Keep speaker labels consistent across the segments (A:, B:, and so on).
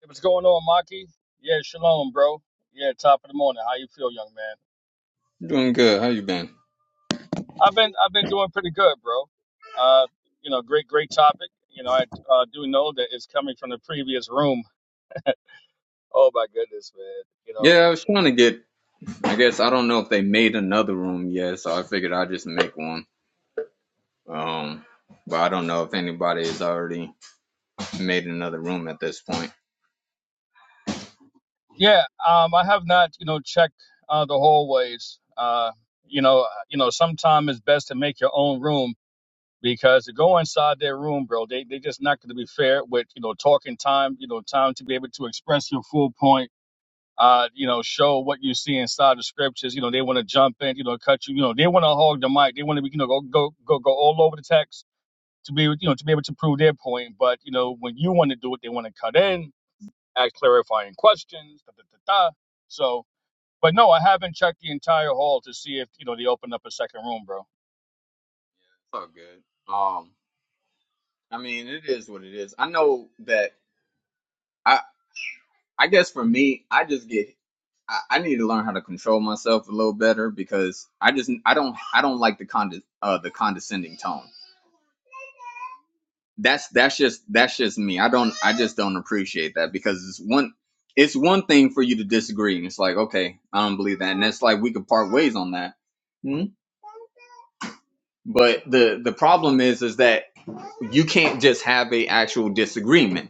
A: Hey, what's going on, Maki? Yeah, shalom, bro. Yeah, top of the morning. How you feel, young man?
B: Doing good. How you been?
A: I've been I've been doing pretty good, bro. Uh, you know, great great topic. You know, I uh, do know that it's coming from the previous room. Oh my goodness, man. You know.
B: Yeah, I was trying to get. I guess I don't know if they made another room yet, so I figured I'd just make one. Um, but I don't know if anybody has already made another room at this point. It's
A: Yeah, um, I have not you know checked uh, the hallways. Uh, you know, uh, you know, sometimes it's best to make your own room because to go inside their room, bro, they they just not going to be fair with you know talking time. You know, time to be able to express your full point uh, you know, show what you see inside the scriptures. You know, they want to jump in, you know, cut you. You know, they want to hog the mic. They want to be, you know, go go go go all over the text to be, you know, to be able to prove their point. But you know, when you want to do it, they want to cut in, ask clarifying questions. Da, da, da, da. So, but no, I haven't checked the entire hall to see if you know they opened up a second room, bro.
B: all good. Um, I mean, it is what it is. I know that. I I guess for me, I just get. I, I need to learn how to control myself a little better because I just I don't I don't like the conde, uh, the condescending tone. that's that's just that's just me. I don't I just don't appreciate that because it's one it's one thing for you to disagree and it's like okay I don't believe that and that's like we could part ways on that. Mhm. But the the problem is is that you can't just have a actual disagreement.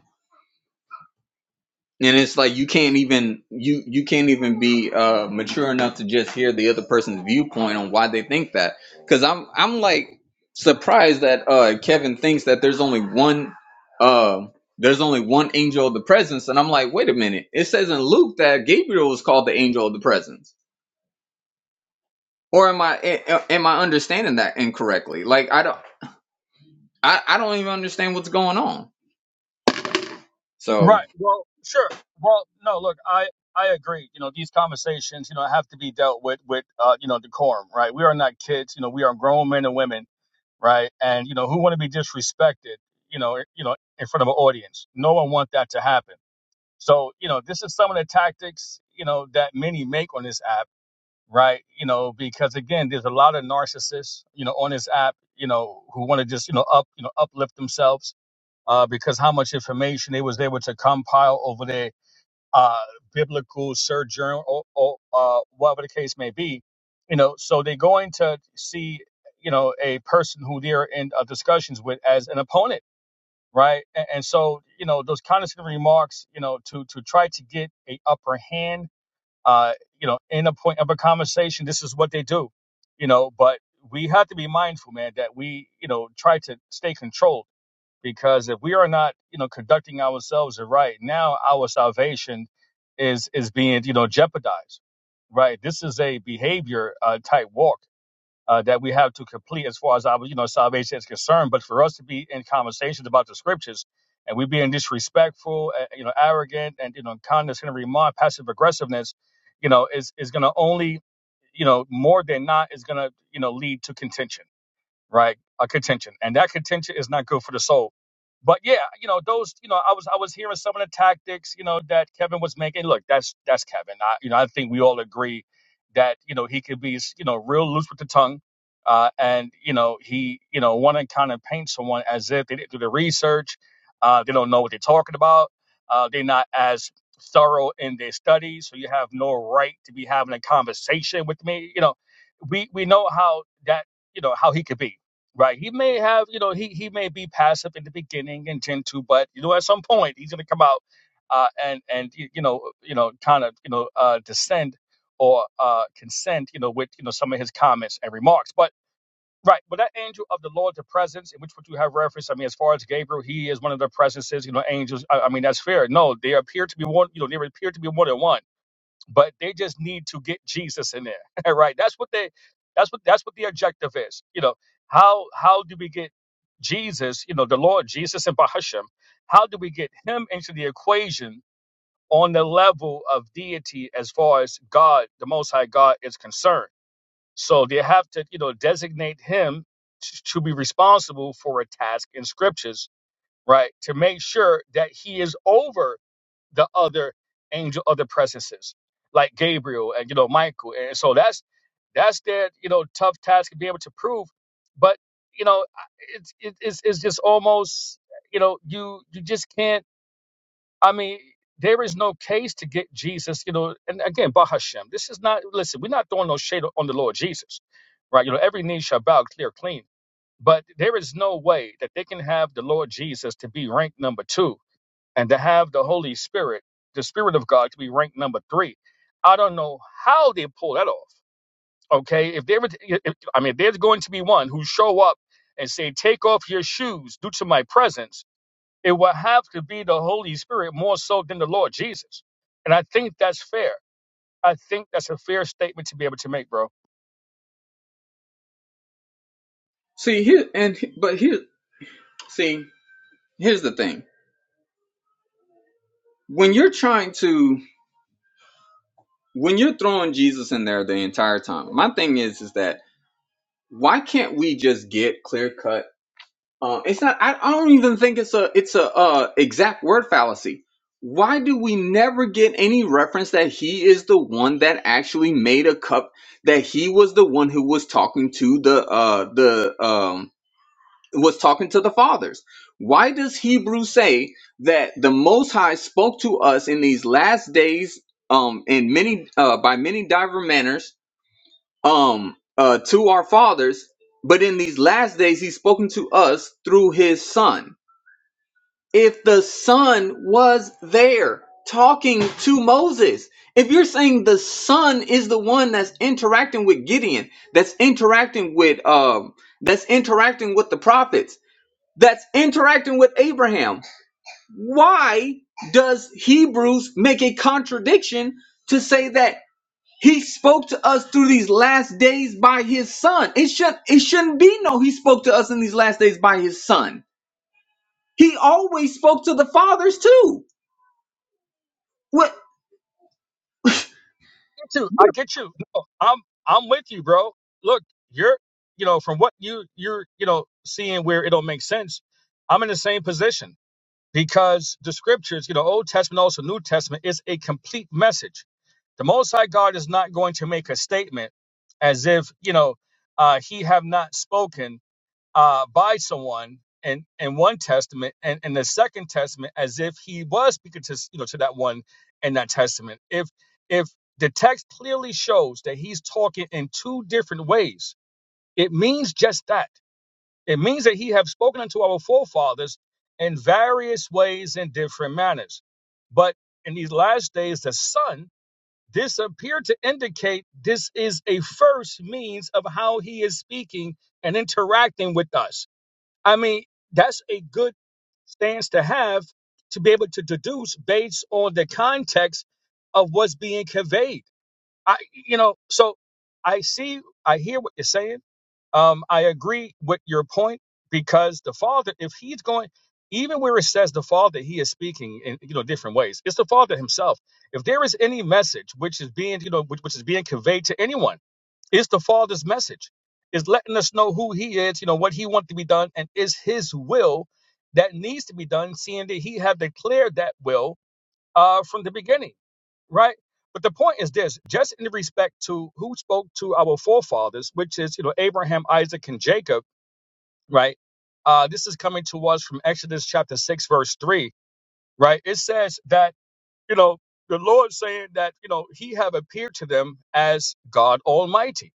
B: and it's like you can't even you you can't even be uh mature enough to just hear the other person's viewpoint on why they think that because i'm i'm like surprised that uh kevin thinks that there's only one uh there's only one angel of the presence and i'm like wait a minute it says in luke that gabriel was called the angel of the presence or am i a- am i understanding that incorrectly like i don't i, I don't even understand what's going on so
A: Right. Well, sure. Well, no, look, I. I agree. You know, these conversations, you know, have to be dealt with with, uh, you know, decorum, right? We are not kids. You know, we are grown men and women right? And you know, who want to be disrespected, you know, you know, in front of an audience? No one want that to happen. So, you know, this is some of the tactics, you know, that many make on this app, right? You know, because again, there's a lot of narcissists, you know, on this app, you know, who want to just, you know, up, you know, uplift themselves. Uh, because how much information they was able to compile over there uh, biblical sojourn, or, or uh, whatever the case may be. You know, so they're going to see, you know, a person who they're in uh, discussions with as an opponent, right? And, and so, you know, those condescending remarks, you know, to to try to get a upper hand, uh, you know, in a point of a conversation, this is what they do, you know. But we have to be mindful, man, that we, you know, try to stay controlled because if we are not you know conducting ourselves right now our salvation is is being you know jeopardized right this is a behavior uh, type walk uh, that we have to complete as far as our you know salvation is concerned but for us to be in conversations about the scriptures and we being disrespectful uh, you know arrogant and you know condescending remark passive aggressiveness you know is is going to only you know more than not is going to you know lead to contention right? A contention, and that contention is not good for the soul. But yeah, you know those. You know, I was I was hearing some of the tactics, you know, that Kevin was making. Look, that's that's Kevin. I, you know, I think we all agree that you know he could be you know real loose with the tongue, uh, and you know he you know want to kind of paint someone as if they didn't do the research, uh, they don't know what they're talking about, uh, they're not as thorough in their studies, so you have no right to be having a conversation with me. You know, we we know how that you know how he could be Right. He may have, you know, he he may be passive in the beginning and tend to, but you know, at some point he's going to come out uh, and and y- you know, you know, kind of, you know, uh, descend or uh, consent, you know, with you know some of his comments and remarks. But right, but that angel of the Lord, the presence, in which would you have reference? I mean, as far as Gabriel, he is one of the presences, you know, angels. I, I mean, that's fair. No, they appear to be one. You know, they appear to be more than one but they just need to get Jesus in there, right? That's what they, that's what that's what the objective is. You know, how how do we get Jesus, you know, the Lord Jesus and Bahashem, how do we get him into the equation on the level of deity as far as God, the Most High God, is concerned? So they have to, you know, designate him t- to be responsible for a task in scriptures, right? To make sure that he is over the other angel other presences like gabriel and you know michael and so that's that's their you know tough task to be able to prove but you know it's it- it's, it's just almost you know you you just can't i mean there is no case to get jesus you know and again bah Hashem, this is not listen we're not throwing no shade on the lord jesus right you know every knee shall bow clear clean but there is no way that they can have the lord jesus to be ranked number two and to have the Holy Spirit, the Spirit of God, to be ranked number three. I don't know how they pull that off. Okay, if there, was- if, I mean, if there's going to be one who show up and say, "Take off your shoes due to my presence," it will have to be the Holy Spirit more so than the Lord Jesus, and I think that's fair. I think that's a fair statement to be able to make, bro. Me
B: see here and but here see here's the thing when you're trying to when you're throwing Jesus in there the entire time, my thing is is that why can't we just get clear cut? Um, it's not. I, I don't even think it's a it's a uh, exact word fallacy. Why do we never get any reference that he is the one that actually made a cup? That he was the one who was talking to the uh the um was talking to the fathers. Why does Hebrew say that the Most High spoke to us in these last days, um, in many uh, by many diverse manners, um, uh, to our fathers, but in these last days He's spoken to us through His Son. If the Son was there talking to Moses. If you're saying the son is the one that's interacting with Gideon, that's interacting with um, that's interacting with the prophets, that's interacting with Abraham. Why does Hebrews make a contradiction to say that he spoke to us through these last days by his son? It should it shouldn't be no he spoke to us in these last days by his son. He always spoke to the fathers too. What
A: too. I get you. No, I'm I'm with you, bro. Look, you're you know from what you you're you know seeing where it don't make sense. I'm in the same position. because the scriptures, you know, Old Testament, also New Testament, is a complete message. The Most High God is not going to make a statement as if, you know, uh, he have not spoken uh, by someone in, in one testament and in the second testament as if he was speaking to, you know, to that one in that testament. If, if the text clearly shows that he's talking in two different ways, it means just that it means that he have spoken unto our forefathers in various ways and different manners. But in these last days, the Son, this appeared to indicate this is a first means of how he is speaking and interacting with us. I mean, that's a good stance to have to be able to deduce based on the context of what's being conveyed. I, you know, so I see, I hear what you're saying. Um, I agree with your point because the Father, if He's going, even where it says the Father, He is speaking in you know different ways. It's the Father Himself. If there is any message which is being you know which, which is being conveyed to anyone, it's the Father's message. It's letting us know who He is, you know what He wants to be done, and is His will that needs to be done, seeing that He have declared that will uh, from the beginning right? But the point is this: just in respect to who spoke to our forefathers, which is you know Abraham, Isaac, and Jacob, right? Uh, this is coming to us from Exodus chapter six, verse three, right? It says that you know the Lord saying that you know He have appeared to them as God Almighty,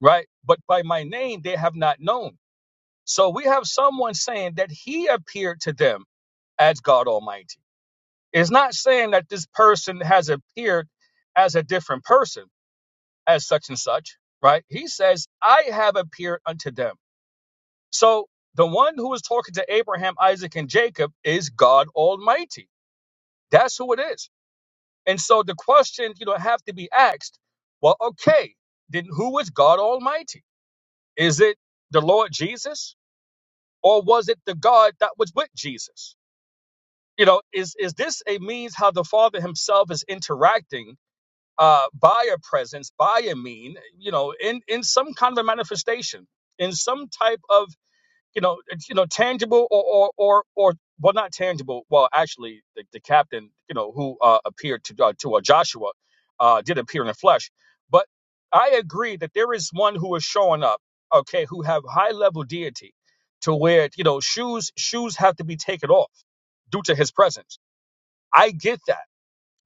A: right? But by my name they have not known. So we have someone saying that He appeared to them as God Almighty. It's not saying that this person has appeared as a different person as such and such, right? He says, I have appeared unto them. So the one who is talking to Abraham, Isaac, and Jacob is God Almighty. That's who it is. And so the question, you know, have to be asked, well, okay, then who is God Almighty? Is it the Lord Jesus? Or was it the God that was with Jesus? You know, is is this a means how the Father Himself is interacting? uh, by a presence, by a mean, you know, in, in some kind of a manifestation, in some type of, you know, it's, you know, tangible or, or, or, or well, not tangible. Well, actually, the, the captain, you know, who uh, appeared to uh, to uh, Joshua, uh, did appear in the flesh. But I agree that there is one who is showing up, okay, who have high level deity, to where you know shoes shoes have to be taken off due to his presence. I get that,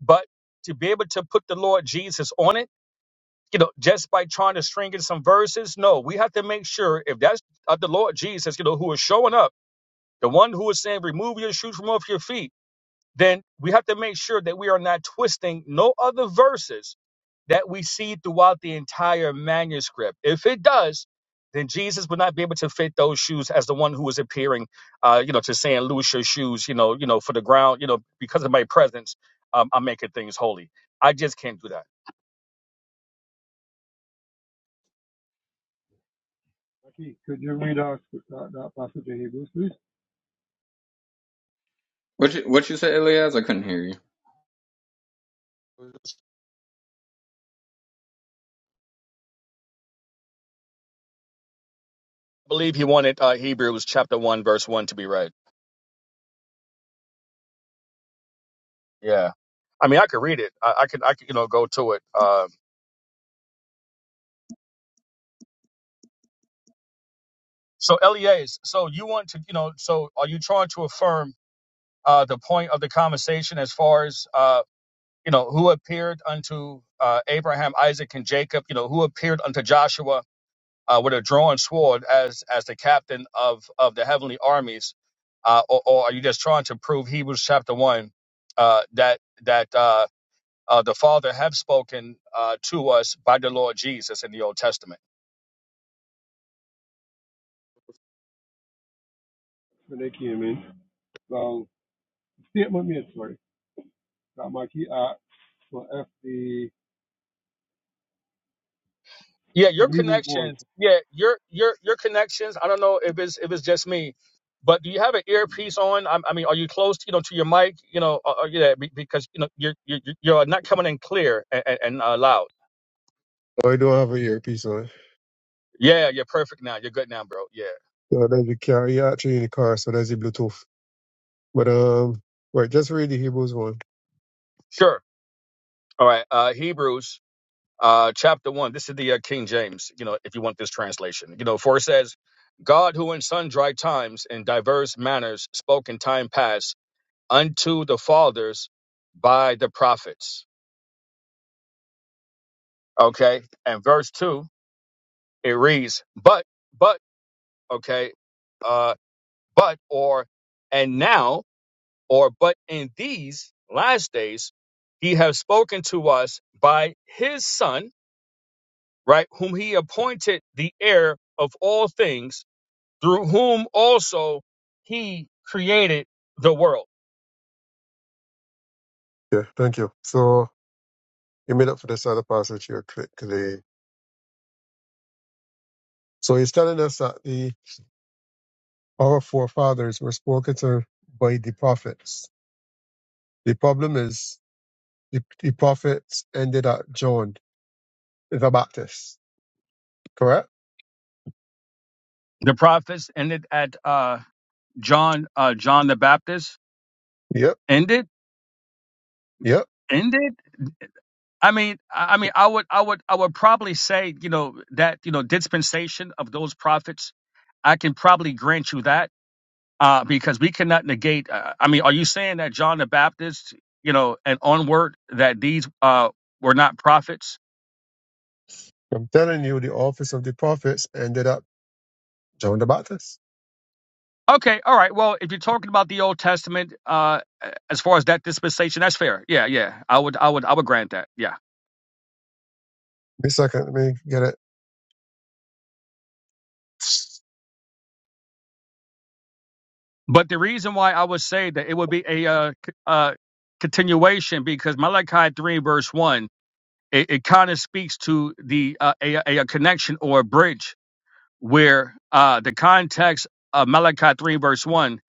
A: but to be able to put the Lord Jesus on it you know, just by trying to string in some verses. No, we have to make sure if that's of the Lord Jesus, you know, who is showing up, the one who is saying, remove your shoes from off your feet, then we have to make sure that we are not twisting no other verses that we see throughout the entire manuscript. If it does, then Jesus would not be able to fit those shoes as the one who was appearing, uh, you know, to saying, loose your shoes, you know, you know, for the ground, you know, because of my presence, um, I'm making things holy. I just can't do that.
C: Aki, could you read us that, that passage in Hebrews, please?
B: What you what you say, Elias? I couldn't hear you.
A: believe he wanted uh, Hebrew. chapter one, verse one, to be read. Yeah, I mean, I could read it. I, I could, I could, you know, go to it. Um, so, Elias, so you want to, you know, so are you trying to affirm uh, the point of the conversation as far as, uh, you know, who appeared unto uh, Abraham, Isaac, and Jacob? You know, who appeared unto Joshua uh, with a drawn sword as as the captain of of the heavenly armies? Uh, or, or are you just trying to prove Hebrews chapter one uh, that that uh, uh, the Father have spoken uh, to us by the Lord Jesus in the Old Testament.
C: When they came in, well, statement made, sorry, that Maki asked for if the,
A: Yeah, your
C: from Hebrews 1,
A: connections. Yeah, your your your connections. I don't know if it's if it's just me, but do you have an earpiece on? I, I mean, are you close? You know, to your mic. You know, uh, uh, yeah, be- because you know you're you're, you're not coming in clear and, and, and uh, loud.
C: Oh, I don't have a earpiece on.
A: Yeah, you're perfect now. You're good now, bro. Yeah,
C: So then you carry out through in the car, so that's the Bluetooth. But um right, just read the Hebrews one.
A: sure. All right. Uh, Hebrews uh, chapter 1. This is the uh, King James, you know, if you want this translation. You know, for it says, God, who in sundry times and diverse manners spoke in time past unto the fathers by the prophets. Okay. And verse 2, it reads, But, but, okay, uh, but, or, and now, or, but in these last days, he has spoken to us by his son, right, whom he appointed the heir of all things through whom also he created the world.
C: Yeah, thank you. So you made up for this other passage here quickly. So he's telling us that the our forefathers were spoken to by the prophets. The problem is the, the prophets ended at John. the Baptist. Correct?
A: The prophets ended at uh, John uh, John the Baptist.
C: Yep,
A: Ended
C: yep.
A: ended. I mean, I I mean, I would, I would, I would probably say, you know, that you know, dispensation of those prophets. I can probably grant you that uh, because we cannot negate. Uh, I mean, are you saying that John the Baptist, you know, and onward that these uh, were not prophets?
C: I'm telling you, the office of the prophets ended up John the Baptist.
A: Okay, all right. Well, if you're talking about the Old Testament, uh, as far as that dispensation, that's fair. Yeah, yeah. I would, I would, I would grant that. Yeah.
C: Wait a second, let me get it.
A: But the reason why I would say that it would be a uh, c- uh, continuation because Malachi three verse one, it, it kind of speaks to the uh, a, a a connection or a bridge where uh, the context of Malachi three verse one,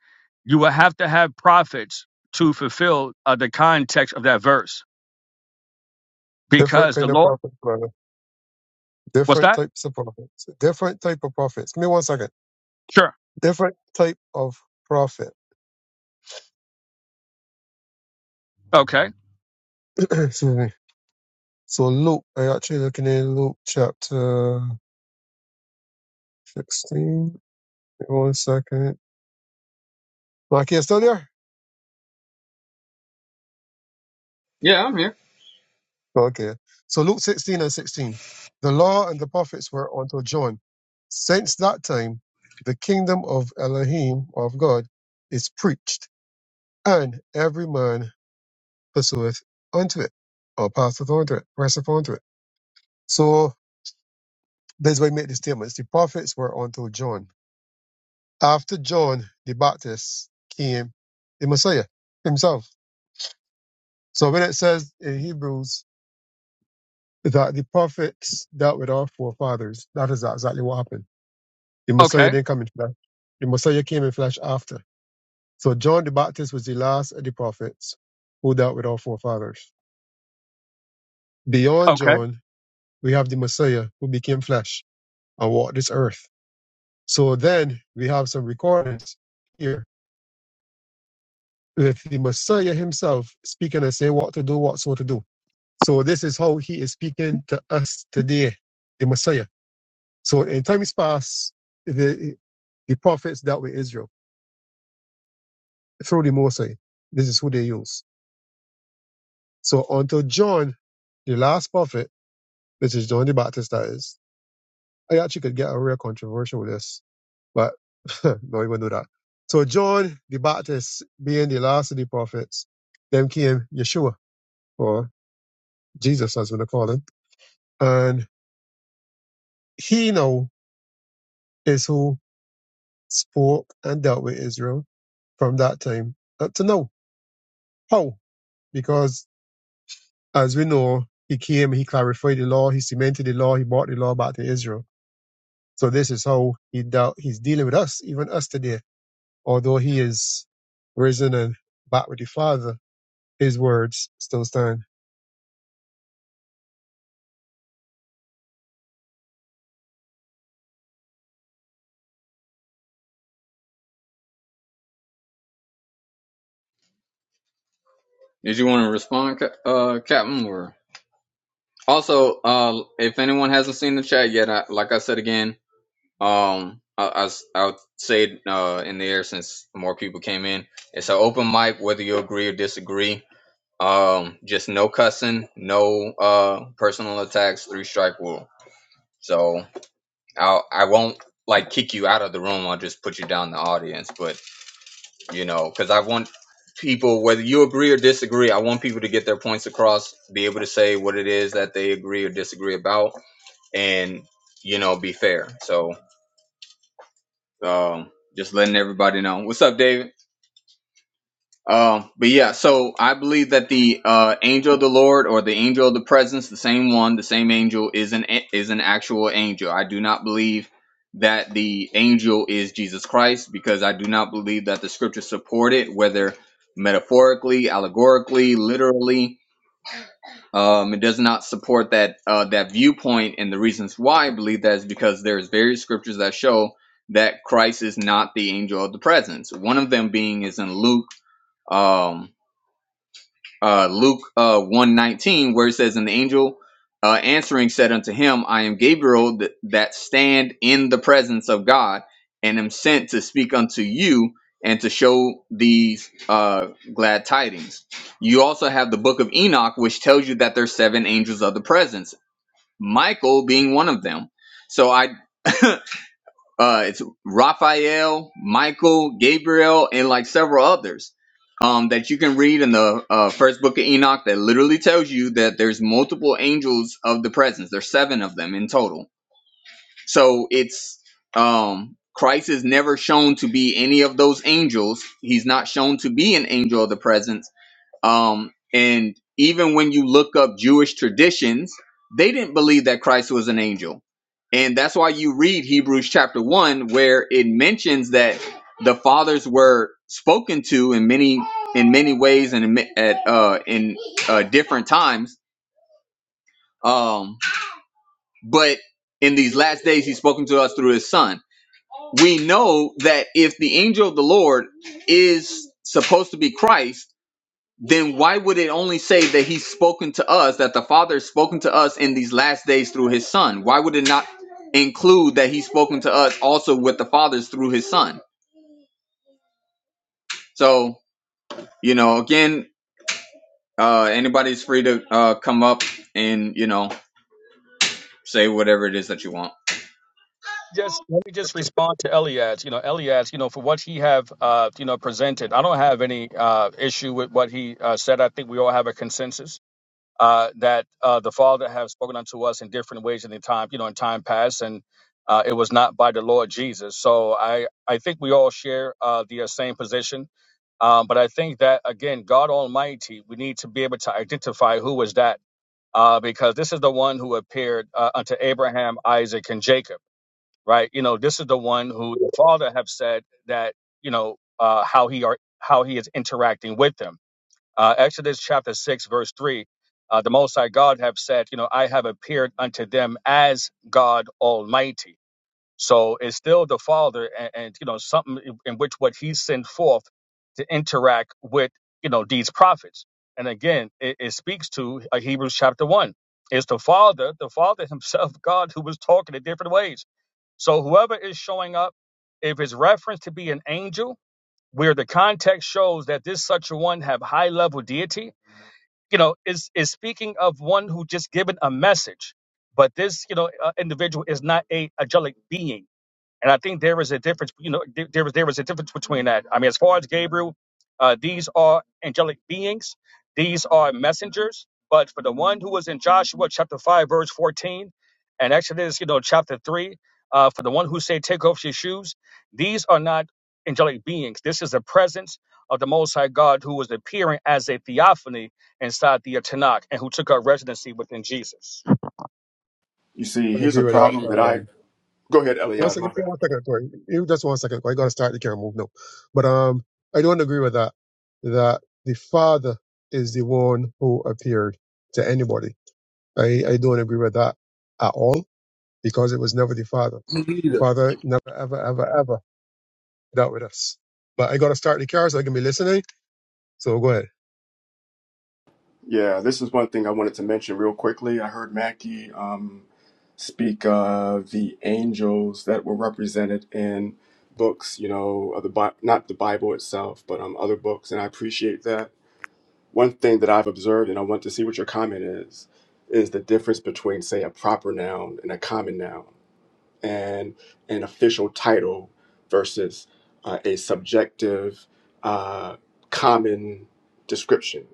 A: you will have to have prophets to fulfill uh, the context of that verse
C: Different
A: because the
C: kind of
A: Lord.
C: prophets, brother.
A: What's
C: Different
A: that?
C: types of prophets. Different type of prophets. Give me one second.
A: Sure.
C: Different type of prophet.
A: Okay.
C: Excuse me. So Luke, I actually looking in Luke chapter sixteen. Give me one second. Marky, you still there?
B: Yeah, I'm here.
C: Okay. So Luke 16 and 16. The law and the prophets were unto John. Since that time, the kingdom of Elohim, of God, is preached, and every man pursueth unto it, or passeth unto it, presseth unto it. So this way we make the statements. The prophets were unto John. After John the Baptist came the Messiah himself. So when it says in Hebrews that the prophets dealt with our forefathers, that is exactly what happened The
A: Okay.
C: Messiah didn't come in flesh. The Messiah came in flesh after. So John the Baptist was the last of the prophets who dealt with our forefathers. Beyond
A: Okay.
C: John, we have the Messiah who became flesh and walked this earth. So then we have some recordings here with the Messiah himself speaking and saying what to do, what so to do. So this is how he is speaking to us today, the Messiah. So in times past, the the prophets dealt with Israel through the Mosai. This is who they use. So until John, the last prophet, which is John the Baptist, that is, I actually could get a real controversial with this, but no one do that. So John the Baptist, being the last of the prophets, then came Yeshua or Jesus, as we call him, and he now is who spoke and dealt with Israel from that time up to now. How? Because as we know, he came, he clarified the law, he cemented the law, he brought the law back to Israel So this is how he dealt, he's dealing with us, even us today. Although he is risen and back with the Father, his words still stand.
B: Did you want to respond, Ca- uh, Captain? Or also, uh, if anyone hasn't seen the chat yet, I, like I said again, Um, I, I s- I would say it, uh, in the air since more people came in. It's an open mic, whether you agree or disagree. Um, just no cussing, no uh personal attacks, three strike rule. So I'll I won't like kick you out of the room. I'll just put you down in the audience. But you know, because I want people, whether you agree or disagree, I want people to get their points across, be able to say what it is that they agree or disagree about, and you know, be fair. So um, just letting everybody know. What's up, David? Um, but yeah, so I believe that the uh, angel of the Lord or the angel of the presence, the same one, the same angel, is an is an actual angel. I do not believe that the angel is Jesus Christ because I do not believe that the scriptures support it, whether metaphorically, allegorically, literally. Um, it does not support that uh, that viewpoint, and the reasons why I believe that is because there's various scriptures that show that Christ is not the angel of the presence. One of them being is in Luke. Um, uh, Luke uh, 119, where it says, And the angel uh, answering said unto him, I am Gabriel th- that stand in the presence of God, and am sent to speak unto you and to show these uh, glad tidings. You also have the book of Enoch, which tells you that there's seven angels of the presence, Michael being one of them. So I uh, it's Raphael, Michael, Gabriel, and like several others um, that you can read in the uh, first book of Enoch that literally tells you that there's multiple angels of the presence. There's seven of them in total. So it's um, Christ is never shown to be any of those angels. He's not shown to be an angel of the presence um, and even when you look up Jewish traditions, they didn't believe that Christ was an angel. And that's why you read Hebrews chapter 1, where it mentions that the fathers were spoken to in many in many ways and in ma- at uh, in uh, different times. Um, but in these last days, he's spoken to us through his son. We know that if the angel of the Lord is supposed to be Christ, then why would it only say that he's spoken to us, that the Father has spoken to us in these last days through his Son? Why would it not include that he's spoken to us also with the Father's through his Son? So, you know, again, uh, anybody's free to uh, come up and, you know, say whatever it is that you want.
A: Just let me
C: I
A: just respond to Elias. You know, Elias. You know, for what he have, uh, you know, presented, I don't have any uh, issue with what he uh, said. I think we all have a consensus uh, that uh, the Father have spoken unto us in different ways in the time, you know, in time past, and uh, it was not by the Lord Jesus. So I, I think we all share uh, the uh, same position. Um, but I think that again, God Almighty, we need to be able to identify who was that, uh, because this is the one who appeared uh, unto Abraham, Isaac, and Jacob. right? You know, this is the one who the father have said that you know uh, how he are how he is interacting with them. Uh, Exodus chapter six verse three, uh, the Most High God have said, you know, I have appeared unto them as God Almighty so it's still the Father, and, and you know something in in which what He sent forth to interact with you know these prophets. And again, it, it speaks to uh, Hebrews chapter one. It's the Father, the Father Himself, God, who was talking in different ways. So whoever is showing up, if it's referenced to be an angel, where the context shows that this such a one have high level deity, you know, is is speaking of one who just given a message. But this, you know, uh, individual is not a angelic being and I think there is a difference, you know, there there was there was a difference between that. I mean, as far as Gabriel, uh, these are angelic beings, these are messengers. But for the one who was in Joshua chapter five, verse fourteen, and Exodus, you know, chapter three, uh, for the one who say, "Take off your shoes," these are not angelic beings. This is the presence of the Most High God who was appearing as a theophany inside the Tanakh and who took up residency within Jesus.
D: You see,
C: don't
D: here's a
C: agree with that.
D: problem that I
C: Um,
D: go ahead,
C: one
D: Eliad.
C: second,
D: My bad.
C: one second, sorry, You Just one second, Corey. You gotta start the camera move now. But um, I don't agree with that. That the Father is the one who appeared to anybody. I, I don't agree with that at all because it was never the Father.
E: Me
C: The
E: neither.
C: Father never, ever, ever, ever dealt with us. But I gotta start the car so I can be listening So go ahead.
D: Yeah, this is one thing I wanted to mention real quickly. I heard Mackie um, speak of the angels that were represented in books, you know, of the Bi- not the Bible itself, but um, other books, and I appreciate that. One thing that I've observed, and I want to see what your comment is, is the difference between, say, a proper noun and a common noun. and an official title versus uh, a subjective, uh, common description.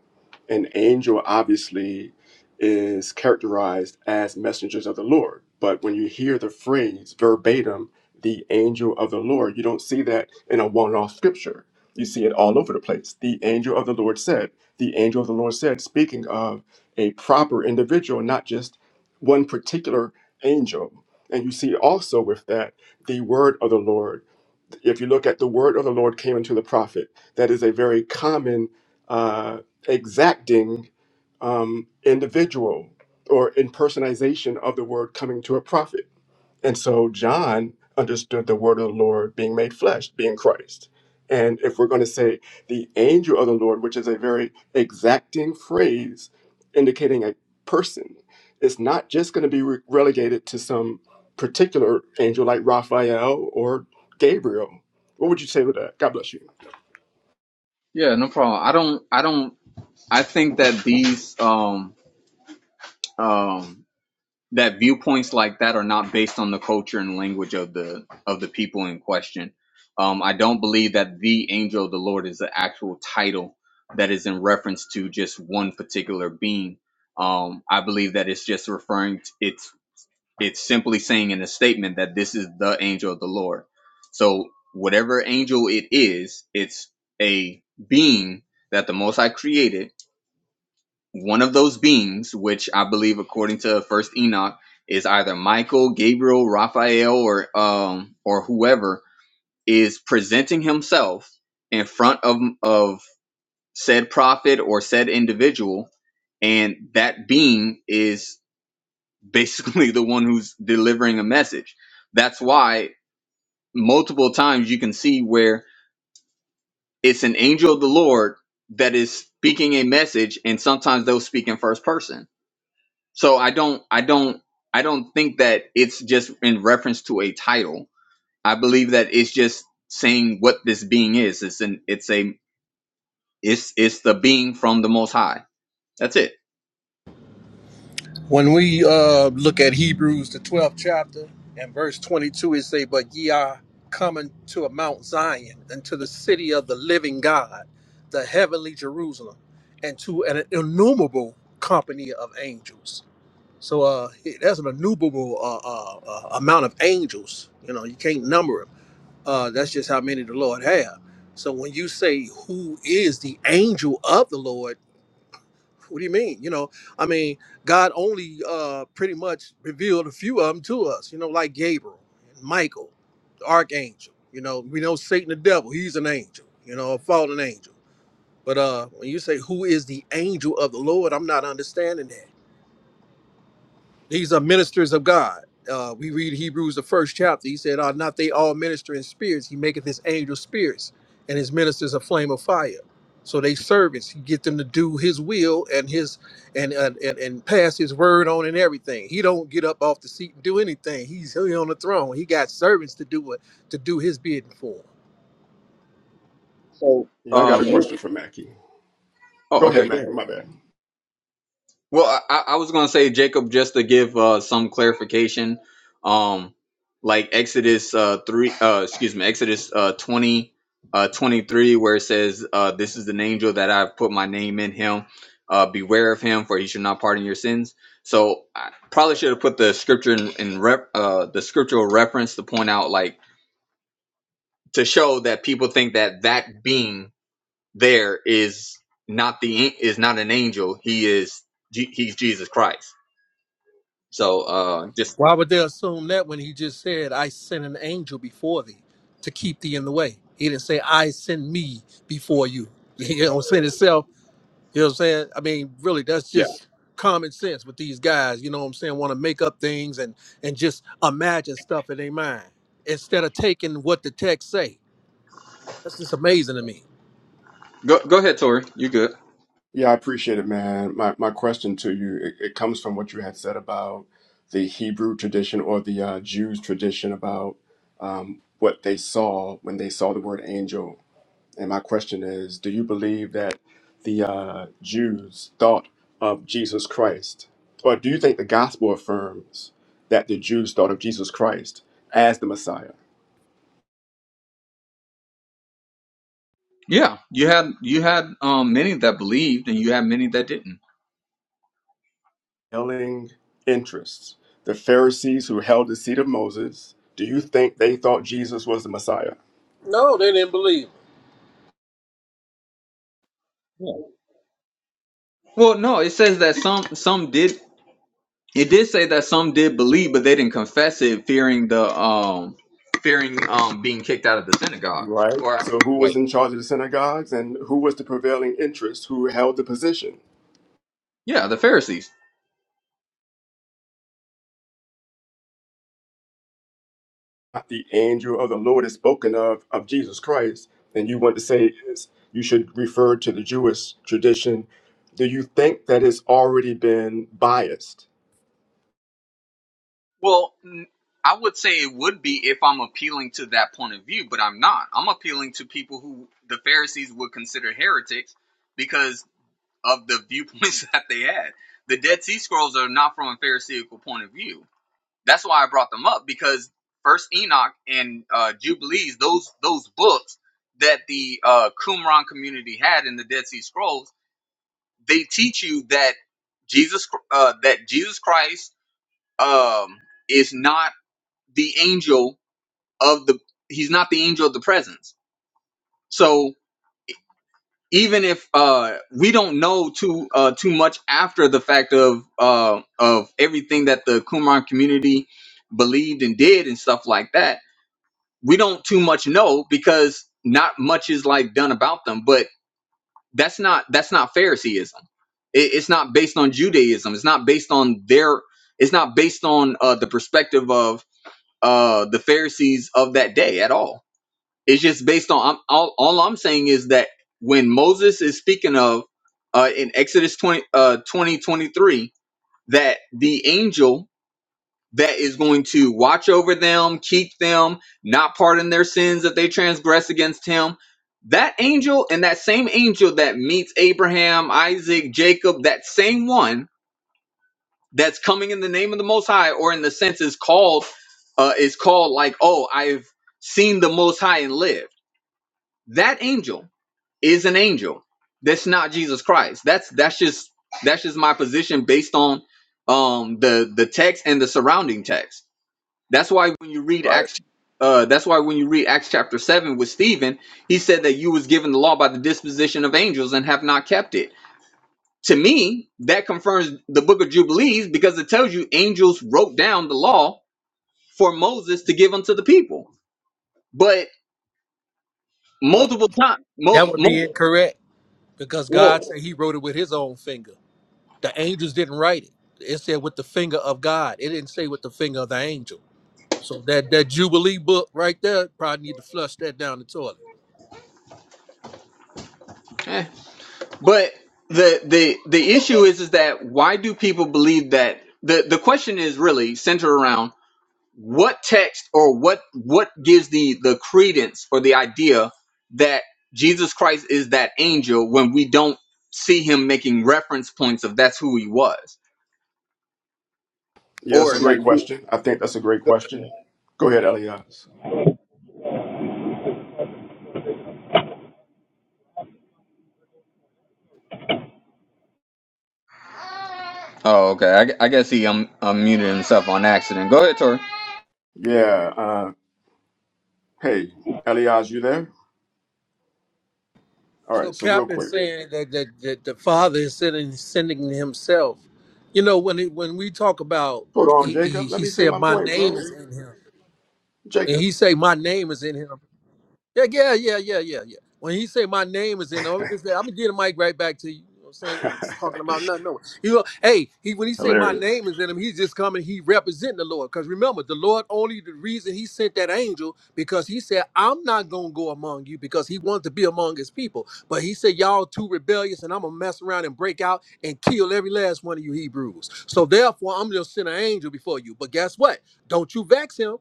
D: An angel obviously is characterized as messengers of the Lord, but when you hear the phrase verbatim, the angel of the Lord, you don't see that in a one off scripture. You see it all over the place. The angel of the Lord said, the angel of the Lord said, speaking of a proper individual, not just one particular angel and you see also with that the word of the Lord. If you look at the word of the Lord came into the prophet, that is a very common uh, exacting um, individual or impersonization of the word coming to a prophet. And so John understood the word of the Lord being made flesh, being Christ. And if we're going to say the angel of the Lord, which is a very exacting phrase indicating a person, it's not just going to be re- relegated to some particular angel like Raphael or Gabriel. What would you say with that? God bless you.
B: Yeah, no problem. I don't, I don't, I think that these, um, um, that viewpoints like that are not based on the culture and language of the of the people in question. Um, I don't believe that the angel of the Lord is the actual title that is in reference to just one particular being. Um, I believe that it's just referring. To, it's it's simply saying in a statement that this is the angel of the Lord. So whatever angel it is, it's a being that the Most High created one of those beings, which I believe, according to First Enoch, is either Michael, Gabriel, Raphael, or um, or whoever, is presenting himself in front of of said prophet or said individual, and that being is basically the one who's delivering a message. That's why multiple times you can see where it's an angel of the Lord that is speaking a message, and sometimes they'll speak in first person So I don't I don't I don't think that it's just in reference to a title. I believe that it's just saying what this being is. It's an it's a it's it's the being from the most high. That's it.
E: When we uh, look at Hebrews, the 12th chapter, and verse 22, it say, But ye are coming to a Mount Zion, and to the city of the living God, the heavenly Jerusalem, and to an innumerable company of angels. So uh, that's an innumerable uh, uh, uh, amount of angels. You know, you can't number them. Uh, that's just how many the Lord have. So when you say, Who is the angel of the Lord? what do you mean? You know, I mean, God only uh pretty much revealed a few of them to us, you know, like Gabriel, Michael, the archangel. You know, we know Satan the devil, he's an angel, you know, a fallen angel. But uh when you say who is the angel of the Lord, I'm not understanding that. These are ministers of God. Uh, we read Hebrews the first chapter. He said, "Are not they all minister in spirits? He maketh his angels spirits, and his ministers a flame of fire." So they servants. He get them to do His will and His and and and, and pass His word on and everything. He don't get up off the seat and do anything. He's he on the throne. He got servants to do what to do His bidding for him.
B: So,
D: Yeah, I
B: um,
D: got a question for Mackie.
B: Oh,
D: Go
B: okay,
D: ahead,
B: go ahead.
D: Mackie. My bad.
B: Well, I, I was gonna say Jacob just to give uh, some clarification, um, like Exodus uh, three, uh, excuse me, Exodus uh, 20, uh, 23, where it says, uh, "This is an angel that I've put my name in him. Uh, beware of him, for he should not pardon your sins." So I probably should have put the scripture in, in rep, uh, the scriptural reference to point out, like, to show that people think that that being there is not the is not an angel. He is Je- he's Jesus Christ so uh, just
E: Why would they assume that when he just said, I sent an angel before thee to keep thee in the way? He didn't say, I send me before you. You know what I'm saying? Itself, you know what I'm saying? I mean, really, that's
B: yeah,
E: just common sense with these guys, you know what I'm saying? Want to make up things and and just imagine stuff in their mind instead of taking what the text say. That's just amazing to me.
B: go go ahead, Tori. You good?
D: Yeah, I appreciate it, man. My my question to you it, it comes from what you had said about the Hebrew tradition or the uh, Jews tradition about um, what they saw when they saw the word angel. And my question is, do you believe that the uh, Jews thought of Jesus Christ, or do you think the gospel affirms that the Jews thought of Jesus Christ as the Messiah?
B: Yeah, you had you had um many that believed, and you had many that didn't.
D: Telling interests, the Pharisees who held the seat of Moses. Do you think they thought Jesus was the Messiah?
E: No, they didn't believe.
B: Yeah. Well, no, it says that some some did. It did say that some did believe, but they didn't confess it, fearing the um fearing um being kicked out of the synagogue.
D: Right.
B: Or
D: So who was
B: wait,
D: in charge of the synagogues and who was the prevailing interest who held the position?
B: yeah, the Pharisees.
D: Not The angel of the Lord is spoken of of Jesus Christ, and you want to say is you should refer to the Jewish tradition. Do you think that it's already been biased?
B: Well, n- I would say it would be if I'm appealing to that point of view, but I'm not. I'm appealing to people who the Pharisees would consider heretics because. of the viewpoints that they had. The Dead Sea Scrolls are not from a Pharisaical point of view. That's why I brought them up because First Enoch and uh, Jubilees, those those books that the uh, Qumran community had in the Dead Sea Scrolls, they teach you that Jesus uh, that Jesus Christ um, is not the angel of the he's not the angel of the presence. So even if uh we don't know too uh too much after the fact of uh of everything that the Qumran community believed and did and stuff like that, we don't too much know because not much is like done about them. But that's not that's not Phariseeism. It, it's not based on Judaism. It's not based on their. It's not based on uh, the perspective of uh the Pharisees of that day at all it's just based on I'm, all. All I'm saying is that when Moses is speaking of uh, in Exodus 20, uh, 20 twenty-three, that the angel that is going to watch over them, keep them, not pardon their sins that they transgress against him. That angel and that same angel that meets Abraham, Isaac, Jacob, that same one that's coming in the name of the Most High, or in the sense is called, uh, is called like, oh, I've seen the Most High and lived. That angel is an angel. That's not Jesus Christ. That's that's just that's just my position based on um the the text and the surrounding text. That's why when you read
D: Right.
B: Acts uh that's why when you read Acts chapter 7 with Stephen, he said that you was given the law by the disposition of angels and have not kept it. To me, that confirms the book of Jubilees because it tells you angels wrote down the law for Moses to give unto the people. But multiple times, mo-
E: That would be
B: mo-
E: incorrect because
B: well,
E: God said he wrote it with his own finger. The angels didn't write it. It said with the finger of God. It didn't say with the finger of the angel. So that that Jubilee book right there probably need to flush that down the toilet.
B: eh, But the the the issue is is that why do people believe that the the question is really centered around what text or what what gives the the credence or the idea that Jesus Christ is that angel when we don't see him making reference points of that's who he was
D: Yeah, that's
B: or
D: a
B: like
D: great
B: do-
D: question. I think that's a great question. Go ahead, Elias.
B: oh okay I, gu- I guess he um, unmuted himself on accident go ahead Tori
D: Yeah. Uh, hey, Elias, you there? All
E: So
D: right. So real
E: Cap is
D: quick.
E: saying that that, that the Father is sending sending himself. You know when it, when we talk about
D: Hold on,
E: he, he
D: Jacob. Let
E: he
D: me say
E: said
D: my
E: my
D: point,
E: name
D: bro.
E: is in him. When
D: Jacob.
E: he say my name is in him, Yeah, yeah, yeah, yeah, yeah, yeah. When he say my name is in, I'm just I'm gonna get the mic right back to you. You know what I'm saying? It's talking about nothing. No, you know, hey, he when he say my
D: Hilarious.
E: name is in him, he's just coming. He representing the Lord. Cause remember, the Lord only the reason he sent that angel because he said I'm not gonna go among you because he wanted to be among his people. But he said y'all too rebellious, and I'm gonna mess around and break out and kill every last one of you Hebrews. So therefore, I'm gonna send an angel before you. But guess what? Don't you vex him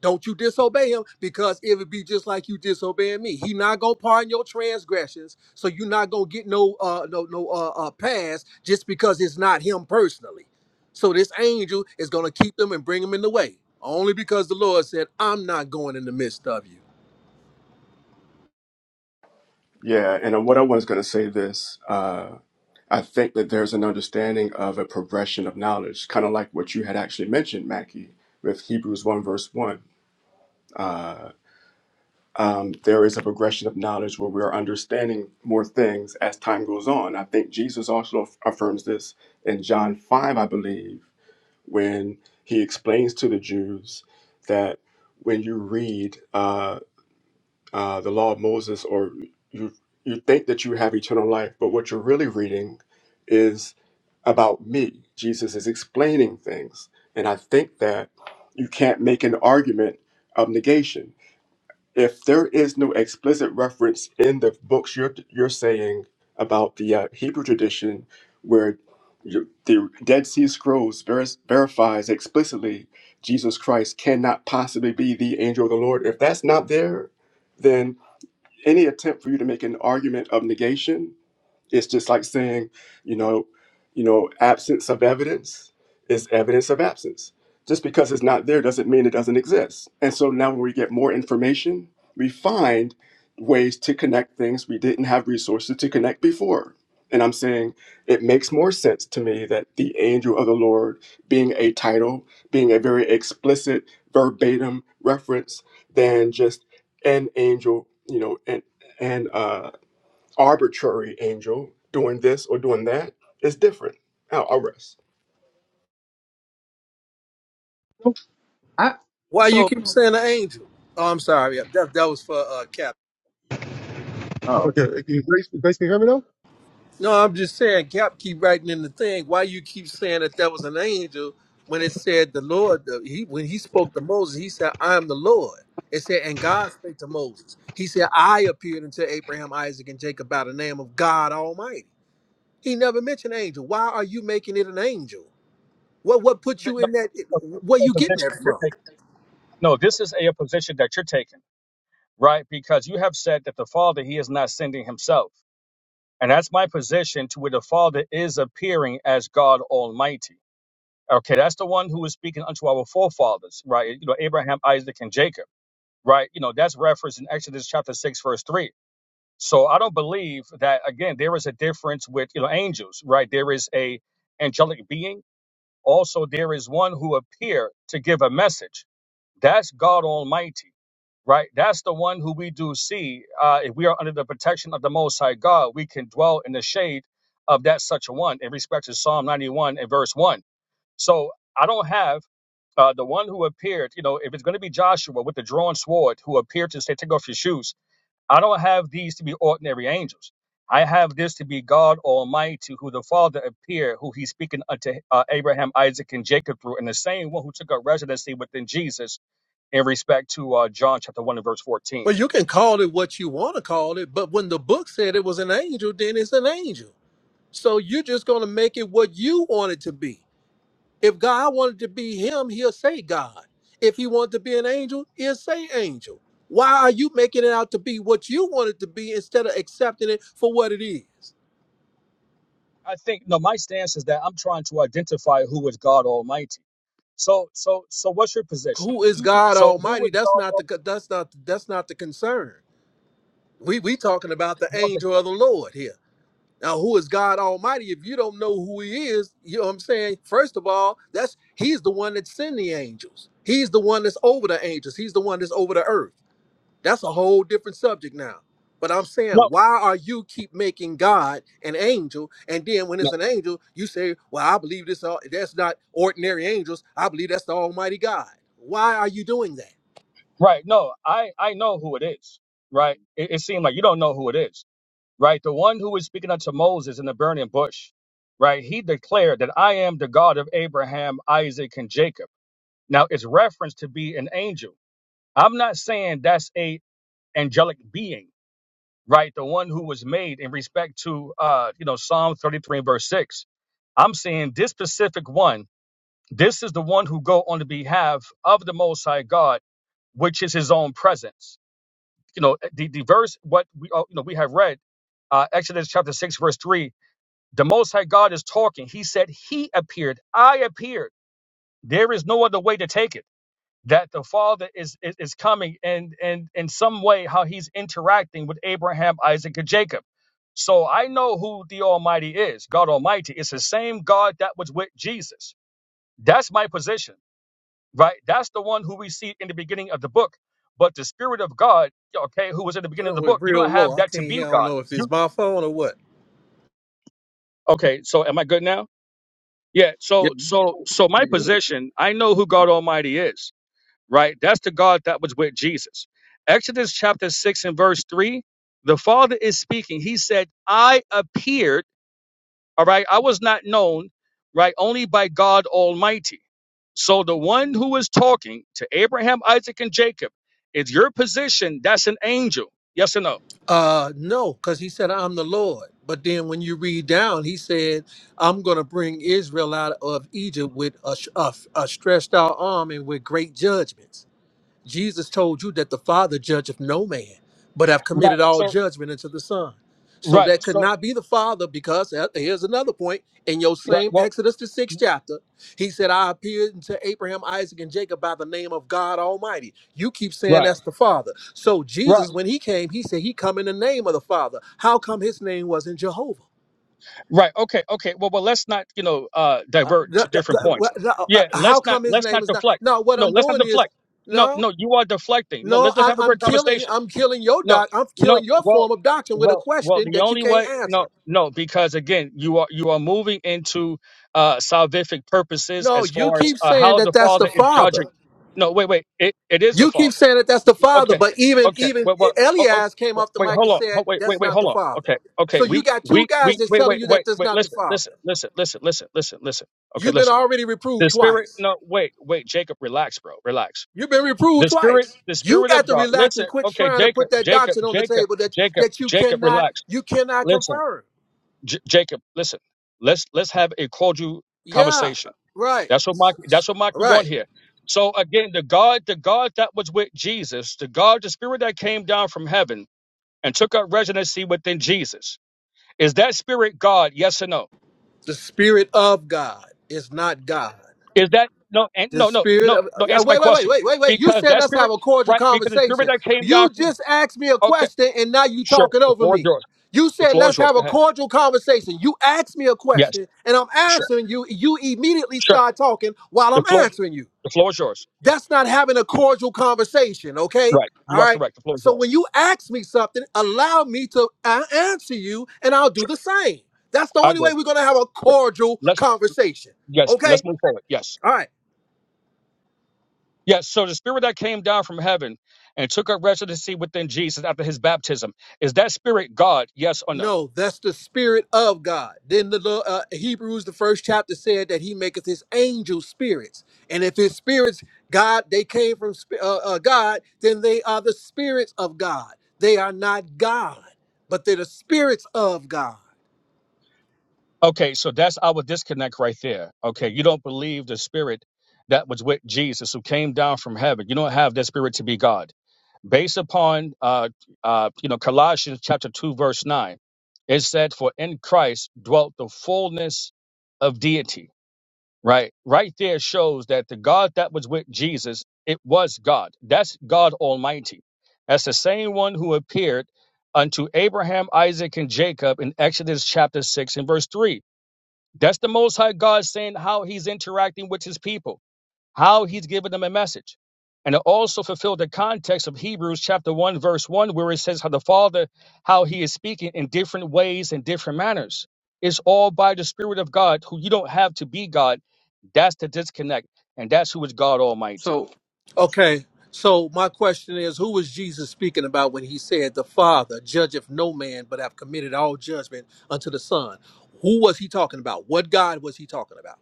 E: don't you disobey him because it would be just like you disobeying me. He not gonna pardon your transgressions, so you're not gonna get no uh no no uh, uh pass just because it's not him personally. So this angel is gonna keep them and bring them in the way only because the Lord said, "I'm not going in the midst of you."
D: Yeah, and uh, what I was going to say this, uh, I think that there's an understanding of a progression of knowledge, kind of like what you had actually mentioned, Mackie, with Hebrews 1, verse 1. Uh, um, there is a progression of knowledge where we are understanding more things as time goes on. I think Jesus also aff- affirms this in John 5, I believe, when he explains to the Jews that when you read uh, uh, the law of Moses, or you you think that you have eternal life, but what you're really reading is about me. Jesus is explaining things, and I think that you can't make an argument of negation if there is no explicit reference in the books you're you're saying about the uh, Hebrew tradition, where you, the Dead Sea Scrolls ver- verifies explicitly Jesus Christ cannot possibly be the angel of the Lord. If that's not there, then any attempt for you to make an argument of negation it's just like saying, you know, you know, absence of evidence is evidence of absence. Just because it's not there doesn't mean it doesn't exist. And so now when we get more information, we find ways to connect things we didn't have resources to connect before. And I'm saying it makes more sense to me that the angel of the Lord being a title, being a very explicit verbatim reference than just an angel, you know, and and uh arbitrary angel doing this or doing that. It's different. I'll, I'll rest.
B: I
E: Why you
B: so
E: keep saying an angel? Oh, I'm sorry. Yeah, That that was for uh Cap.
B: oh
C: Okay, can you Grace, Grace, can you hear me now?
E: No, I'm just saying, Cap keep writing in the thing. Why you keep saying that that was an angel when it said the Lord? The, he when he spoke to Moses, he said, "I am the Lord." It said, and God spake to Moses. He said, "I appeared unto Abraham, Isaac, and Jacob by the name of God Almighty." He never mentioned angel. Why are you making it an angel? What what put
A: The-
E: you
A: the-
E: in that? Where
A: the
E: you getting
A: position
E: that
A: you're taking
E: from?
A: No, this is a, position that you're taking, right? Because you have said that the Father, He is not sending Himself. And that's my position to where the Father is appearing as God Almighty. Okay, that's the one who is speaking unto our forefathers, right? You know, Abraham, Isaac, and Jacob, right? You know, that's referenced in Exodus chapter 6, verse 3. So I don't believe that, again, there is a difference with, you know, angels, right? There is a angelic being. Also, there is one who appear to give a message. That's God Almighty right? That's the one who we do see. Uh, if we are under the protection of the Most High God, we can dwell in the shade of that such a one in respect to Psalm 91 and verse 1. So I don't have uh, the one who appeared, you know, if it's going to be Joshua with the drawn sword who appeared to say, take off your shoes, I don't have these to be ordinary angels. I have this to be God Almighty, who the Father appeared, who He's speaking unto uh, Abraham, Isaac, and Jacob through, and the same one who took up residency within Jesus in respect to uh, John chapter 1 and verse 14.
E: Well, you can call it what you want to call it, but when the book said it was an angel, then it's an angel. So you're just gonna make it what you want it to be. If God wanted to be him, he'll say God. If he wanted to be an angel, he'll say angel. Why are you making it out to be what you want it to be instead of accepting it for what it is?
A: I think, no, my stance is that I'm trying to identify who is God Almighty. So, so, so what's your position?
E: Who is God
A: So who
E: Almighty?
A: would
E: That's
A: God
E: not
A: al-
E: the that's not that's not the concern. We we talking about the
A: was the
E: angel of the Lord here. Now, who is God Almighty? If you don't know who He is, you know what I'm saying? First of all, that's He's the one that sent the angels. He's the one that's over the angels. He's the one that's over the earth. That's a whole different subject now. But I'm
A: no,
E: saying, why are you keep making God an angel, and then when it's
A: no,
E: an angel, you say, "Well, I believe this. All, that's not ordinary angels. I believe that's the Almighty God." Why are you doing that?
A: right? No, I, I know who it is, right? It, it seemed like you don't know who it is, right? The one who was speaking unto Moses in the burning bush, right? He declared that I am the God of Abraham, Isaac, and Jacob. Now it's referenced to be an angel. I'm not saying that's a angelic being. right? The one who was made in respect to, uh, you know, Psalm 33 and verse 6. I'm saying this specific one, this is the one who go on the behalf of the Most High God, which is his own presence. You know, the, the verse, what we, uh, you know, we have read, uh, Exodus chapter 6, verse 3, the Most High God is talking. He said, He appeared, I appeared. There is no other way to take it that the father is, is is coming and and in some way how he's interacting with Abraham, Isaac, and Jacob. So I know who the Almighty is. God Almighty It's the same God that was with Jesus. That's my position, right? That's the one who we see in the beginning of the book. But the Spirit of God, okay, who was in the
E: You
A: beginning of the
E: know, it's
A: book, you don't
E: real low.
A: have
E: I
A: that to
E: can't
A: be
E: hear. I don't
A: God.
E: know if it's
A: You
E: my phone or what.
A: okay? So am I good now? Yeah.
B: yeah,
A: So so so my
B: you're
A: position, I know who God Almighty is right? That's the God that was with Jesus. Exodus chapter 6 and verse 3, the Father is speaking. He said, I appeared, all right? I was not known, right? Only by God Almighty. So the one who is talking to Abraham, Isaac, and Jacob is your position. That's an angel. Yes or no?
E: Uh, no, because he said, "I'm the Lord." But then when you read down, he said, "I'm going to bring Israel out of Egypt with a, sh- a, a stretched out arm and with great judgments." Jesus told you that the Father judgeth no man, but have
A: Right.
E: committed all
A: So,
E: judgment unto the Son. So
A: right.
E: that could
A: So,
E: not be the Father, because uh, here's another point in your
A: right.
E: same
A: Well,
E: Exodus, the sixth chapter. He said, I appeared unto Abraham, Isaac, and Jacob by the name of God Almighty. You keep saying
A: right.
E: that's the Father. So
A: Right.
E: Jesus, when he came, he said he come in the name of the Father. How come his name wasn't Jehovah?
A: Right. Okay. Okay. Well, well, let's not, you know, uh,
E: Uh,
A: divert
E: th-
A: to
E: th-
A: different
E: th-
A: points.
E: wh- th- uh, uh,
A: Yeah.
E: how
A: Let's not,
E: come his
A: let's
E: name
A: not
E: is not?
A: deflect.
E: No, what
A: No,
E: I'm
A: let's not
E: doing is
A: deflect. No,
E: no.
A: no, you are deflecting. No,
E: No,
A: let's, let's
E: I,
A: have a
E: I'm
A: great
E: killing.
A: conversation.
E: I'm killing your
A: No,
E: doc. I'm
A: no.
E: killing your
A: Well,
E: form of doctrine with a
A: well, well,
E: question
A: the
E: that you
A: only
E: can't
A: way, no,
E: answer.
A: no, because again, you are, you are moving into, uh, salvific purposes
E: No,
A: as
E: you
A: far as,
E: keep
A: uh,
E: saying
A: how the
E: that that's the
A: father is
E: father.
A: judging. No, wait, wait. It, it is the
E: You
A: father
E: keep saying that that's the father,
A: okay,
E: but even
A: okay.
E: even
A: Wait, what? Oh, oh,
E: Elias came
A: wait,
E: off the
A: wait,
E: mic
A: hold
E: and
A: on. Ho-
E: said
A: Wait, wait,
E: that's
A: wait,
E: not the
A: hold on.
E: father.
A: Okay, okay.
E: So you
A: We,
E: got two
A: we,
E: guys
A: we,
E: that's
A: wait,
E: telling
A: wait,
E: you that
A: wait,
E: that's
A: wait.
E: not the
A: Listen, listen,
E: father.
A: listen, listen, listen, listen, listen. Okay,
E: You've been
A: listen.
E: already reproved
A: The spirit.
E: twice.
A: No, wait, wait, Jacob, relax, bro, relax.
E: You've been reproved
A: The spirit,
E: twice.
A: the
E: You
A: spirit
E: got
A: of
E: to
A: God.
E: relax and
A: Listen,
E: quit
A: okay,
E: trying to
A: Jacob,
E: put that
A: Jacob,
E: doctrine on the
A: Jacob,
E: table that
A: Jacob,
E: that you
A: Jacob,
E: cannot
A: relax.
E: you cannot
A: Listen,
E: confirm.
A: J- Jacob, listen. Let's let's have a cordial
E: Yeah,
A: conversation.
E: right,
A: That's what Mike. That's what Mikey
E: right.
A: want here. So again, the God, the God that was with Jesus, the God, the Spirit that came down from heaven and took up residency within Jesus, is that Spirit God? Yes or no?
E: The Spirit of God is not God.
A: Is that no? And
E: The
A: no, no,
E: Spirit
A: no,
E: of
A: no.
E: uh,
A: Answer my
E: wait, wait, wait,
A: question.
E: wait, wait, wait. You
A: Because
E: said
A: that
E: let's have
A: Spirit,
E: a cordial
A: right? Because the Spirit
E: conversation.
A: that came down
E: You
A: from.
E: just asked me a
A: Okay,
E: question and now you
A: sure.
E: talking
A: The
E: over
A: floor is
E: me.
A: yours.
E: You
A: The
E: said
A: floor
E: let's
A: is yours.
E: have
A: Go
E: a
A: ahead.
E: cordial conversation. You asked me a
A: Yes,
E: question and I'm
A: sure,
E: answering you. You immediately
A: sure.
E: start talking while
A: The
E: I'm
A: floor,
E: answering you.
A: the floor is yours. Yeah,
E: That's not having a cordial conversation, okay?
A: right. You
E: All
A: are
E: right.
A: correct. The floor is
E: So
A: yours.
E: when you ask me something, allow me to a- answer you and I'll do
A: Sure.
E: the same. That's the
A: I
E: only
A: agree.
E: way we're going to have a
A: Sure.
E: cordial
A: Let's
E: conversation,
A: yes,
E: okay?
A: let's move forward. Yes.
E: All right.
A: Yes, so the spirit that came down from heaven and took up residency within Jesus after his baptism, is that spirit God? Yes or no?
E: No, that's the spirit of God. Then the lo- uh, Hebrews, the first chapter said that he maketh his angels spirits. And if his spirits, God, they came from sp- uh, uh, God, then they are the spirits of God. They are not God, but they're the spirits of God.
A: Okay, so that's our disconnect right there. Okay, you don't believe the spirit that was with Jesus who came down from heaven. You don't have that spirit to be God. Based upon uh uh you know Colossians chapter 2 verse 9, it said for in Christ dwelt the fullness of deity right right there shows that the god that was with jesus it was god that's god almighty that's the same one who appeared unto abraham isaac and jacob in exodus chapter 6 and verse 3 that's the most high god saying how he's interacting with his people how he's given them a message. And it also fulfilled the context of Hebrews chapter 1, verse 1, where it says how the Father, how he is speaking in different ways and different manners. It's all by the Spirit of God, who you don't have to be God. That's the disconnect. And that's who is God Almighty.
B: so
E: Okay. So my question is, who was Jesus speaking about when he said, "The Father judgeth no man, but have committed all judgment unto the Son"? Who was he talking about? What God was he talking about?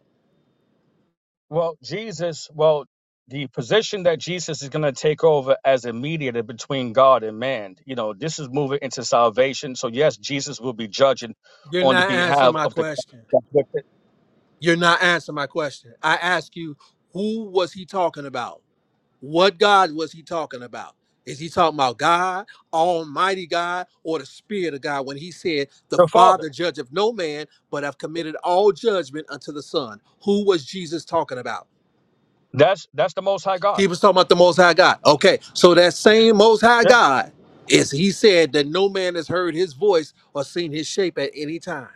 A: Well, Jesus, well, the position that Jesus is going to take over as a mediator between God and man, you know, this is moving into salvation. So, yes, Jesus will be judging
E: You're
A: on the
E: not answering
A: behalf
E: my
A: of the,
E: question.
A: the
E: You're not answering my question. I ask you, who was he talking about? What God was he talking about? Is he talking about God, Almighty God, or the Spirit of God when he said, "The
A: Father.
E: Father judgeth no man, but have committed all judgment unto the Son"? Who was Jesus talking about?
A: That's that's the Most High God.
E: He was talking about the Most High God. Okay, so that same Most High
A: Yeah.
E: God is He said that no man has heard His voice or seen His shape at any time.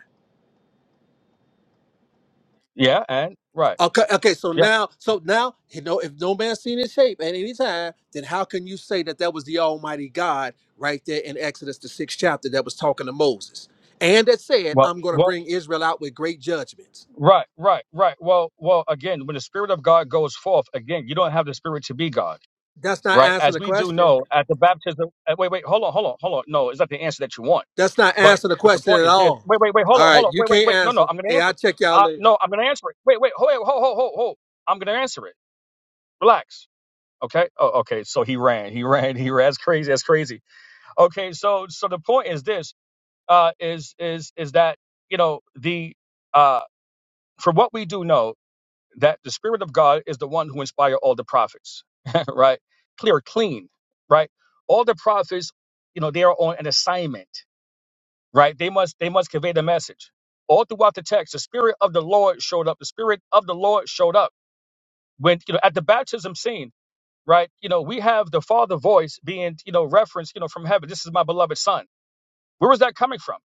A: Yeah. And right.
E: Okay, okay. So
A: Yeah.
E: now, so now, you know, if no man's seen His shape at any time, then how can you say that that was the Almighty God right there in Exodus the sixth chapter that was talking to Moses and that said,
A: Well.
E: "I'm going to
A: Well.
E: bring Israel out with great judgments."
A: Right. Right. Right. Well. Well. Again, when the Spirit of God goes forth, again, you don't have the Spirit to be God.
E: That's not
A: Right.
E: answering
A: As
E: the
A: we do
E: question.
A: know, at the baptism. uh, Wait. Wait. Hold on. Hold on. Hold on. No, it's not the answer that you want.
E: That's not
A: But
E: answering the
A: but the
E: question
A: point
E: at
A: is this.
E: all.
A: Wait. Wait. Wait. Hold
E: All
A: on.
E: right,
A: Hold on.
E: you
A: Wait. Wait.
E: can't
A: Wait. No. No.
E: answer.
A: I'm gonna
E: Hey,
A: answer
E: I'll
A: it.
E: check y'all
A: Uh.
E: later.
A: No. I'm gonna answer it. Wait. Wait. Hold. Wait, Hold. Hold. Hold. Hold. I'm gonna answer it. Relax. Okay. Oh. Okay. So he ran. He ran. He ran. That's crazy. That's crazy. Okay. So so the point is this. uh, is is is that you know the uh, from what we do know that the Spirit of God is the one who inspired all the prophets, right? Clear, clean, right? All the prophets, you know, they are on an assignment, right? They must they must convey the message. All throughout the text, the Spirit of the Lord showed up. The Spirit of the Lord showed up when you know at the baptism scene, right? You know, we have the Father voice being you know referenced, you know, from heaven. This is my beloved Son. Where was that coming from?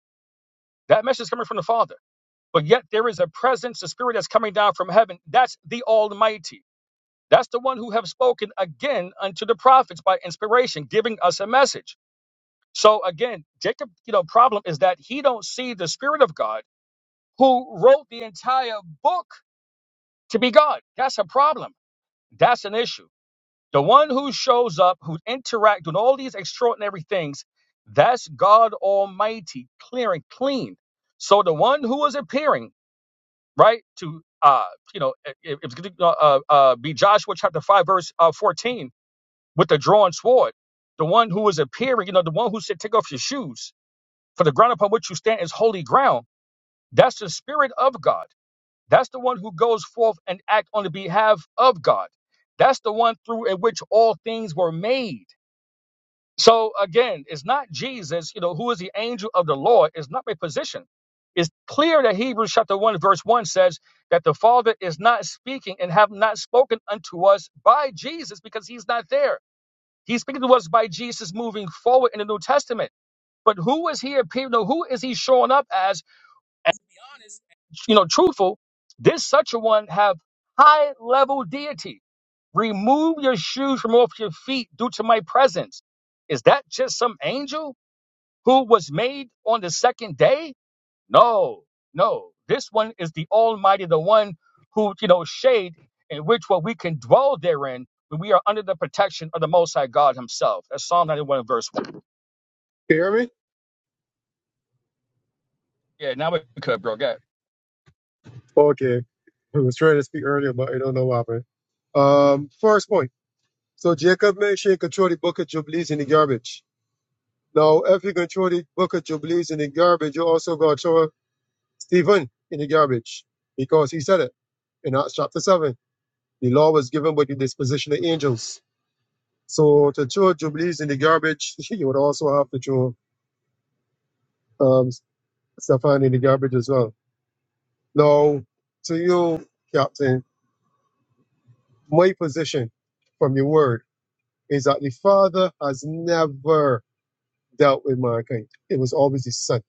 A: That message is coming from the Father But yet there is a presence, a spirit that's coming down from heaven. That's the Almighty. That's the one who have spoken again unto the prophets by inspiration, giving us a message. So again, Jacob, you know, problem is that he don't see the Spirit of God who wrote the entire book to be God. That's a problem. That's an issue. The one who shows up, who interact, doing all these extraordinary things, that's God Almighty, clear and clean. So the one who is appearing right? To uh, you know, it, it's going to uh, uh, be Joshua chapter five verse uh, fourteen with the drawn sword, the one who is appearing, you know, the one who said, "Take off your shoes, for the ground upon which you stand is holy ground." That's the spirit of God. That's the one who goes forth and act on the behalf of God. That's the one through in which all things were made. So again, it's not Jesus, you know, who is the angel of the Lord, It's not my position. It's clear that Hebrews chapter 1, verse 1 says that the Father is not speaking and have not spoken unto us by Jesus because he's not there. He's speaking to us by Jesus moving forward in the New Testament. But who is he appearing? no, Who is he showing up as? And, you know, truthful, this such a one have high level deity. Remove your shoes from off your feet due to my presence. Is that just some angel? who was made on the second day? No, no. This one is the Almighty, the one who, you know, shade in which what we can dwell therein when we are under the protection of the Most High God Himself. That's Psalm 91, verse 1.
C: Can you hear me?
A: Yeah, now we could, bro. Go ahead.
C: Okay. I was trying to speak earlier, but I don't know what happened. Um, first point. So Jacob mentioned control the bucket of leaves in the garbage. Now, if you control the bucket of leaves in the garbage, you also got to throw Stephen in the garbage because he said it in Acts chapter 7. The law was given by the disposition of angels. So to throw Jubilees in the garbage, you would also have to throw um, Stefan in the garbage as well. Now, to you, Captain, my position from your word is that the Father has never dealt with mankind. It was always the Son.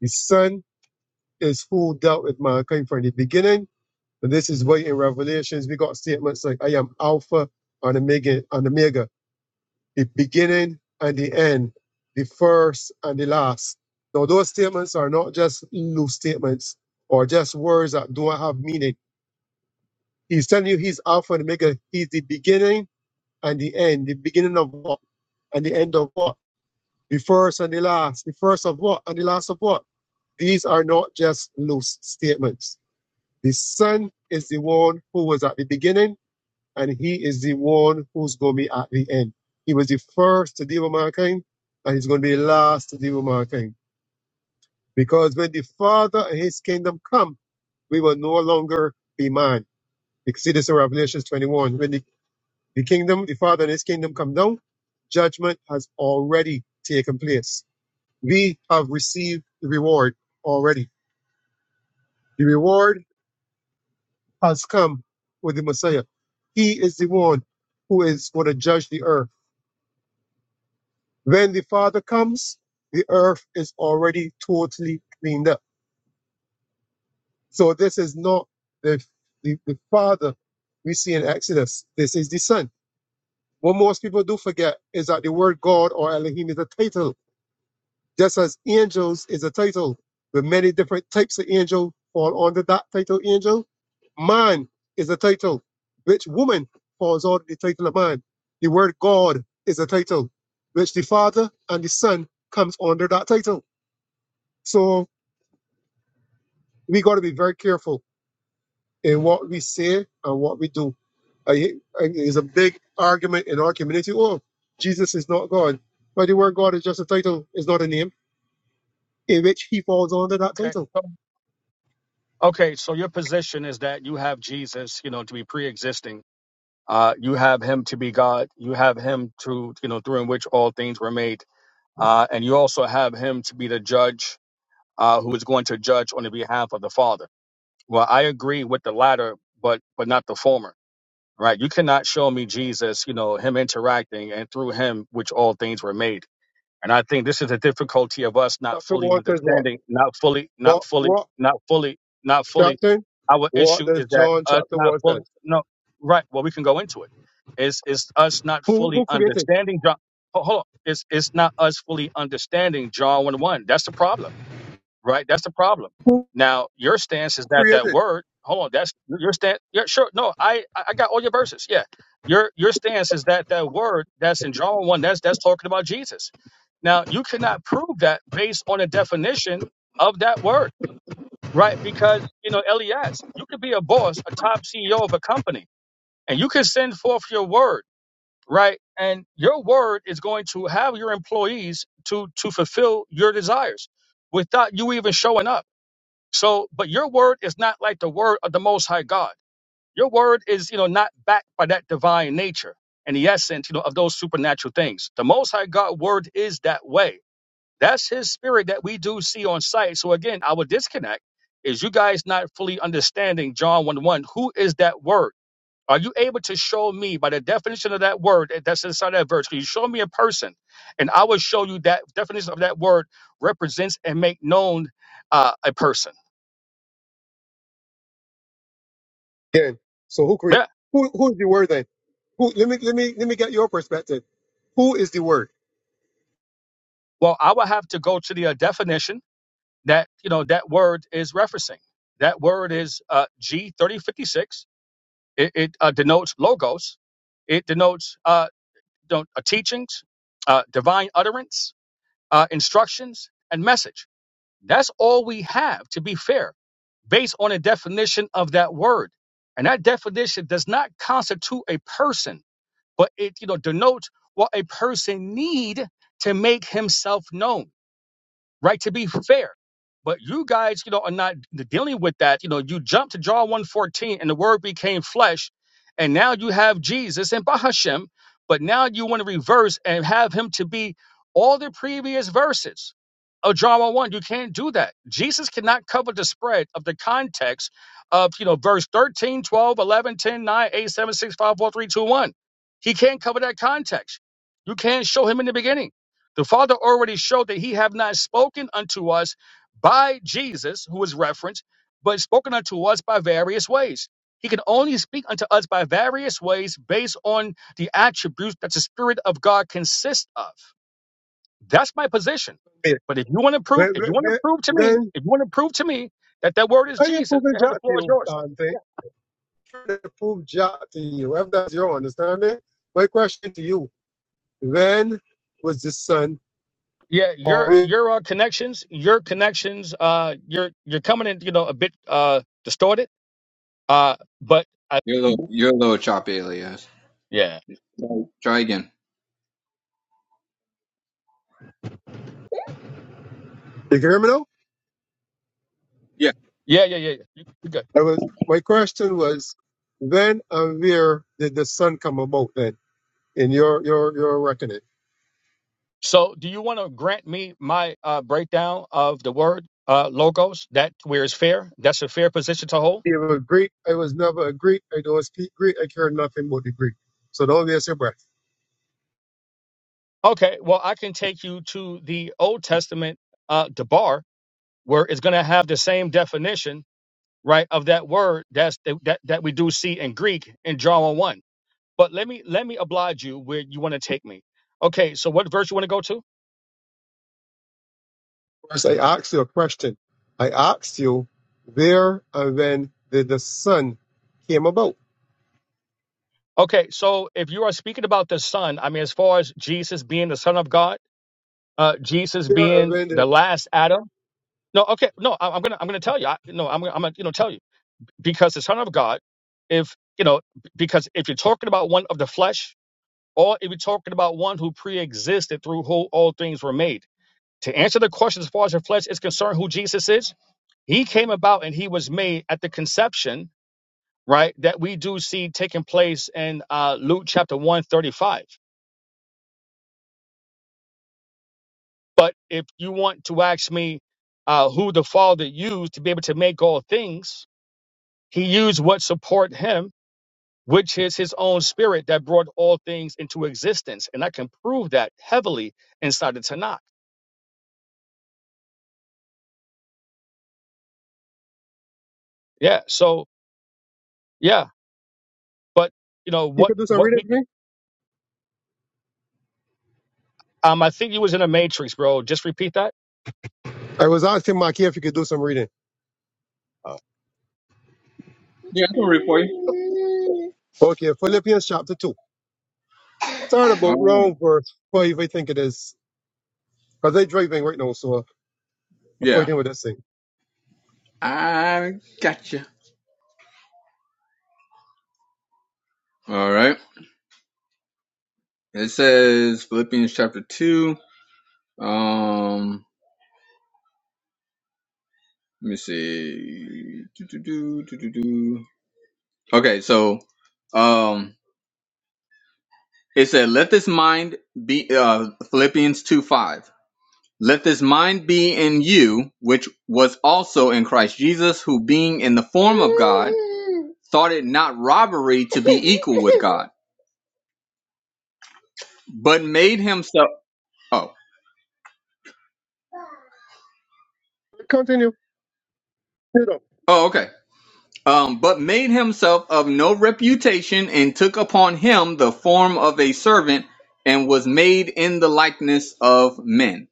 C: The Son is who dealt with mankind from the beginning. And this is why in Revelations we got statements like, I am Alpha and Omega, and Omega, the beginning and the end, the first and the last. Now, those statements are not just loose statements or just words that don't have meaning He's telling you he's Alpha and Omega. He's the beginning and the end. The beginning of what? And the end of what? The first and the last. The first of what? And the last of what? These are not just loose statements. The Son is the one who was at the beginning, and he is the one who's going to be at the end. He was the first to deal with mankind, and he's going to be the last to deal with mankind. Because when the Father and his kingdom come, we will no longer be man. You can see this in Revelation 21. when the The kingdom, the Father and his kingdom come down. Judgment has already taken place. We have received the reward already. The reward has come with the Messiah. He is the one who is going to judge the earth. When the Father comes, the earth is already totally cleaned up. So this is not the, the, the Father we see in Exodus. This is the Son. What most people do forget is that the word God or Elohim is a title Just as angels is a title with many different types of angel fall under that title angel. Man is a title which woman falls under the title of man. The word God is a title which the Father and the Son comes under that title. So we got to be very careful in what we say and what we do. I, I, it's a big argument in our community. Oh, Jesus is not God. But the word God is just a title, it's not a name, in which he falls under that
A: Okay.
C: title.
A: So, okay. So your position is that you have Jesus, you know, to be pre existing. Uh, you have him to be God. You have him to, you know, through in which all things were made. Uh, and you also have him to be the judge uh, who is going to judge on the behalf of the Father. Well, I agree with the latter, but but not the former. Right? You cannot show me Jesus, you know, him interacting and through him which all things were made. And I think this is the difficulty of us not
C: chapter
A: fully
C: 1 says what?
A: understanding, not fully, not
C: What,
A: fully,
C: what,
A: not fully, not fully.
C: Captain?
A: Our
C: What
A: issue
C: does
A: is that
C: John
A: us
C: chapter
A: not
C: 1
A: fully
C: says?
A: no right. Well, we can go into it. It's it's us not
C: Who,
A: fully
C: who created?
A: understanding John. ho- Hold on. It's it's not us fully understanding John one one. That's the problem right? That's the problem. Now your stance is
C: Who
A: that that
C: created?
A: word. Hold on, that's your stance. Yeah, sure. No, I I I got all your verses. Yeah, your your stance is that that word that's in John one. That's that's talking about Jesus. Now you cannot prove that based on a definition of that word, right? Because you know Elias, you could be a boss, a top CEO of a company, and you can send forth your word, right? And your word is going to have your employees to to fulfill your desires without you even showing up. So, but your word is not like the word of the Most High God. Your word is, you know, not backed by that divine nature and the essence, you know, of those supernatural things. The Most High God word is that way. That's His spirit that we do see on sight. So again, our disconnect is you guys not fully understanding John one one. Who is that word? Are you able to show me by the definition of that word that's inside that verse? Can you show me a person, and I will show you that definition of that word represents and make known uh, a person.
C: Again. So who create? Who, who is the word then? Who, let me, let me, let me get your perspective. Who is the word?
A: Well, I would have to go to the uh, definition that you know that word is referencing. That word is uh, G thirty fifty six. It, it uh, denotes logos. It denotes uh, don't- uh, teachings, uh, divine utterance, uh, instructions, and message. That's all we have. To be fair, based on a definition of that word, and that definition does not constitute a person, but it you know denotes what a person need to make himself known right? To be fair. But you guys, you know, are not dealing with that. You know, you jump to John 114 and the word became flesh, and now you have Jesus and Bahashem, but now you want to reverse and have him to be all the previous verses of John 1. You can't do that. Jesus cannot cover the spread of the context of, you know, verse thirteen, twelve, eleven, ten, nine, eight, seven, six, five, four, three, two, one. He can't cover that context. You can't show him in the beginning. The Father already showed that he have not spoken unto us by Jesus, who is referenced, but spoken unto us by various ways. He can only speak unto us by various ways based on the attributes that the Spirit of God consists of. That's my position.
C: Yeah.
A: But if you want to prove,
C: Then,
A: if you
C: then,
A: want to
C: then
A: prove to me,
C: then
A: if you want to prove to me that that word is
C: I ain't
A: Jesus,
C: proving
A: go ahead,
C: Jack
A: the
C: to
A: floor is
C: you,
A: yours.
C: Dante.
A: Yeah,
C: Trying to prove Jack to you. If that's your understanding, my question to you, when was the son
A: yeah,
C: born?
A: your
C: You
A: your uh, connections, your connections, uh, you're you're coming in, you know, a bit uh distorted. Uh, but
B: you're a little you're a little choppy Elias
A: Yeah.
B: try again
C: can hear me now?
B: Yeah,
A: Yeah, yeah, yeah. yeah. You- you good.
C: I was my question was when and where did the sun come about then in your your your reckoning?
A: So, do you want to grant me my uh, breakdown of the word uh, logos? That where is fair? That's a fair position to hold.
C: It was Greek. I was never a Greek. I don't speak Greek. I care nothing about the Greek. So don't waste your breath.
A: Okay. Well, I can take you to the Old Testament uh, debar, where it's going to have the same definition, right, of that word that's that that we do see in Greek in John one. But let me let me oblige you where you want to take me. Okay. So, what verse you want to go to?
C: First, I asked you a question. I asked you where and when did the sun came about?
A: Okay. So, if you are speaking about the Son, I mean, as far as Jesus being the Son of God uh, Jesus
C: Where and
A: being
C: when
A: the
C: did
A: last Adam. No, okay, no, I, I'm gonna I'm gonna tell you. I, no, I'm gonna, I'm gonna you know tell you because the Son of God, if you know, because if you're talking about one of the flesh, or if you're talking about one who pre-existed through who all things were made. To answer the question as far as the flesh is concerned, who Jesus is, he came about and he was made at the conception, right? That we do see taking place in uh, Luke chapter 135 But if you want to ask me uh, who the Father used to be able to make all things, he used what support him, which is his own spirit that brought all things into existence. And I can prove that heavily inside the Tanakh. Yeah. So, yeah. But, you know,
C: you
A: what,
C: could do some
A: what
C: reading
A: we,
C: for me?
A: um, I think you was in a matrix, bro. Just repeat that.
C: I was asking Maki if you could do some reading.
A: Oh.
B: yeah, I can read for you.
C: Okay, Philippians chapter two. Start about
B: All right.
C: round verse five, I think it is. Because I'm driving right now, so I'm
B: Yeah,
C: fighting with this thing.
B: I got you. All right. It says Philippians chapter two. Um, let me see. Do-do-do, do-do-do. Okay, so um, it said, "Let this mind be." Uh, Philippians two five. Let this mind be in you, which was also in Christ Jesus, who being in the form of God, thought it not robbery to be equal with God but made himself oh
C: Continue. You know.
B: oh okay um but made himself of no reputation and took upon him the form of a servant and was made in the likeness of men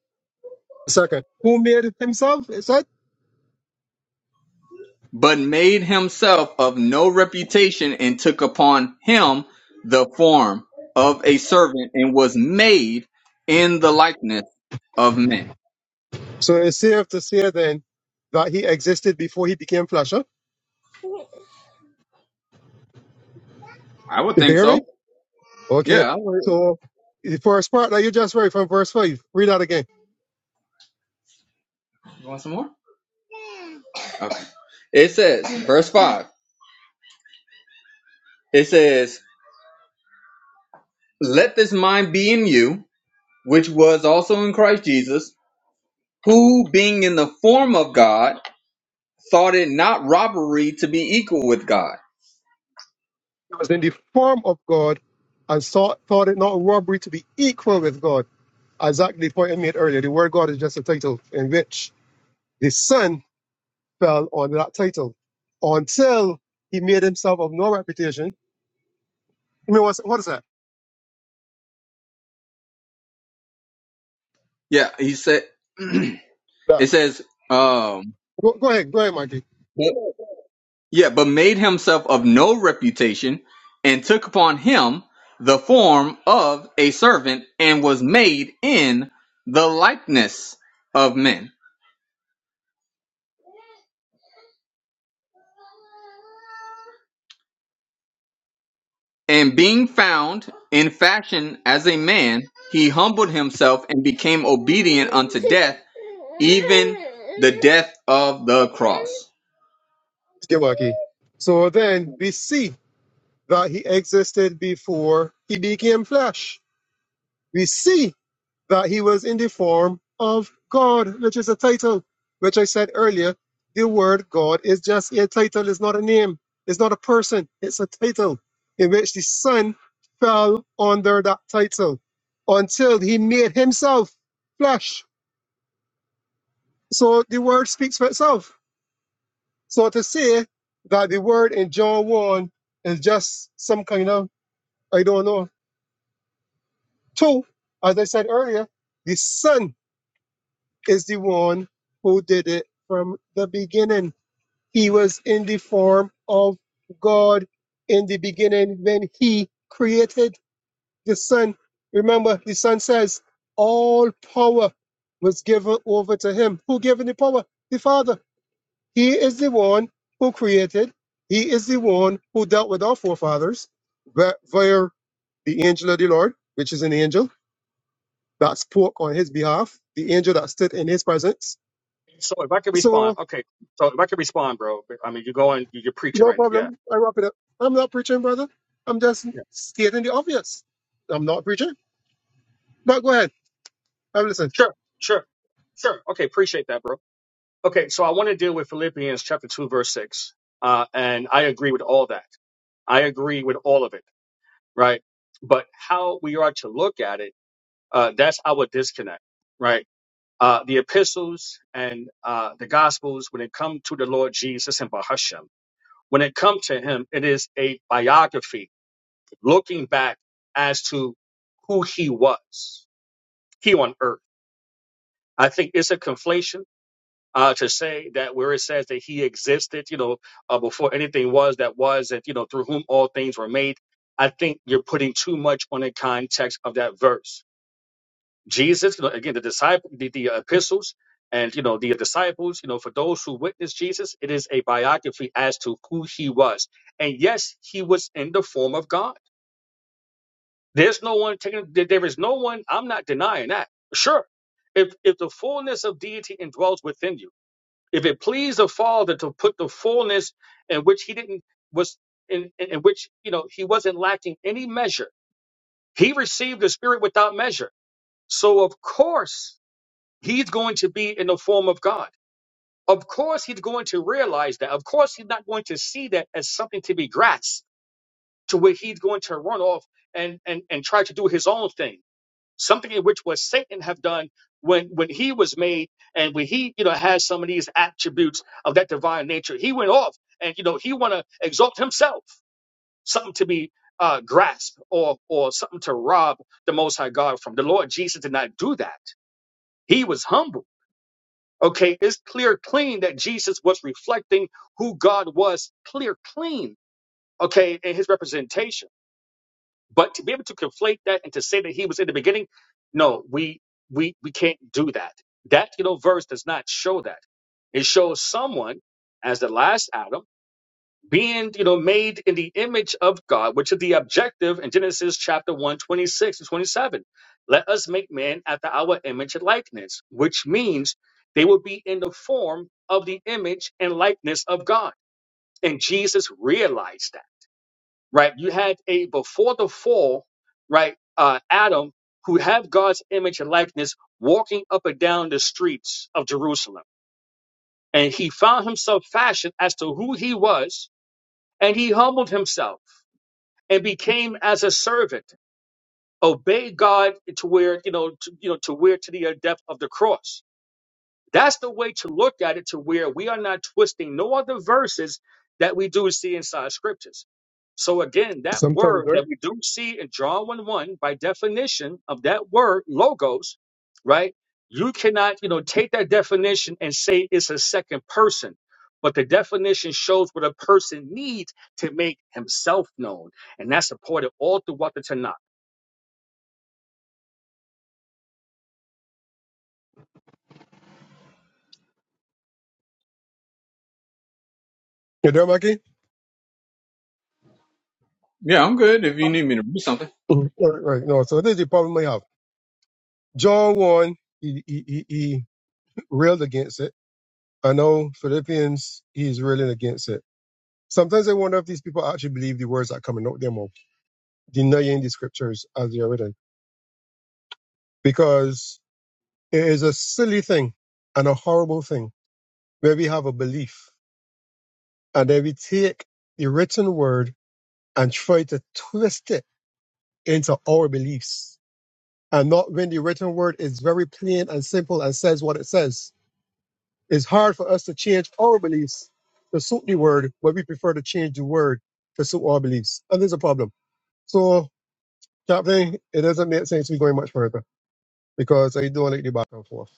C: Second. Who made it himself? Is that?
B: but made himself of no reputation and took upon him the form of a servant and was made in the likeness of men
C: So it's safe to say then that he existed before he became flesh. Huh?
B: i would
C: You can
B: think
C: hear me?
B: so
C: Okay.
B: yeah I would.
C: So the first part that you just read from verse 5, read that again.
B: you want some more okay it says verse 5 it says Let this mind be in you, which was also in Christ Jesus, who, being in the form of God, thought it not robbery to be equal with God.
C: He was in the form of God and thought, thought it not robbery to be equal with God. Exactly the point I made earlier. The word God is just a title in which the Son fell under that title until he made himself of no reputation. I mean, what's, what is that?
B: Yeah, he said, it
C: Yeah.
B: says, um,
C: Go, go ahead. Go ahead, Mikey.
B: but- yeah, but made himself of no reputation and took upon him the form of a servant and was made in the likeness of men. And being found in fashion as a man, he humbled himself and became obedient unto death, even the death of the cross.
C: Get wacky. So then we see that he existed before he became flesh. We see that he was in the form of God, which is a title, which I said earlier. The word God is just a title, it's not a name, it's not a person, it's a title in which the Son fell under that title until he made himself flesh. So the word speaks for itself. So to say that the word in John 1 is just some kind of, I don't know. Two, as I said earlier, the Son is the one who did it from the beginning. He was in the form of God in the beginning when he created the Son. Remember, the Son says, all power was given over to him. Who gave him the power? The Father. He is the one who created. He is the one who dealt with our forefathers vi- via the angel of the Lord, which is an angel that spoke on his behalf, the angel that stood in his presence.
A: So if I could respond,
C: So,
A: okay. So if I could respond, bro, I mean, you're going, you're preaching
C: no
A: right now. Yeah.
C: problem. I wrap it up. I'm not preaching, brother. I'm just
A: Yeah.
C: stating the obvious. I'm not preaching. But go ahead. I'm listening.
A: Sure. Sure. Sure. Okay. Appreciate that, bro. Okay, so I want to deal with Philippians chapter 2, verse 6. Uh, and I agree with all that. I agree with all of it, right? But how we are to look at it, uh, that's our disconnect, right? Uh, the epistles and uh, the gospels, when it comes to the Lord Jesus and Bahashem, when it comes to him, it is a biography looking back as to who he was, he on earth. I think it's a conflation uh, to say that where it says that he existed, you know, uh, before anything was that was, and you know, through whom all things were made. I think you're putting too much on the context of that verse. Jesus, you know, again, the disciple, the, the epistles, and you know, the disciples, you know, for those who witnessed Jesus, it is a biography as to who he was. And yes, he was in the form of God. There's no one taking. There there is no one. I'm not denying that. Sure, if if the fullness of deity indwells within you. If it pleased the Father to put the fullness in which he didn't was in, in in which you know he wasn't lacking any measure, he received the Spirit without measure. So of course he's going to be in the form of God. Of course he's going to realize that. Of course he's not going to see that as something to be grasped to where he's going to run off and and and try to do his own thing something in which was Satan have done when when he was made and when he you know has some of these attributes of that divine nature. He went off and you know he want to exalt himself, something to be uh, grasped or or something to rob the Most High God from. The Lord Jesus did not do that. He was humble. Okay, it's clear clean that Jesus was reflecting who God was, clear clean. Okay, in his representation. But to be able to conflate that and to say that he was in the beginning, no, we we we can't do that. That you know verse does not show that. It shows someone as the last Adam being you know made in the image of God, which is the objective in Genesis chapter 1, twenty-six and 27. Let us make man after our image and likeness, which means they will be in the form of the image and likeness of God. And Jesus realized that right? You had a before the fall, right? Uh, Adam, who had God's image and likeness, walking up and down the streets of Jerusalem, and he found himself fashioned as to who he was, and he humbled himself and became as a servant, obeyed God to where you know, to, you know, to where to the uh, depth of the cross That's the way to look at it to where we are not twisting no other verses that we do see inside scriptures. So again, that
C: Sometimes,
A: word
C: right?
A: that we do see in John 1 1, by definition of that word, logos, right? You cannot, you know, take that definition and say it's a second person. But the definition shows what a person needs to make himself known. And that's supported all throughout the Tanakh.
C: You there, Mackie?
B: Yeah, I'm good if you need me to read something.
C: Mhm. All Right, right. No, so this is the problem I have. John 1, he, he, he, he railed against it. I know Philippians, he's railing against it. Sometimes I wonder if these people actually believe the words that coming out their mouth, denying the scriptures as they are written, because it is a silly thing and a horrible thing where we have a belief and then we take the written word and try to twist it into our beliefs. And not when the written word is very plain and simple and says what it says. It's hard for us to change our beliefs to suit the word, but we prefer to change the word to suit our beliefs. And there's a problem. So Captain, it doesn't make sense to be going much further because they're doing it the back and forth.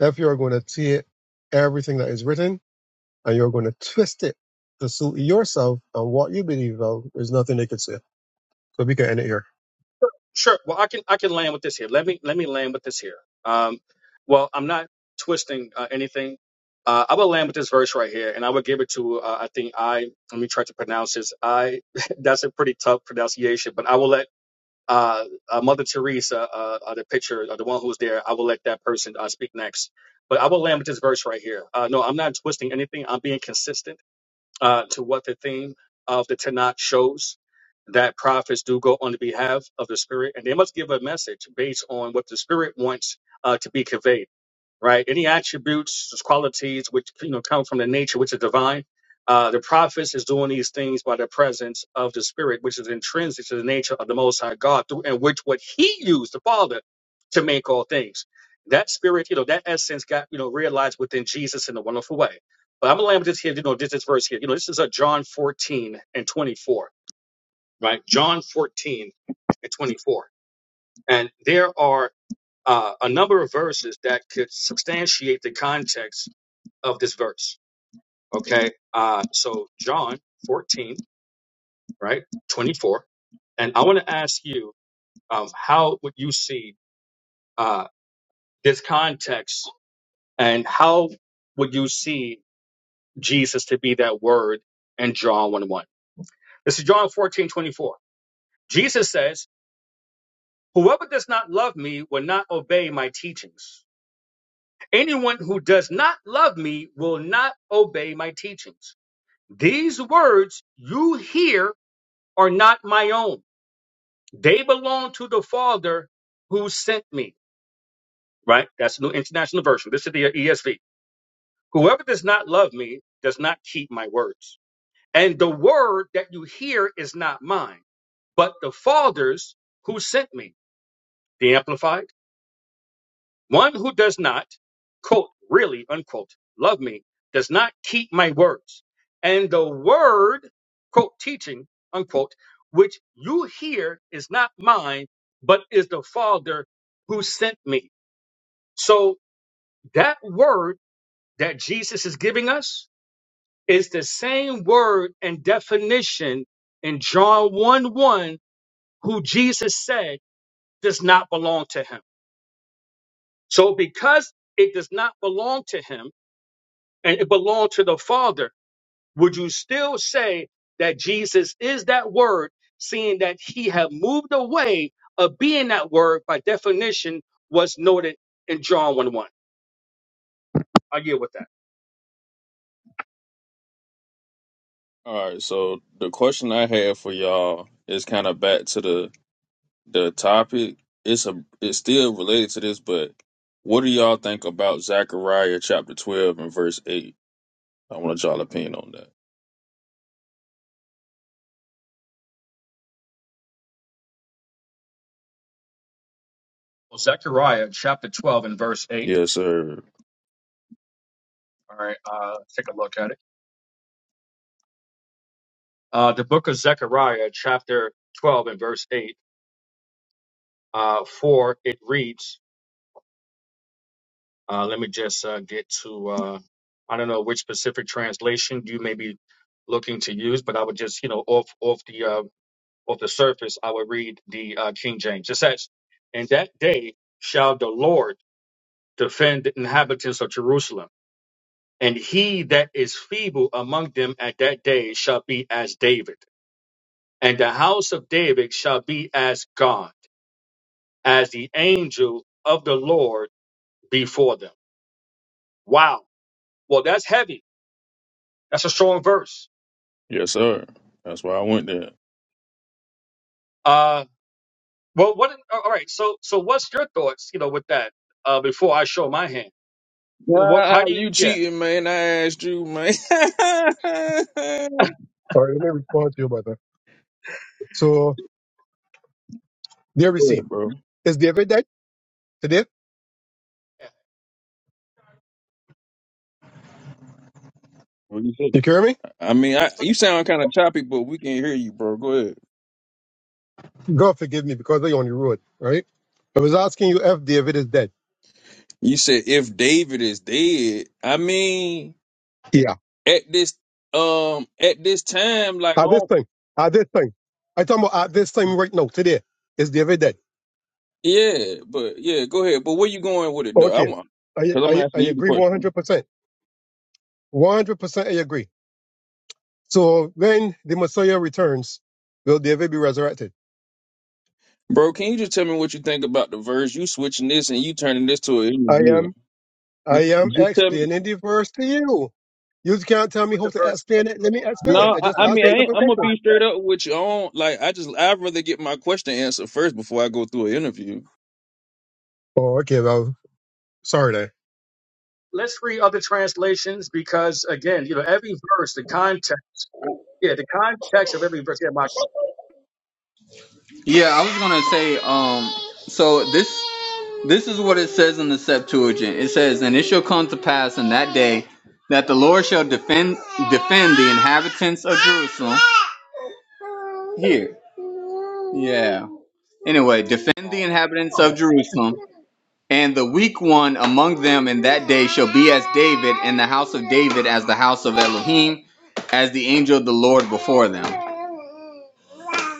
C: If you're going to take everything that is written and you're going to twist it to suit yourself and what you believe of, there's nothing they could say. So we can end it here.
A: Sure. Well, I can I can land with this here. Let me let me land with this here. Um, well, I'm not twisting uh, anything. Uh, I will land with this verse right here, and I will give it to uh, I think I let me try to pronounce this. I that's a pretty tough pronunciation, but I will let uh, uh Mother Teresa, uh, uh the picture, uh, the one who's there, I will let that person uh, speak next. But I will land with this verse right here. Uh, no, I'm not twisting anything. I'm being consistent uh, to what the theme of the Tanakh shows that prophets do go on the behalf of the Spirit, and they must give a message based on what the Spirit wants uh, to be conveyed right? Any attributes, qualities which you know come from the nature which is divine. Uh, the prophets is doing these things by the presence of the Spirit, which is intrinsic to the nature of the Most High God, through and which what He used the Father to make all things. That Spirit, you know, that essence got you know realized within Jesus in a wonderful way. But I'm gonna land with this here, you know, this, this verse here. You know, this is a John 14 and 24, right? John 14 and 24, and there are uh, a number of verses that could substantiate the context of this verse. Okay, uh, so John 14, right, 24, and I want to ask you, um, how would you see uh, this context, and how would you see Jesus to be that word in John 1 1? This is John 14 24. Jesus says, Whoever does not love me will not obey my teachings. Anyone who does not love me will not obey my teachings. These words you hear are not my own. They belong to the Father who sent me. Right? That's the New International Version. This is the ESV. Whoever does not love me does not keep my words. And the word that you hear is not mine, but the Father's who sent me. The Amplified. One who does not, quote, really, unquote, love me does not keep my words. And the word, quote, teaching, unquote, which you hear is not mine, but is the Father who sent me. So that word that Jesus is giving us is the same word and definition in John 1 1, who Jesus said does not belong to him. So because it does not belong to him, and it belonged to the Father, would you still say that Jesus is that word, seeing that he had moved away of being that word by definition was noted in John 1 1? I deal with that.
F: All right, so the question I have for y'all is kind of back to the the topic. It's a it's still related to this, but what do y'all think about Zechariah chapter twelve and verse eight? I want y'all opinion on that.
A: Well, Zechariah chapter 12 and verse 8.
F: Yes, sir.
A: All right, uh, let's take a look at it. Uh, the book of Zechariah chapter 12 and verse 8, uh, 4, it reads, Uh, let me just uh, get to, uh, I don't know which specific translation you may be looking to use, but I would just, you know, off, off the, uh, off the surface, I would read the uh, King James. It says, in that day shall the Lord defend the inhabitants of Jerusalem. And he that is feeble among them at that day shall be as David. And the house of David shall be as God, as the angel of the Lord before them. Wow. Well, that's heavy. That's a strong verse
F: Yes, sir. That's why I went there.
A: Uh, well, what? All right. So, so what's your thoughts? You know, with that. Uh, before I show my hand. Well, what?
F: Nah,
A: How do you?
F: you
A: Yeah.
F: cheating, man? I asked you, man. Go
C: All right, let me respond to you about that. So there we see.
F: ahead, bro.
C: Is David dead today?
F: What you say?
C: You hear me?
F: I mean,
A: I
F: I,
A: didn't
F: you
A: click
F: sound kind of choppy, but we can hear you, bro. Go ahead.
C: God forgive me because they on the road, right? I was asking you if David is dead.
F: You said if David is dead, I mean.
C: Yeah.
F: at this um at this time, like
C: At this
F: oh
C: time, at this time, I talking about at this time right now, today, is David dead?
F: yeah, but yeah, go ahead. But where you going with it though? I
C: Okay,
F: want
C: I,
F: because I'm
C: I, I
F: asking you the
C: agree
F: question,
C: 100%. 100% I agree. So when the Messiah returns, will David be resurrected?
F: bro. Can you just tell me what you think about the verse? You switching this and you turning this to an
C: I
F: interview.
C: am, I am
F: Just tell me.
C: explaining the verse to you. You can't tell me
A: with
C: how
A: the
C: to
A: verse
C: explain
A: first,
C: it. Let me
A: though. I
C: explain it.
A: mean,
F: No,
C: I
F: I,
C: just
A: I
F: I
A: mean,
C: asked
F: mean
C: you a
F: I
A: based
F: ain't,
C: simple
A: on
F: I'm
A: the
F: gonna
C: question.
F: be
A: context.
F: straight up with you on. Like I just I'd rather get my question answered first before I go through an interview.
C: Oh, okay. Well, sorry then.
A: Let's read other translations because, again, you know, every verse, the context, yeah, the context of every verse. Yeah, my,
B: Yeah, I was gonna say. Um, so this this is what it says in the Septuagint. It says, "And it shall come to pass in that day that the Lord shall defend defend the inhabitants of Jerusalem." Here, yeah. Anyway, defend the
A: Oh.
B: inhabitants of
A: oh,
B: Jerusalem, and the weak one among them in that day shall be as David, and the house of David as the house of Elohim, as the angel of the Lord before them.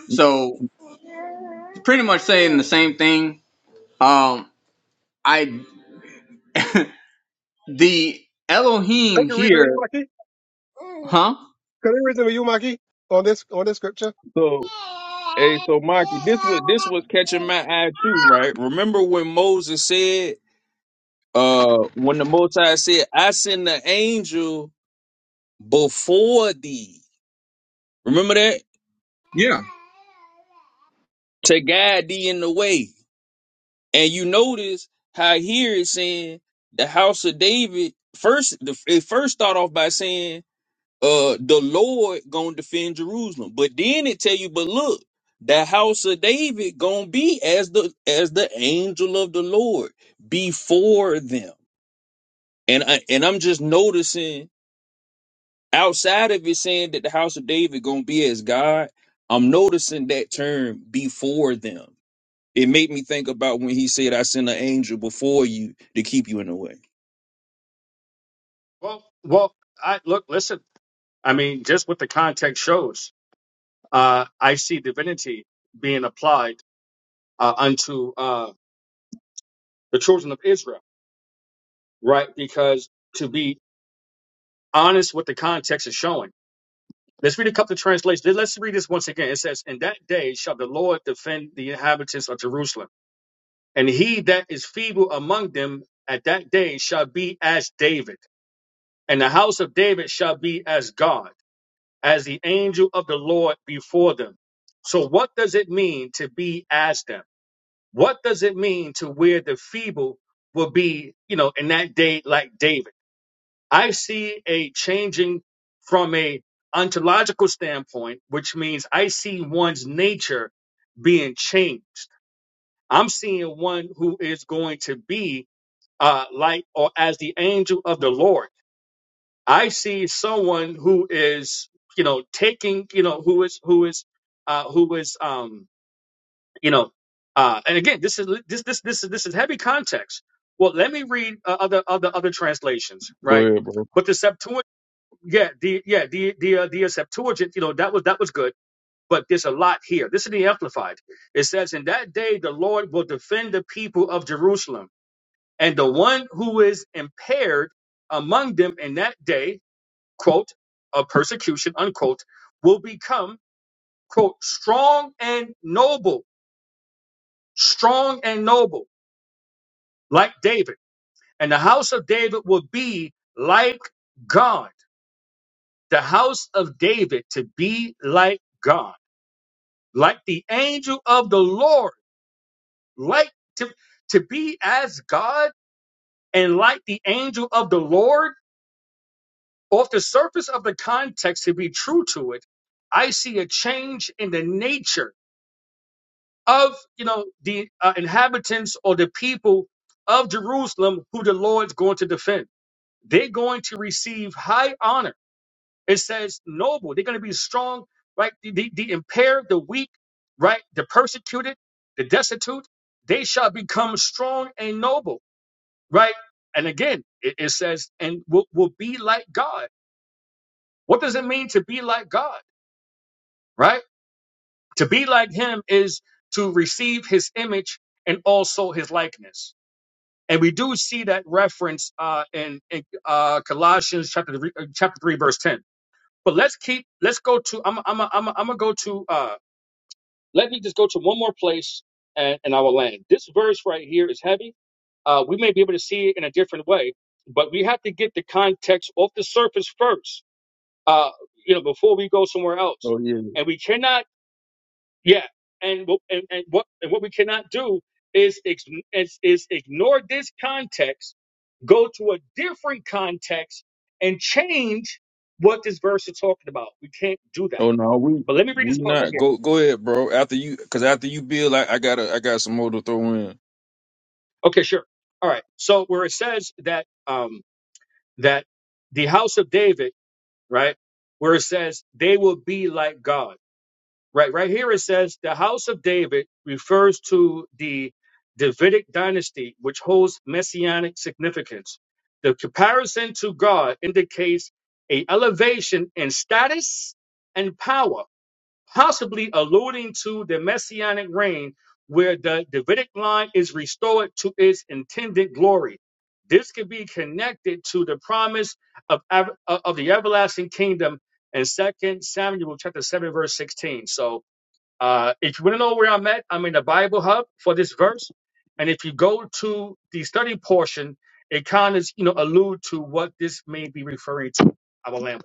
B: So pretty much saying the same thing. Um, I the
C: I
B: Elohim
C: can reason with you,
B: here,
C: Maki.
B: huh?
C: Can I reason with you, Maki, on this, on this scripture?
F: So hey, so Mikey, this was this was catching my eye too, right? Remember when Moses said uh when the Most High said i send the angel before thee remember that
B: Yeah.
F: to guide thee in the way and you notice how here it's saying the house of david first the, it first start off by saying uh the lord gonna defend jerusalem but then it tell you but look the house of david gonna be as the as the angel of the lord before them and i and i'm just noticing outside of it saying that the house of David gonna be as God, I'm noticing that term before them. It made me think about when he said, "I sent an angel before you to keep you in the way."
A: Well, well. I look. Listen. I mean, just what the context shows. Uh, I see divinity being applied uh, unto uh, the children of Israel. right? Because to be honest with the context is showing. Let's read a couple of translations. Let- Let's read this once again. It says, In that day shall the Lord defend the inhabitants of Jerusalem, and he that is feeble among them at that day shall be as David, and the house of David shall be as God, as the angel of the Lord before them. So, what does it mean to be as them? What does it mean to where the feeble will be, you know, in that day like David? I see a changing from a ontological standpoint, which means I see one's nature being changed. I'm seeing one who is going to be uh, like or as the angel of the Lord. I see someone who is, you know, taking, you know, who is who is uh, who is, um, you know, uh, and again, this is this this this is this is heavy context. Well, let me read uh, other other other translations,
F: Go
A: right?
F: ahead, bro.
A: But the Septuagint yeah, the yeah the the uh, the uh, Septuagint, you know, that was that was good, but there's a lot here. This is the Amplified. It says, "In that day, the Lord will defend the people of Jerusalem, and the one who is impaired among them in that day, quote, of persecution, unquote, will become quote strong and noble, strong and noble, like David, and the house of David will be like God." The house of David to be like God like the angel of the Lord, like to, to be as God and like the angel of the Lord, off the surface of the context, to be true to it, I see a change in the nature of you know the uh, inhabitants or the people of Jerusalem who the Lord's going to defend. They're going to receive high honor It says noble. They're going to be strong, right? The, the, the impaired, the weak, right? The persecuted, the destitute, they shall become strong and noble, right? And again, it, it says, and will, will be like God. What does it mean to be like God, right? To be like Him is to receive His image and also His likeness. And we do see that reference uh, in, in uh, Colossians chapter three, uh, chapter three, verse ten. But let's keep. Let's go to. I'm. I'm. I'm. I'm gonna go to. uh, Let me just go to one more place and, and I will land. This verse right here is heavy. Uh, we may be able to see it in a different way, but we have to get the context off the surface first, uh, you know, before we go somewhere else.
F: Oh yeah.
A: And we cannot, yeah, and what- and, and what and what we cannot do is, ex- is is ignore this context, go to a different context, and change what this verse is talking about. We can't do that.
F: Oh no, we
A: But let me read this
F: we
A: part right
F: not.
A: here.
F: Go go ahead, bro. After you, because after you build, I, I got I got some more to throw in.
A: Okay, sure. All right. So where it says that um that the house of David, right? Where it says they will be like God. Right, right here it says the house of David refers to the Davidic dynasty, which holds messianic significance. The comparison to God indicates a elevation in status and power possibly alluding to the messianic reign where the Davidic line is restored to its intended glory. This could be connected to the promise of, ev- of the everlasting kingdom in Second Samuel chapter 7, verse 16. So uh, if you want to know where I'm at, I'm in the Bible hub for this verse. And if you go to the study portion, it kind of you know allude to what this may be referring to. I will land.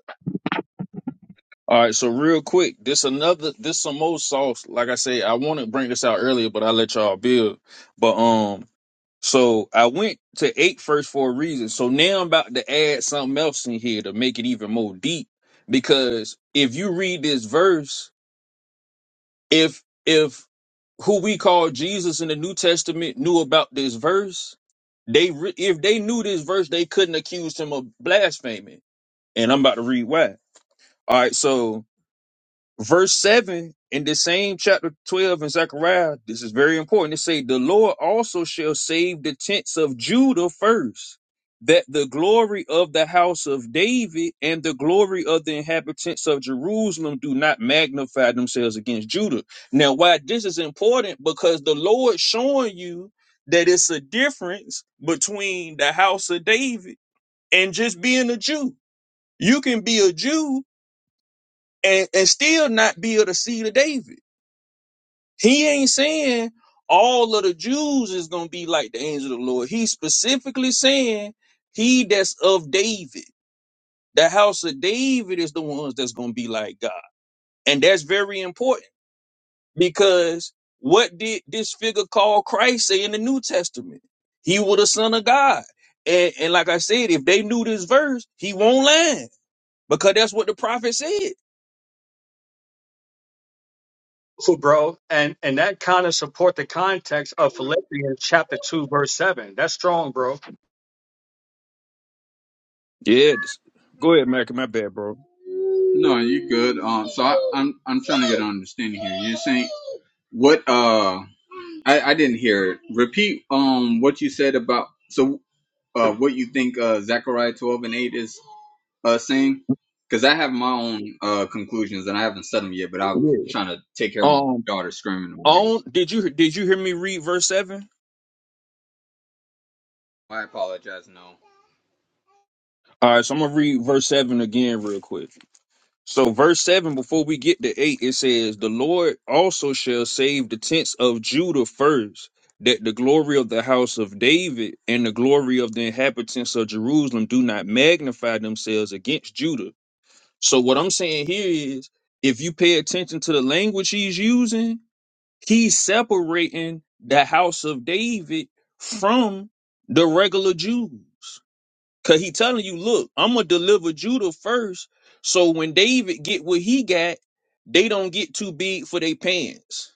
F: All right, so real quick, this another this some more sauce. Like I say, I want to bring this out earlier, but I let y'all build. But um, So I went to eight first for a reason. So now I'm about to add something else in here to make it even more deep. Because if you read this verse, if if who we call Jesus in the New Testament knew about this verse, they re- if they knew this verse, they couldn't accuse him of blaspheming. And I'm about to read why. All right, so verse 7 in the same chapter 12 in Zechariah, this is very important. It say, The Lord also shall save the tents of Judah first, that the glory of the house of David and the glory of the inhabitants of Jerusalem do not magnify themselves against Judah. Now, why this is important, because the Lord showing you that it's a difference between the house of David and just being a Jew. You can be a Jew and, and still not be of the seed of David he ain't saying all of the Jews is gonna be like the angel of the Lord. He's specifically saying he that's of David, the house of David is the ones that's gonna be like God. And that's very important because what did this figure called Christ say in the New Testament? He was the son of God. And, and like I said, if they knew this verse, he won't lie because that's what the prophet said.
A: Who, bro? And and that kind of support the context of Philippians chapter two, verse seven. That's strong, bro.
F: Yeah. Go ahead, Mac. My bad, bro.
B: No, you good. Um, so I, I'm I'm trying to get an understanding here. You're saying what? Uh, I I didn't hear it. Repeat. Um, what you said about so uh, what you think uh, Zechariah 12 and 8 is uh, saying? Because I have my own uh, conclusions and I haven't said them yet, but I'm
F: Yeah.
B: trying to take care of my
F: Um.
B: daughter screaming. in my ear.
F: On did you did you hear me read verse seven?
B: I apologize. No.
F: All right, so I'm gonna read verse seven again real quick. So verse seven, before we get to eight, it says, "The Lord also shall save the tents of Judah first, that the glory of the house of David and the glory of the inhabitants of Jerusalem do not magnify themselves against Judah." So what I'm saying here is, if you pay attention to the language he's using, He's separating the house of David from the regular Jews. Cause he telling you, look, I'm gonna deliver Judah first. So when David get what he got, they don't get too big for their pants.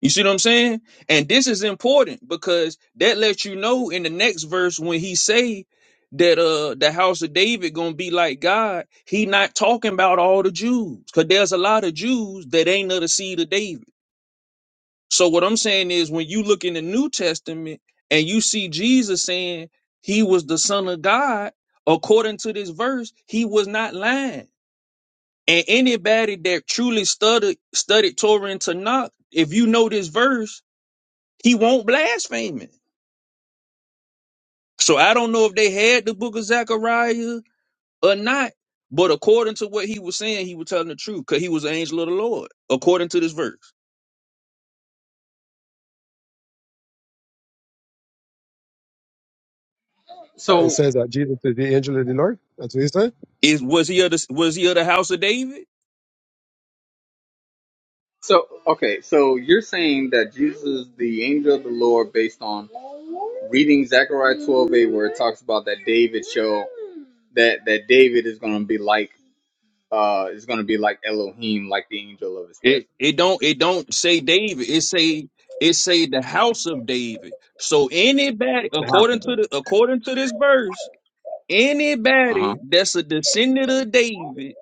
F: You see what I'm saying? And this is important because that lets you know in the next verse when he say that uh the house of David gonna be like God, he not talking about all the Jews. Cause there's a lot of Jews that ain't of the seed of David. So what I'm saying is when you look in the New Testament and you see Jesus saying he was the son of God, according to this verse, he was not lying. And anybody that truly studied studied Torah and Tanakh, if you know this verse, he won't blaspheme it. So I don't know if they had the book of Zechariah or not, but according to what he was saying, he was telling the truth because he was an angel of the Lord, according to this verse.
C: Uh, It
B: So,
C: says that Jesus is the angel of the Lord. That's what he said.
F: Is was he of the was he of the house of David?
B: so okay, so you're saying that Jesus is the angel of the Lord based on reading Zechariah 12a, where it talks about that David shall that that David is going to be like uh is going to be like Elohim, like the angel of his presence.
F: It it don't it don't say David. It say it say the house of David. So anybody
B: The house
F: according
B: of
F: to
B: God.
F: the according to this verse,
B: Uh huh.
F: anybody that's a descendant of David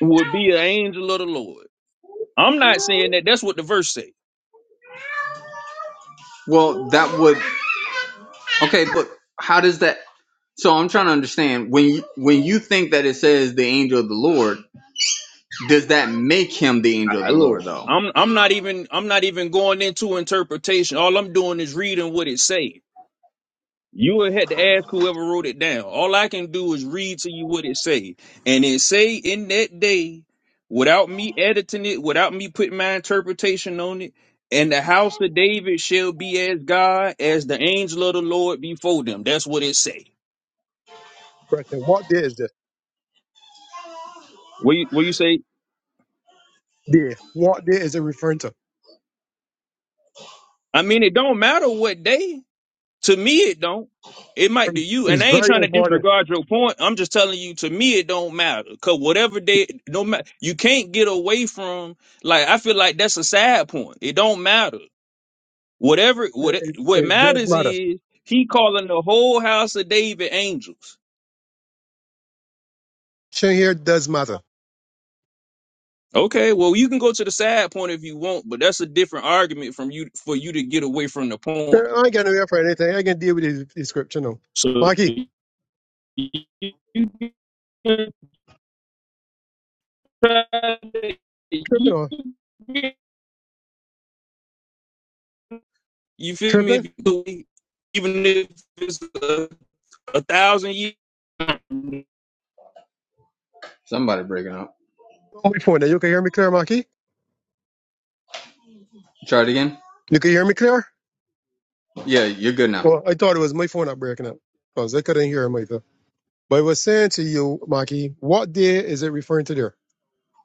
F: would be an angel of the Lord. I'm not saying that. That's what the verse say.
B: Well, that would okay, but how does that? So I'm trying to understand when you when you think that it says the angel of the Lord, does that make him the angel of
F: I, I-
B: the
F: look,
B: Lord though?
F: I'm I'm not even I'm not even going into interpretation. All I'm doing is reading what it say. You would have to ask whoever wrote it down. All I can do is read to you what it say. And it say in that day, without me editing it, without me putting my interpretation on it, and the house of David shall be as God, as the angel of the Lord before them. That's what it say.
C: Question, what day is this?
F: What you, what you say?
C: Day. What day is it referring to?
F: I mean, it don't matter what day. To me, it don't. It might to you, and
C: It's
F: I ain't
C: very
F: trying to
C: important.
F: disregard your point. I'm just telling you, to me, it don't matter. Cause whatever they, no matter, you can't get away from. Like I feel like that's a sad point. It don't matter. Whatever, what
C: It,
F: what
C: it does
F: matters
C: matter.
F: is he calling the whole house of David angels.
C: Shin here it does matter.
F: Okay, well you can go to the sad point if you want, but that's a different argument from you for you to get away from the
C: Uh,
F: point.
C: I ain't got no ear for anything. I can deal with the the scripture now.
F: So
C: Maki,
F: you can try
C: tripping on.
F: to- You feel me? If
C: Tripping?
F: you do it, even if it's a, a thousand years,
B: Somebody breaking up.
C: On my phone now. You can hear me clear, Maki?
B: Try it again.
C: You can hear me clear?
B: Yeah, you're good now.
C: Well, I thought it was my phone not breaking up because I couldn't hear him either. But I was saying to you, Maki, what day is it referring to there?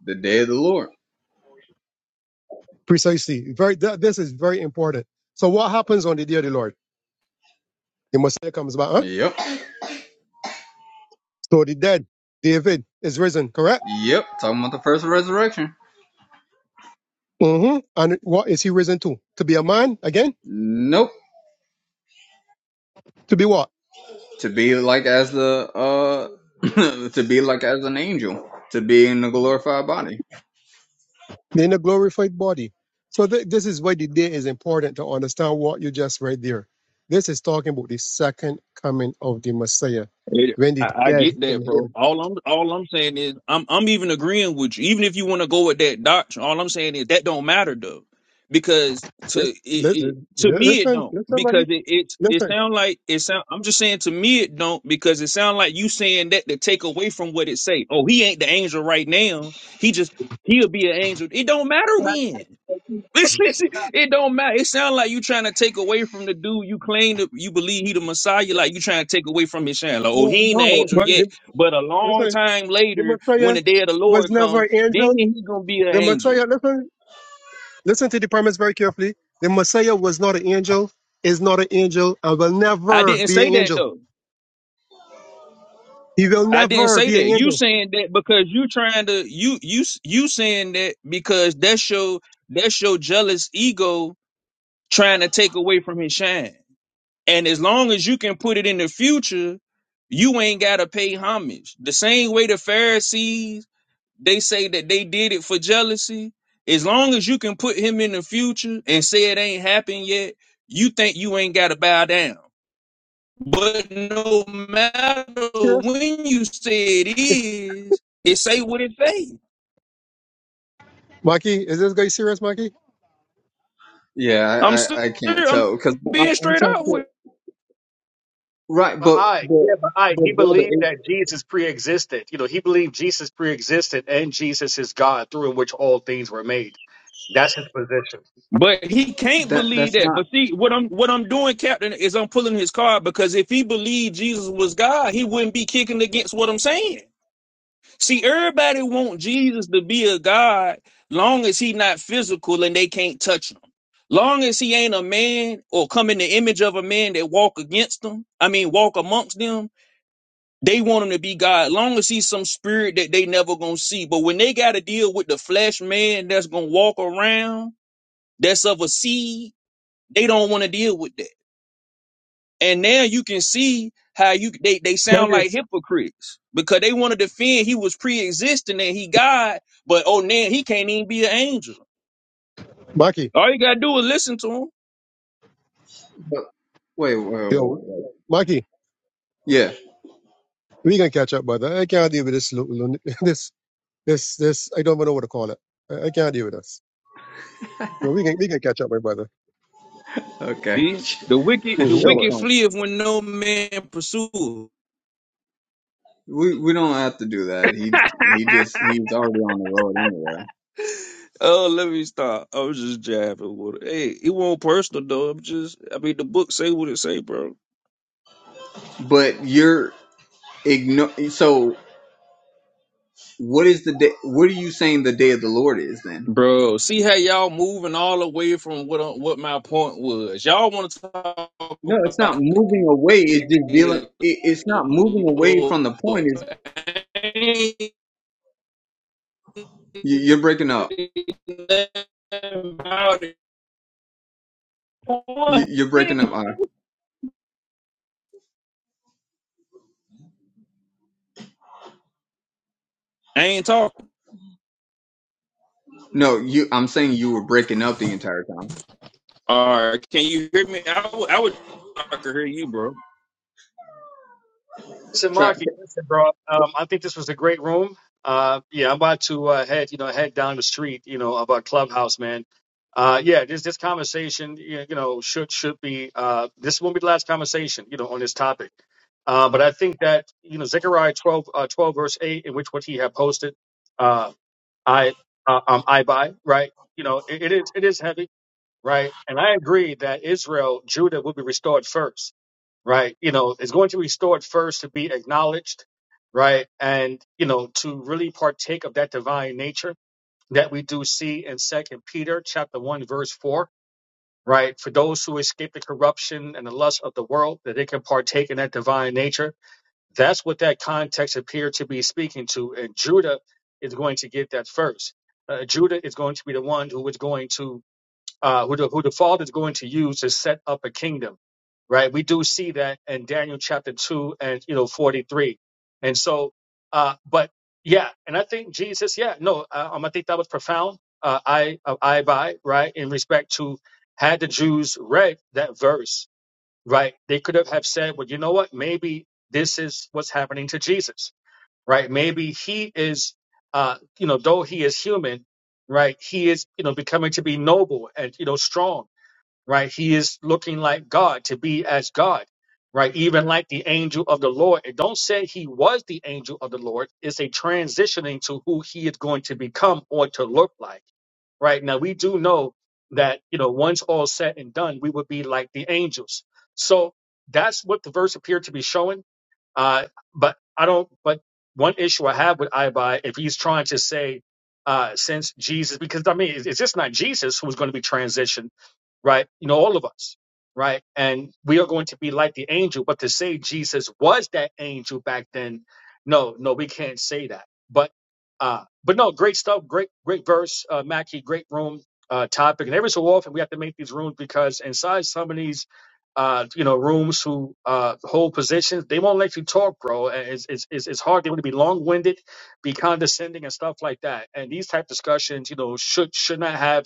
B: The day of the Lord.
C: Precisely. Very. Th- this is very important. So what happens on the day of the Lord? The Messiah comes back, huh?
B: Yep.
C: So the dead, David, is risen, correct?
B: Yep. Talking about the first resurrection.
C: Mm-hmm. And what is he risen to? To be a man again?
B: Nope.
C: To be what?
B: To be like as the uh to be like as an angel. To be in the glorified body.
C: in a glorified body. So th- this is why the day is important to understand what you just read there. This is talking about the second coming of the Messiah,
F: Yeah,
C: when
F: I,
C: the
F: I
C: dead
F: get
C: in
F: that, bro.
C: Him.
F: All I'm all I'm saying is I'm I'm even agreeing with you. Even if you want to go with that doctrine, all I'm saying is that don't matter though, because to
C: Lis-
F: it,
C: lis-
F: it to me it
C: Listen,
F: don't
C: listen,
F: because
C: somebody,
F: it it it
C: listen.
F: sound like it sound. I'm just saying to me it don't because it sound like you saying that to take away from what it say. Oh, he ain't the angel right now. He just he'll be an angel. It don't matter when. Listen, listen, it don't matter. It sounds like you trying to take away from the dude you claim that you believe he the Messiah. Like you trying to take away from his shine. Like, oh, he ain't the angel
C: But
F: yet,
C: the-
F: but a long
C: listen,
F: time
C: the
F: later, when
C: Messiah
F: the day of the
C: was
F: Lord
C: never
F: come,
C: an
F: then
C: angel.
F: he gonna be an
C: The
F: angel.
C: Messiah, listen, listen to the premise very carefully. The Messiah was not an angel, is not an angel, and will
F: I
C: never
F: didn't
C: be
F: say
C: an
F: that
C: angel.
F: though.
C: He will
F: I didn't
C: never
F: say
C: be an
F: that. You
C: angel.
F: saying that because you trying to you you you saying that because that's your that's your jealous ego trying to take away from his shine. And as long as you can put it in the future, you ain't gotta pay homage. The same way the Pharisees they say that they did it for jealousy. As long as you can put him in the future and say it ain't happened yet, you think you ain't gotta bow down. But no matter
C: Serious?
F: when you say it is, it say what it say.
C: Maki, is this guy serious, Maki?
B: Yeah, I
F: I'm ser-
B: I, I can't
F: I'm
B: tell because
F: being
B: I'm
F: straight
B: trying
F: up
B: to
F: with
B: Right,
A: But
B: but
A: I,
B: but
A: yeah, but I,
B: but
A: he
B: brother,
A: believed that
B: it,
A: Jesus pre-existed. You know, he believed Jesus pre-existed, and Jesus is God, through which all things were made. That's his position.
F: But he can't
B: that
F: believe
B: that's
F: that.
B: not
F: But see, what I'm what I'm doing, Captain, is I'm pulling his card because if he believed Jesus was God, he wouldn't be kicking against what I'm saying. See, everybody want Jesus to be a God long as he not physical and they can't touch him. Long as he ain't a man or come in the image of a man that walk against them, I mean walk amongst them, they want him to be God. Long as he's some spirit that they never gonna see. But when they gotta deal with the flesh man that's gonna walk around, that's of a seed they don't want to deal with that. And now you can see how you they they sound like hypocrites because they want to defend he was pre-existing and he God, but oh now he can't even be an angel.
C: Mikey,
F: All you gotta do is listen to him.
B: but wait, wait, wait,
C: yo,
B: wait.
C: Mikey,
B: Yeah.
C: we can catch up, brother. I can't deal with this, lo- lo- this, this, this. I don't even know what to call it. I, I can't deal with this. So we can, we can catch up, my brother.
B: Okay.
F: See the wicked the
C: Mm-hmm.
F: wicked
B: Shalom.
F: fleeth when no man pursueth.
B: We we don't have to do that. He he just he's already on the road anyway.
F: Oh, let me stop. I was just jabbing with it. Hey, it won't personal though. I'm just I mean the book say what it say, bro.
B: But you're Igno- so what is the day what are you saying the day of the lord is then
F: Bro, see how y'all moving all away from what uh, what my point was. Y'all want to talk
B: no it's not
F: about
B: moving away it's just dealing
F: the
B: it, it's not moving away
F: Lord.
B: from the point is
F: Ain't
B: you, you're breaking up
F: nothing about it.
B: you, you're breaking up uh,
F: I ain't talking.
B: no you i'm saying you were breaking up the entire time
F: All right, can you hear me? I would, I would, I could hear you, bro.
A: Listen,
B: Try,
A: Marky, listen, bro. Um, I think this was a great room. Uh, yeah, I'm about to uh, head, you know, head down the street, you know, of our clubhouse, man. Uh, yeah, this this conversation, you you know, should should be uh, this won't be the last conversation, you know, on this topic. Uh, but I think that you know Zechariah 12, uh, 12 verse eight, in which what he had posted, uh, I uh, um, I buy right. You know, it, it is it is heavy right? And I agree that Israel, Judah will be restored first, right? You know, it's going to be restored first to be acknowledged, right? And, you know, to really partake of that divine nature that we do see in Second Peter chapter one, verse four, right? For those who escape the corruption and the lust of the world, that they can partake in that divine nature. That's what that context appeared to be speaking to. And Judah is going to get that first. Uh, Judah is going to be the one who is going to uh, who the who the Father is going to use to set up a kingdom, right? We do see that in Daniel chapter two and you know forty three, and so, uh, but yeah, and I think Jesus, yeah, no, uh, um, I think that was profound. Uh, I uh, I by right in respect to had the Jews read that verse, right? They could have have said, well, you know what? Maybe this is what's happening to Jesus right? Maybe he is, uh, you know, though he is human, right? He is, you know, becoming to be noble and, you know, strong, right? He is looking like God, to be as God, right? Even like the angel of the Lord. It don't say he was the angel of the Lord. It's a transitioning to who he is going to become or to look like, right? Now, we do know that, you know, once all said and done, we would be like the angels. So that's what the verse appeared to be showing uh, but I don't. But one issue I have with Ibai, if he's trying to say, uh, since Jesus, because I mean, it's it's just not Jesus who's going to be transitioned right? You know, all of us, right? And we are going to be like the angel. But to say Jesus was that angel back then, no, no, we can't say that. But uh, but no, great stuff, great, great verse, uh, Mackie, great room, uh, topic. And every so often we have to make these rooms because inside some of these uh, you know, rooms who uh hold positions, they won't let you talk, bro. And It's it's it's, it's hard. They want to be long winded, be condescending and stuff like that. And these type discussions, you know, should should not have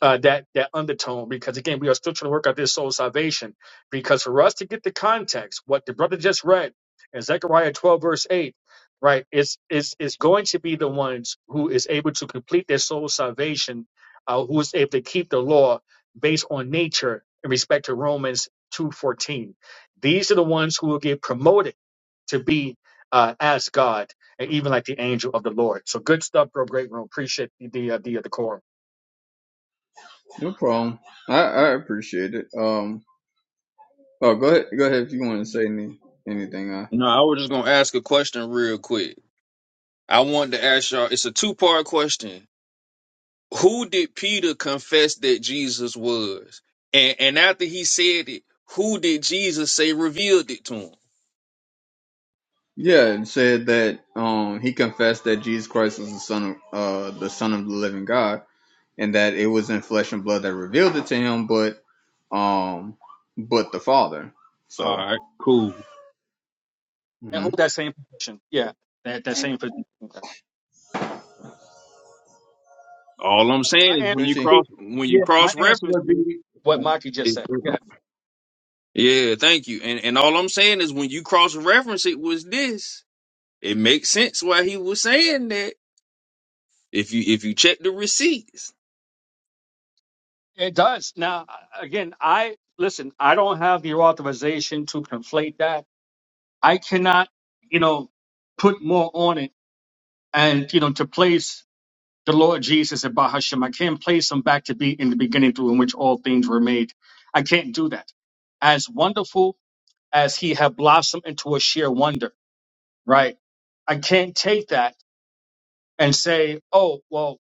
A: uh, that that undertone because again we are still trying to work out this soul salvation because for us to get the context what the brother just read in Zechariah 12 verse 8 right is is is going to be the ones who is able to complete their soul salvation uh, who is able to keep the law based on nature in respect to Romans 2:14 these are the ones who will get promoted to be uh, as God and even like the angel of the Lord so good stuff bro great room appreciate the the uh, the, uh, the quorum.
B: no problem i i appreciate it um oh go ahead go ahead if you want to say any, anything uh
F: No, I was just gonna ask a question real quick. I wanted to ask y'all. It's a two part question. who did Peter confess that Jesus was? And and after he said it, who did Jesus say revealed it to him?
B: yeah it said that um he confessed that jesus christ was the son of uh the son of the living god and that it wasn't flesh and blood that revealed it to him, but um, but the Father.
F: All
B: So,
F: right, cool.
A: I
B: mm-hmm.
A: hold that same position. Yeah, that that same position. My
F: All I'm saying is
A: answer,
F: when you
B: Cushy.
A: would be-
F: cross when you
A: yeah, my
F: cross
A: answer
F: reference
A: would be what Mikey just
F: it,
A: said.
F: it-
A: Yeah,
F: yeah, thank you. And and all I'm saying is when you cross reference it was this. It makes sense why he was saying that if you if you check the receipts.
A: it does. Now, again, I listen. I don't have the authorization to conflate that. I cannot, you know, put more on it, and you know, to place the Lord Jesus and Bahashem. I can't place them back to be in the beginning through in which all things were made. I can't do that. As wonderful as he had blossomed into a sheer wonder, right? I can't take that and say, oh, well,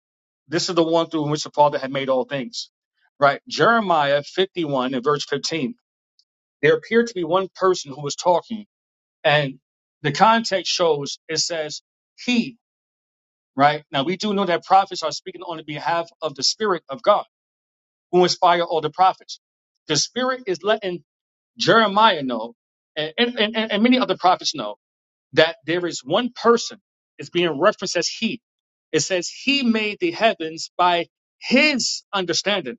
A: this is the one through which the Father had made all things. Right? Jeremiah 51 and verse 15. There appeared to be one person who was talking, and the context shows it says, He, right? Now, we do know that prophets are speaking on the behalf of the Spirit of God who inspired all the prophets. The Spirit is letting Jeremiah know, and, and, and, and many other prophets know that there is one person. It's being referenced as he. It says he made the heavens by his understanding.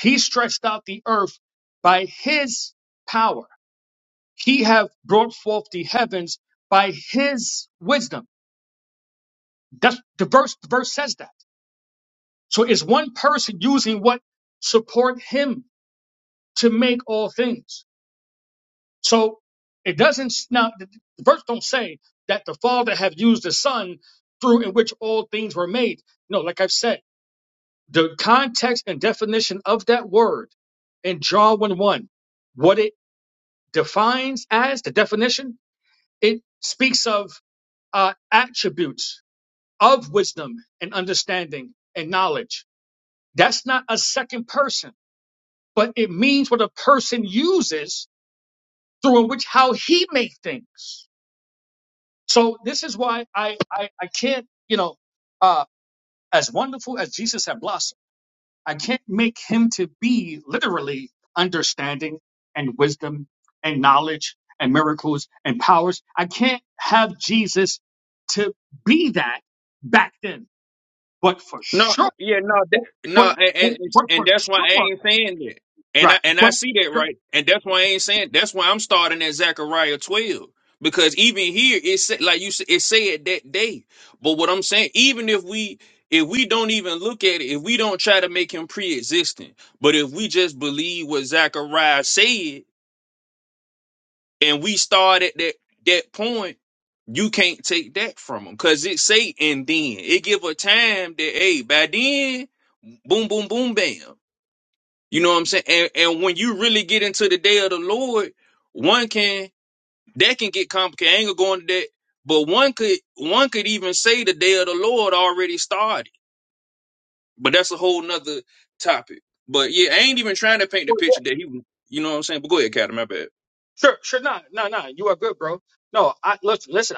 A: He stretched out the earth by his power. He have brought forth the heavens by his wisdom. That's the verse, the verse says that. So it's one person using what support him to make all things. So it doesn't now the the verse don't say that the Father have used the Son through in which all things were made. No, like I've said, the context and definition of that word in John 1 1, what it defines as the definition, it speaks of uh, attributes of wisdom and understanding and knowledge. That's not a second person, but it means what a person uses through in which how he makes things. So this is why I, I, I can't, you know, uh, as wonderful as Jesus had blossomed, I can't make him to be literally understanding and wisdom and knowledge and miracles and powers. I can't have Jesus to be that back then, but for
F: No,
A: sure,
F: yeah, no, that,
A: but, but,
F: no, and, and it's-
A: but
F: and
A: for
F: that's why I
A: sure,
F: ain't saying that. And I
A: right?
F: and I
A: But
F: see that
A: sure,
F: right, and that's why I ain't saying. That's why I'm starting at Zechariah 12 because even here it said like you said it said that day. But what I'm saying, even if we if we don't even look at it, if we don't try to make him pre-existent, but if we just believe what Zechariah said, and we start at that that point, you can't take that from them because it say and then it give a time that hey by then, boom boom boom bam. You know what I'm saying? And and when you really get into the day of the Lord, one can that can get complicated. I ain't gonna go into that, but one could one could even say the day of the Lord already started. But that's a whole nother topic. But yeah, I ain't even trying to paint the
A: sure, yeah.
F: picture that he. was- You know what I'm saying? But go ahead, Captain. My bad.
A: sure, sure, no, no, no, you are good, bro. No, I listen, listen.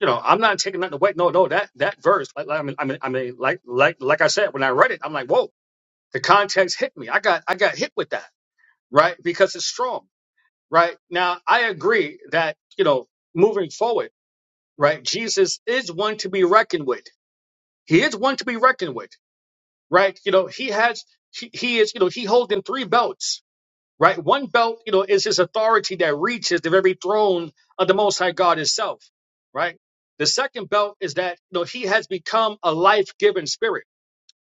A: you know, I'm not taking nothing away. No, no, that that verse, like, like I mean, I mean, I mean, like, like, like I said, when I read it, I'm like, whoa, the context hit me. I got, I got hit with that, right? Because it's strong, right? Now, I agree that you know, moving forward, right? Jesus is one to be reckoned with. He is one to be reckoned with, right? You know, he has, he, he is, you know, he holding three belts, right? One belt, you know, is his authority that reaches the very throne of the Most High God Himself, right? The second belt is that you know he has become a life-giving spirit,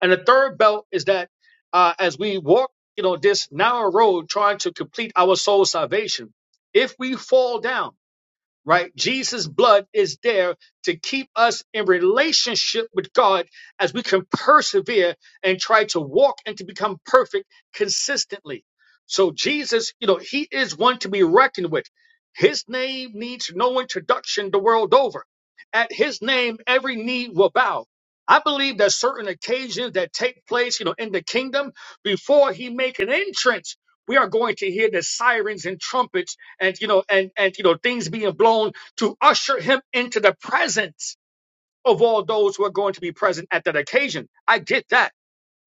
A: and the third belt is that uh, as we walk, you know, this narrow road trying to complete our soul salvation, if we fall down right? Jesus' blood is there to keep us in relationship with God as we can persevere and try to walk and to become perfect consistently. So, Jesus, you know, he is one to be reckoned with. His name needs no introduction the world over. At his name, every knee will bow. I believe that certain occasions that take place, you know, in the kingdom, before he make an entrance, we are going to hear the sirens and trumpets and you know and and you know things being blown to usher him into the presence of all those who are going to be present at that occasion i get that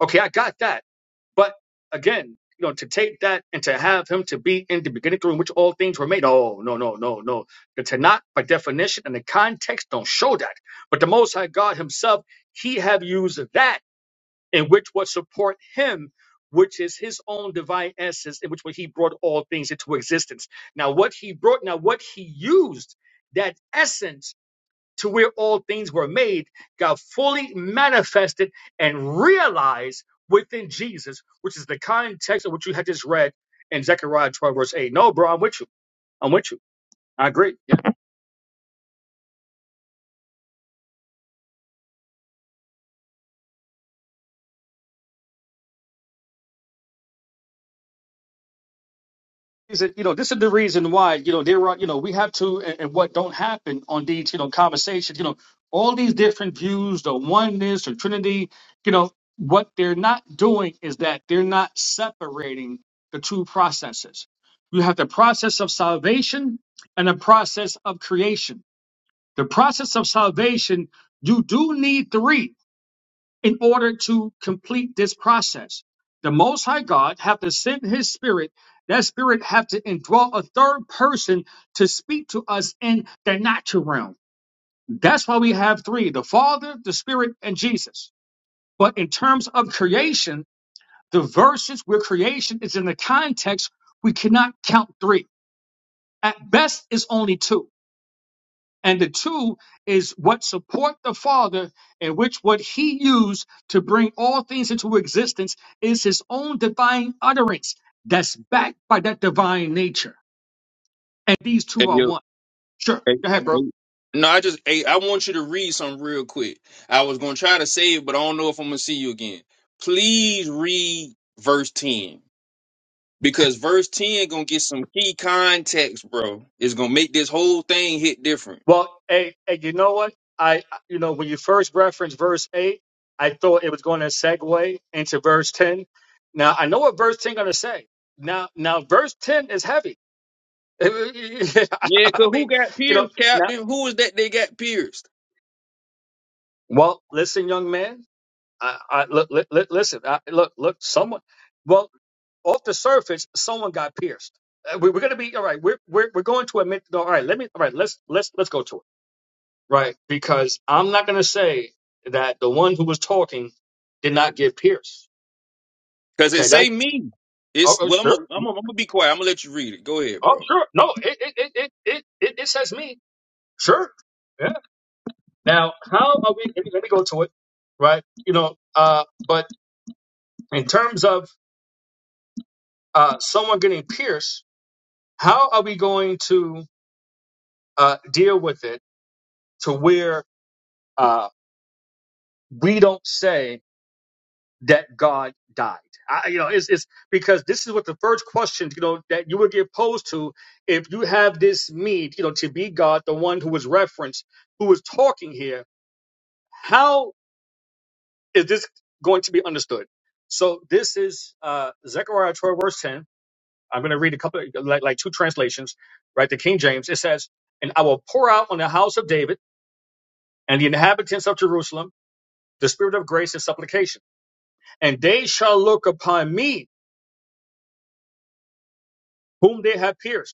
A: okay i got that but again you know to take that and to have him to be in the beginning through which all things were made oh no no no no the tanakh by definition and the context don't show that but the most high god himself he have used that and which would support him, which is his own divine essence, in which way he brought all things into existence. Now, what he brought, now what he used, that essence to where all things were made, got fully manifested and realized within Jesus, which is the context of what you had just read in Zechariah 12, verse 8. No, bro, I'm with you. I'm with you. I agree. reason, you know, this is the reason why, you know, there are, you know, we have to, and, and what don't happen on these, you know, conversations, you know, all these different views, the oneness, the Trinity, you know, what they're not doing is that they're not separating the two processes. You have the process of salvation and the process of creation. The process of salvation, you do need three in order to complete this process. The Most High God have to send His Spirit. That Spirit have to indwell a third person to speak to us in the natural realm. That's why we have three: the Father, the Spirit, and Jesus. But in terms of creation, the verses where creation is in the context, we cannot count three. At best, it's only two. And the two is what support the Father, in which what he used to bring all things into existence is his own divine utterance that's backed by that divine nature. And these two are one. Sure.
F: Hey,
A: Go ahead, bro.
F: hey. No, I just hey, I want you to read something real quick. I was gonna try to say it, but I don't know if I'm gonna see you again. Please read verse 10. Because verse 10 gonna get some key context, bro. It's gonna make this whole thing hit different.
A: Well, hey, hey, you know what? I, you know, when you first referenced verse eight, I thought it was going to segue into verse ten. Now I know what verse ten going to say. Now, now verse ten is heavy.
F: Yeah,
A: I
F: cause who
A: mean,
F: got
A: you know,
F: pierced,
A: now,
F: Captain? Who is that they got pierced?
A: well, listen, young man. I, I look, li, li- listen, I, look, look, someone, well, off the surface, someone got pierced. Uh, We, we're going to be, all right, we're, we're, we're going to admit, no, all right, let me, all right, let's, let's, let's go to it, right? Because I'm not going to say that the one who was talking did not get pierced.
F: Cause it
A: Okay. That,
F: say me.
A: oh,
F: It's
A: oh,
F: well, I'm
A: sure.
F: gonna I'm gonna I'm gonna be quiet. I'm gonna let you read it. Go ahead,
A: Oh,
F: bro.
A: sure. No, it, it, it, it, it, it it says me. Sure. Yeah. Now, how are we, let me, let me go to it, right? You know, uh, but in terms of, uh, someone getting pierced, How are we going to uh, deal with it to where uh, we don't say that God died? I, you know, it's, it's because this is what the first question, you know, that you would get posed to if you have this need, you know, to be God, the one who was referenced, who was talking here. How is this going to be understood? So this is uh, Zechariah 12, verse 10. I'm going to read a couple, like, like two translations, right? The King James. It says, "And I will pour out on the house of David." and the inhabitants of Jerusalem the spirit of grace and supplication. And they shall look upon me, whom they have pierced,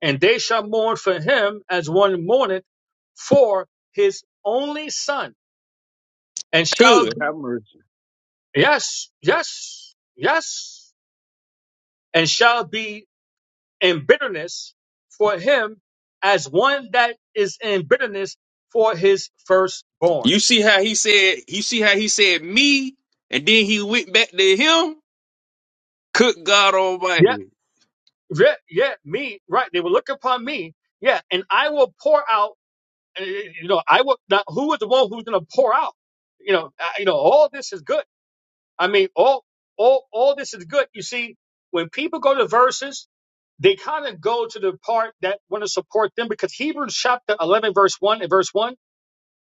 A: and they shall mourn for him as one mourneth for his only son, and shall
F: Good.
A: be,
F: Have mercy.
A: yes, yes, yes, and shall be in bitterness for him as one that is in bitterness for his firstborn.
F: You see how he said you see how he said me, and then he went back to him. Cook God
A: Yeah,
F: Almighty.
A: yeah, yeah, me, right. They will look upon me. Yeah, and I will pour out uh, you know, I will not. Who was the one who's going to pour out? You know, I, you know, all this is good. I mean, all, all, all this is good. You see, when people go to verses, they kind of go to the part that want to support them because Hebrews chapter eleven, verse one and verse one.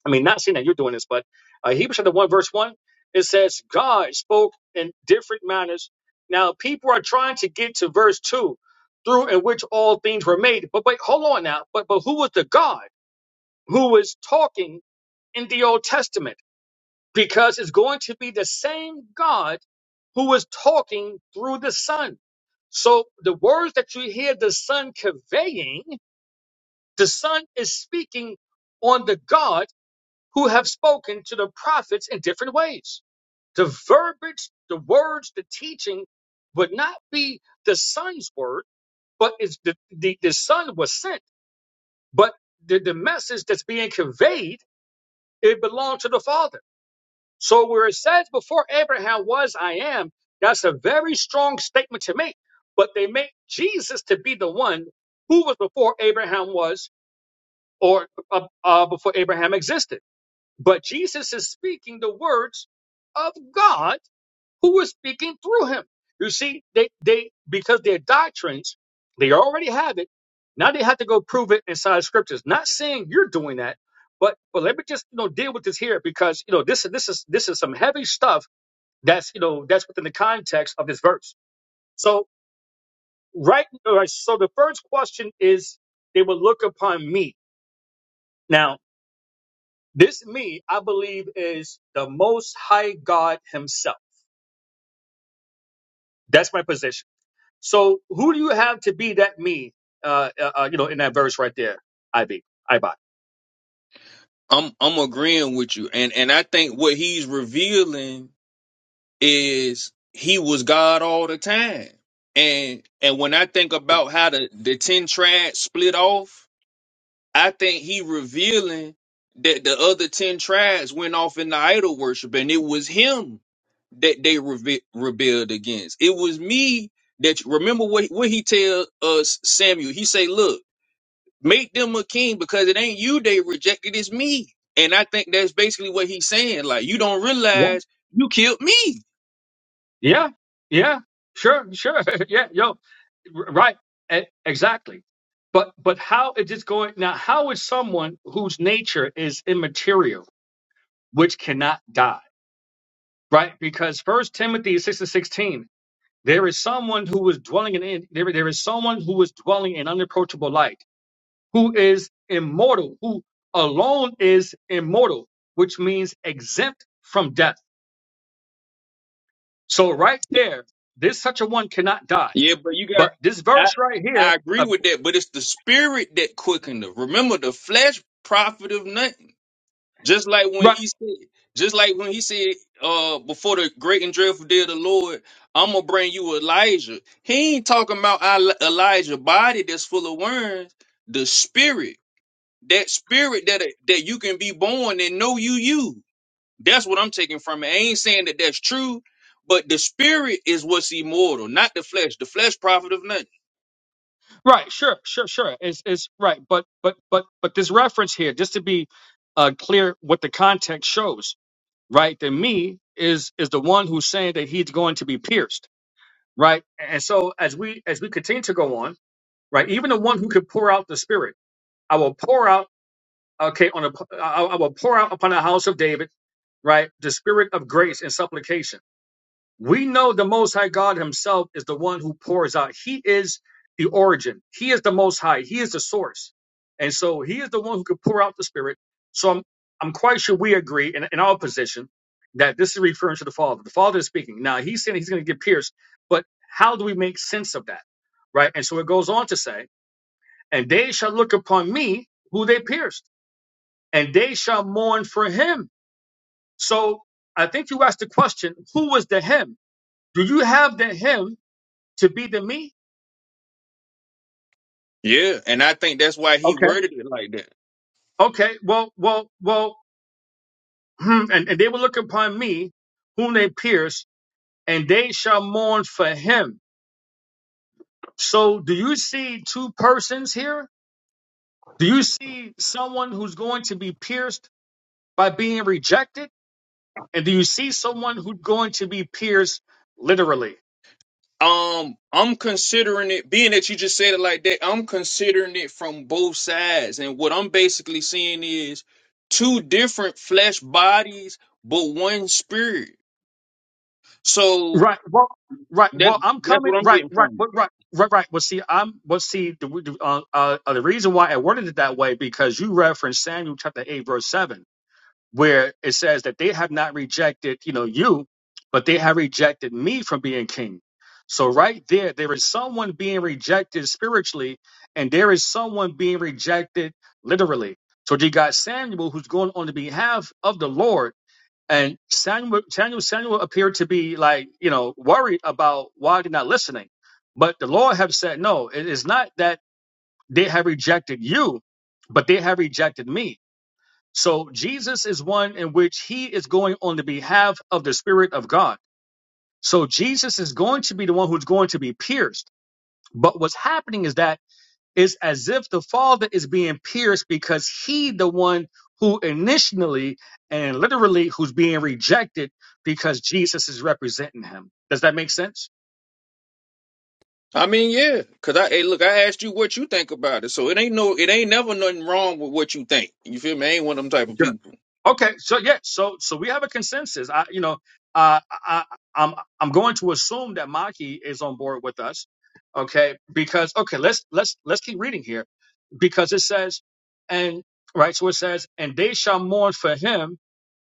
A: I mean, not saying that you're doing this, but uh, Hebrews chapter one, verse one, it says God spoke in different manners. Now, people are trying to get to verse two, through in which all things were made. But wait, hold on now. But but who was the God who was talking? in the Old Testament because it's going to be the same God who is talking through the Son. So the words that you hear the Son conveying, the Son is speaking on the God who have spoken to the prophets in different ways. The verbiage, the words, the teaching would not be the Son's word, but it's the, the, the Son was sent. But the, the message that's being conveyed, it belonged to the Father. So where it says before Abraham was, I am, that's a very strong statement to make. But they make Jesus to be the one who was before Abraham was or uh, uh, before Abraham existed. But Jesus is speaking the words of God who was speaking through him. You see, they, they because their doctrines, they already have it. Now they have to go prove it inside scriptures. Not saying you're doing that, but but let me just you know deal with this here because you know this this is this is some heavy stuff that's you know that's within the context of this verse. So right, all right, so the first question is they will look upon me. Now this me, I believe, is the Most High God Himself. That's my position. So who do you have to be that me? Uh, uh, uh, you know, in that verse right there, IB, IBOT.
F: I'm I'm agreeing with you, and and I think what he's revealing is he was God all the time, and and when I think about how the the ten tribes split off, I think he revealing that the other ten tribes went off into idol worship, and it was him that they reve- rebelled against. It was me that remember what what he tell us Samuel. He say, look. Make them a king because it ain't you they rejected, it's me. And I think that's basically what he's saying. Like, you don't
A: Yeah,
F: realize you killed me.
A: yeah, yeah. Sure, sure. yeah, yo, r- right, E- exactly. But but how is this going now? How is someone whose nature is immaterial? which cannot die, right? Because First Timothy six and sixteen, there is someone who was dwelling in there. There is someone who was dwelling in unapproachable light, who is immortal, who alone is immortal, which means exempt from death. So right there, this such a one cannot die.
F: Yeah, but you
A: But
F: got,
A: this
F: I,
A: verse right here,
F: I agree
A: uh,
F: with that, but it's the spirit that quickened her. Remember, the flesh profit of nothing. Just like when
A: right,
F: he said, just like when he said, uh, before the great and dreadful day of the Lord, I'm gonna bring you Elijah. He ain't talking about Eli- Elijah body that's full of worms, the spirit that spirit that that you can be born and know you you. That's what I'm taking from it. I ain't saying that that's true, but the spirit is what's immortal, not the flesh. The flesh profit of nothing.
A: right, sure, sure, sure, is is right. But but but but this reference here, just to be uh, clear, what the context shows right than me is is the one who's saying that he's going to be pierced right and so as we as we continue to go on right even the one who could pour out the spirit i will pour out okay on a I I will pour out upon the house of david right the spirit of grace and supplication we know the Most High God Himself is the one who pours out. He is the origin. He is the Most High. He is the source. And so He is the one who could pour out the Spirit. So I'm, I'm quite sure we agree in, in our position that this is referring to the Father. The Father is speaking. Now He's saying He's going to get pierced, but how do we make sense of that? Right? And so it goes on to say, and they shall look upon me who they pierced, and they shall mourn for Him. So I think you asked the question, who was the Him? Do you have the Him? to be the me?
F: Yeah, and I think that's why he
A: Okay.
F: worded it like that.
A: Okay, well, well, well, hmm, and, and they will look upon me, whom they pierced, and they shall mourn for him. So, do you see two persons here? Do you see someone who's going to be pierced by being rejected? And do you see someone who's going to be pierced literally?
F: Um, I'm considering it being that you just said it like that. I'm considering it from both sides, and what I'm basically seeing is two different flesh bodies, but one spirit. So
A: Right, well, right,
F: that's
A: well, I'm
F: that's
A: coming,
F: what I'm
A: right,
F: getting
A: right,
F: from. it.
A: right, right. Right, right. Well, see, I'm. Well, see, the, uh, uh, the reason why I worded it that way because you referenced Samuel chapter eight, verse seven where it says that they have not rejected, you know, you, but they have rejected me from being king. So right there, there is someone being rejected spiritually, and there is someone being rejected literally. So you got Samuel who's going on the behalf of the Lord, and Samuel Samuel Samuel appeared to be like, you know, worried about why they're not listening. But the Lord have said, no, it is not that they have rejected you, but they have rejected me. So Jesus is one in which he is going on the behalf of the Spirit of God. So Jesus is going to be the one who's going to be pierced. But what's happening is that it's as if the Father is being pierced because he, the one who initially and literally who's being rejected because Jesus is representing him. Does that make sense?
F: I mean, yeah, cause I hey, look, I asked you what you think about it, so it ain't no, it ain't never nothing wrong with what you think. You feel me? I ain't one of them type of people.
A: Okay, so yeah, so so we have a consensus. I, you know, uh, I, I- am I'm going to assume that Maki is on board with us. Okay, because okay, let's let's let's keep reading here, because it says, and right, so it says, and they shall mourn for him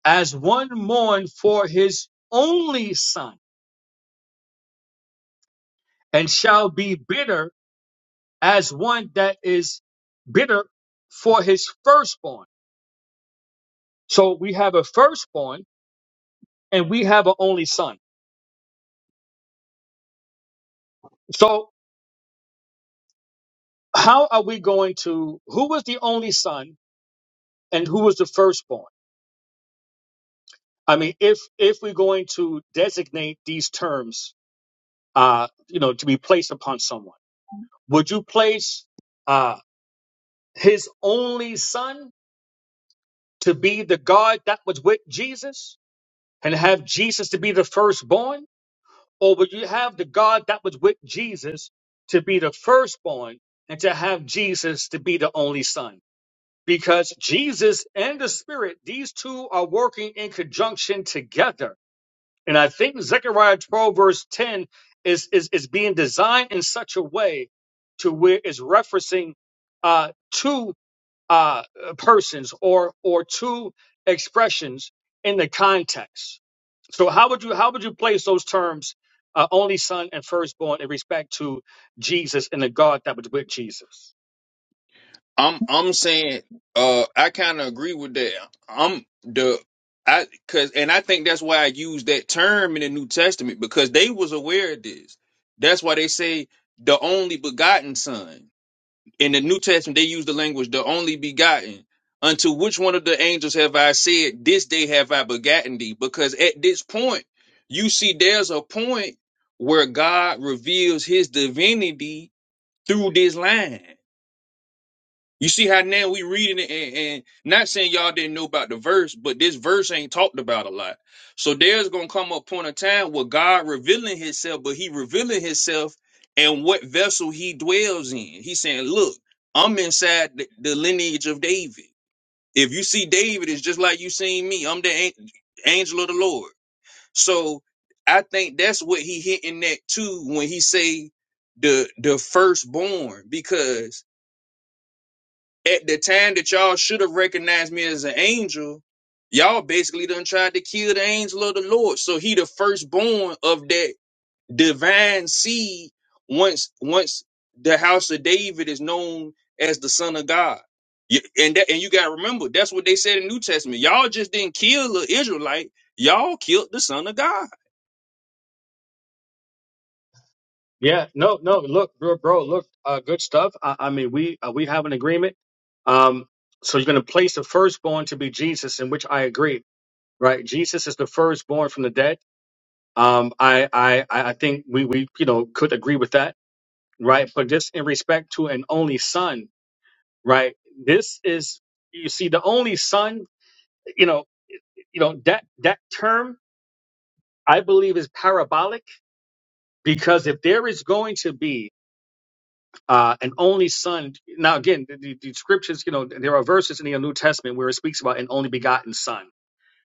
A: as one mourn for his only son, and shall be bitter as one that is bitter for his firstborn. So we have a firstborn, and we have an only son. So. how are we going to who was the only son and who was the firstborn i mean if if we're going to designate these terms uh you know to be placed upon someone would you place uh his only son to be the god that was with jesus and have jesus to be the firstborn or would you have the god that was with jesus to be the firstborn and to have jesus to be the only son because Jesus and the Spirit, these two are working in conjunction together. And I think Zechariah 12, verse 10 is, is, is being designed in such a way to where it's referencing uh, two uh, persons or or two expressions in the context. So how would you how would you place those terms, uh, only son and firstborn, in respect to Jesus and the God that was with Jesus?
F: I'm, I'm saying, uh, I kind of agree with that. I'm the, I, cause, and I think that's why I use that term in the New Testament because they was aware of this. That's why they say the only begotten Son. in the New Testament, they use the language the only begotten. Unto which one of the angels have I said, This day have I begotten thee? Because at this point, you see, there's a point where God reveals his divinity through this line. You see how now we reading it and, and not saying y'all didn't know about the verse, but this verse ain't talked about a lot. So there's gonna come a point of time where God revealing himself, but he revealing himself and what vessel he dwells in. He's saying, Look, I'm inside the, the lineage of David. If you see David, it's just like you seen me. I'm the an- angel of the Lord. So I think that's what he hitting at too when he say the the firstborn, because at the time that y'all should have recognized me as an angel, y'all basically done tried to kill the angel of the Lord. So he the firstborn of that divine seed once once the house of David is known as the son of God. You- And that, and you gotta remember, that's what they said in New Testament. Y'all just didn't kill the Israelite, y'all killed the son of God.
A: Yeah, no, no. Look, bro, bro look, uh, good stuff. I, I mean, we uh, we have an agreement. Um, so you're going to place the firstborn to be Jesus, in which I agree, right? Jesus is the firstborn from the dead. Um, I, I, I I think we, we, you know, could agree with that, right? But just in respect to an only son, right? This is, you see, the only son, you know, you know that that term I believe is parabolic because if there is going to be uh, an only son. Now, again, the, the, the scriptures, you know, there are verses in the New Testament where it speaks about an only begotten son,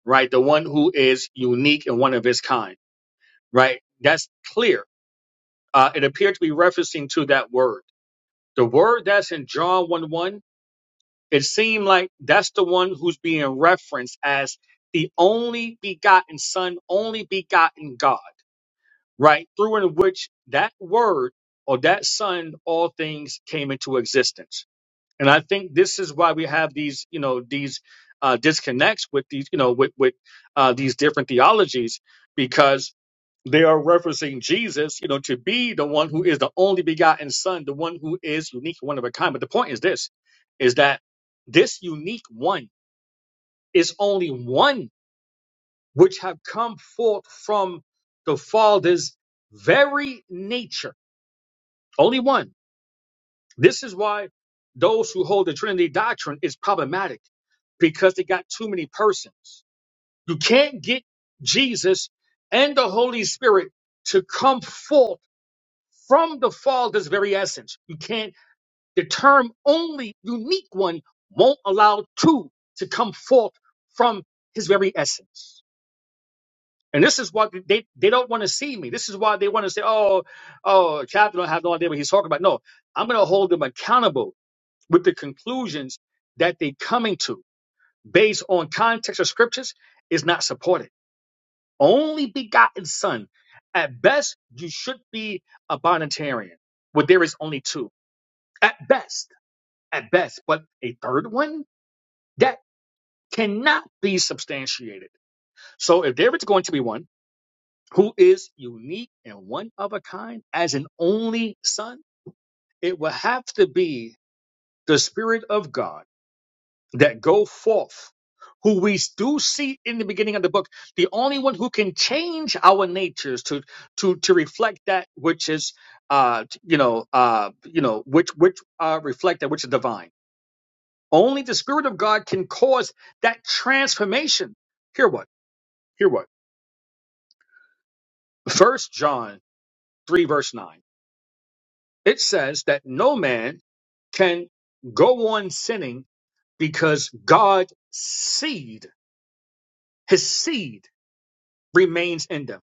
A: right? The one who is unique and one of his kind, right? That's clear. Uh, it appeared to be referencing to that word. The word that's in John 1 1, it seemed like that's the one who's being referenced as the only begotten son, only begotten God, right? Through in which that word or that son, all things came into existence And I think this is why we have these, you know, these uh, disconnects with these, you know, with with uh, these different theologies because they are referencing Jesus, you know, to be the one who is the only begotten Son, the one who is unique, one of a kind. But the point is this: is that this unique one is only one which have come forth from the Father's very nature. Only one This is why those who hold the Trinity doctrine is problematic because they got too many persons. You can't get Jesus and the Holy Spirit to come forth from the Father's very essence. You can't, the term only unique one won't allow two to come forth from his very essence. And this is what they, they don't want to see me. This is why they want to say, oh, oh, Captain, I have no idea what he's talking about. No, I'm going to hold them accountable with the conclusions that they're coming to based on context of scriptures is not supported. Only begotten son. At best, you should be a bonitarian, where there is only two. At best, at best, but a third one that cannot be substantiated. So if there is going to be one who is unique and one of a kind as an only son, it will have to be the Spirit of God that go forth, who we do see in the beginning of the book, the only one who can change our natures to to to reflect that which is, uh, you know, uh, you know, which which uh, reflect that which is divine. Only the Spirit of God can cause that transformation. Hear what? Hear what? First John three verse nine. It says that no man can go on sinning because God's seed, His seed, remains in them.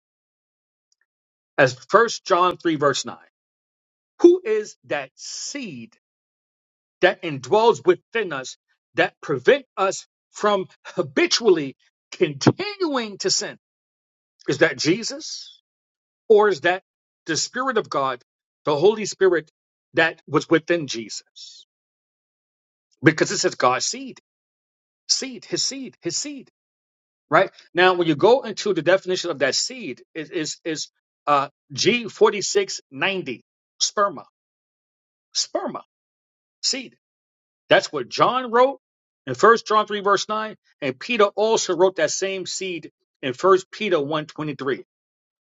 A: as first john 3 verse 9 who is that seed that indwells within us that prevent us from habitually continuing to sin is that jesus or is that the spirit of god the holy spirit that was within jesus because it says god's seed seed his seed his seed right now when you go into the definition of that seed is is is uh g4690 sperma sperma seed That's what John wrote in First John 3, verse 9. And Peter also wrote that same seed in First Peter one 23.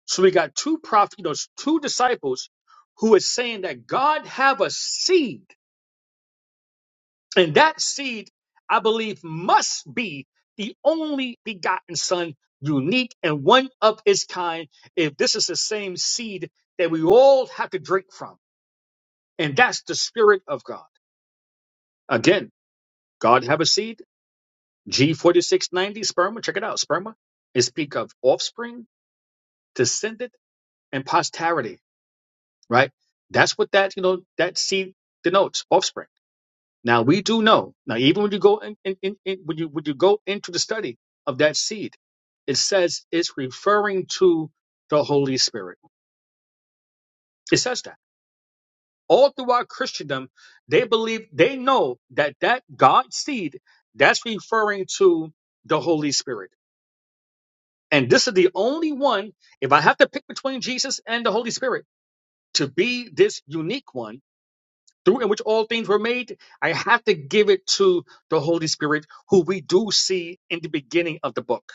A: So we got two prophets, those two disciples who is saying that God have a seed. And that seed, I believe, must be the only begotten son, unique and one of its kind, if this is the same seed that we all have to drink from. And that's the spirit of God. Again, God have a seed. G4690, sperma, check it out. Sperma is speak of offspring, descendant, and posterity, right? That's what that, you know, that seed denotes, offspring. Now we do know, now even when you go in, in, in, in when you when you go into the study of that seed, it says it's referring to the Holy Spirit. It says that. All throughout Christendom, they believe they know that that God seed that's referring to the Holy Spirit And this is the only one, if I have to pick between Jesus and the Holy Spirit to be this unique one through in which all things were made, I have to give it to the Holy Spirit, who we do see in the beginning of the book.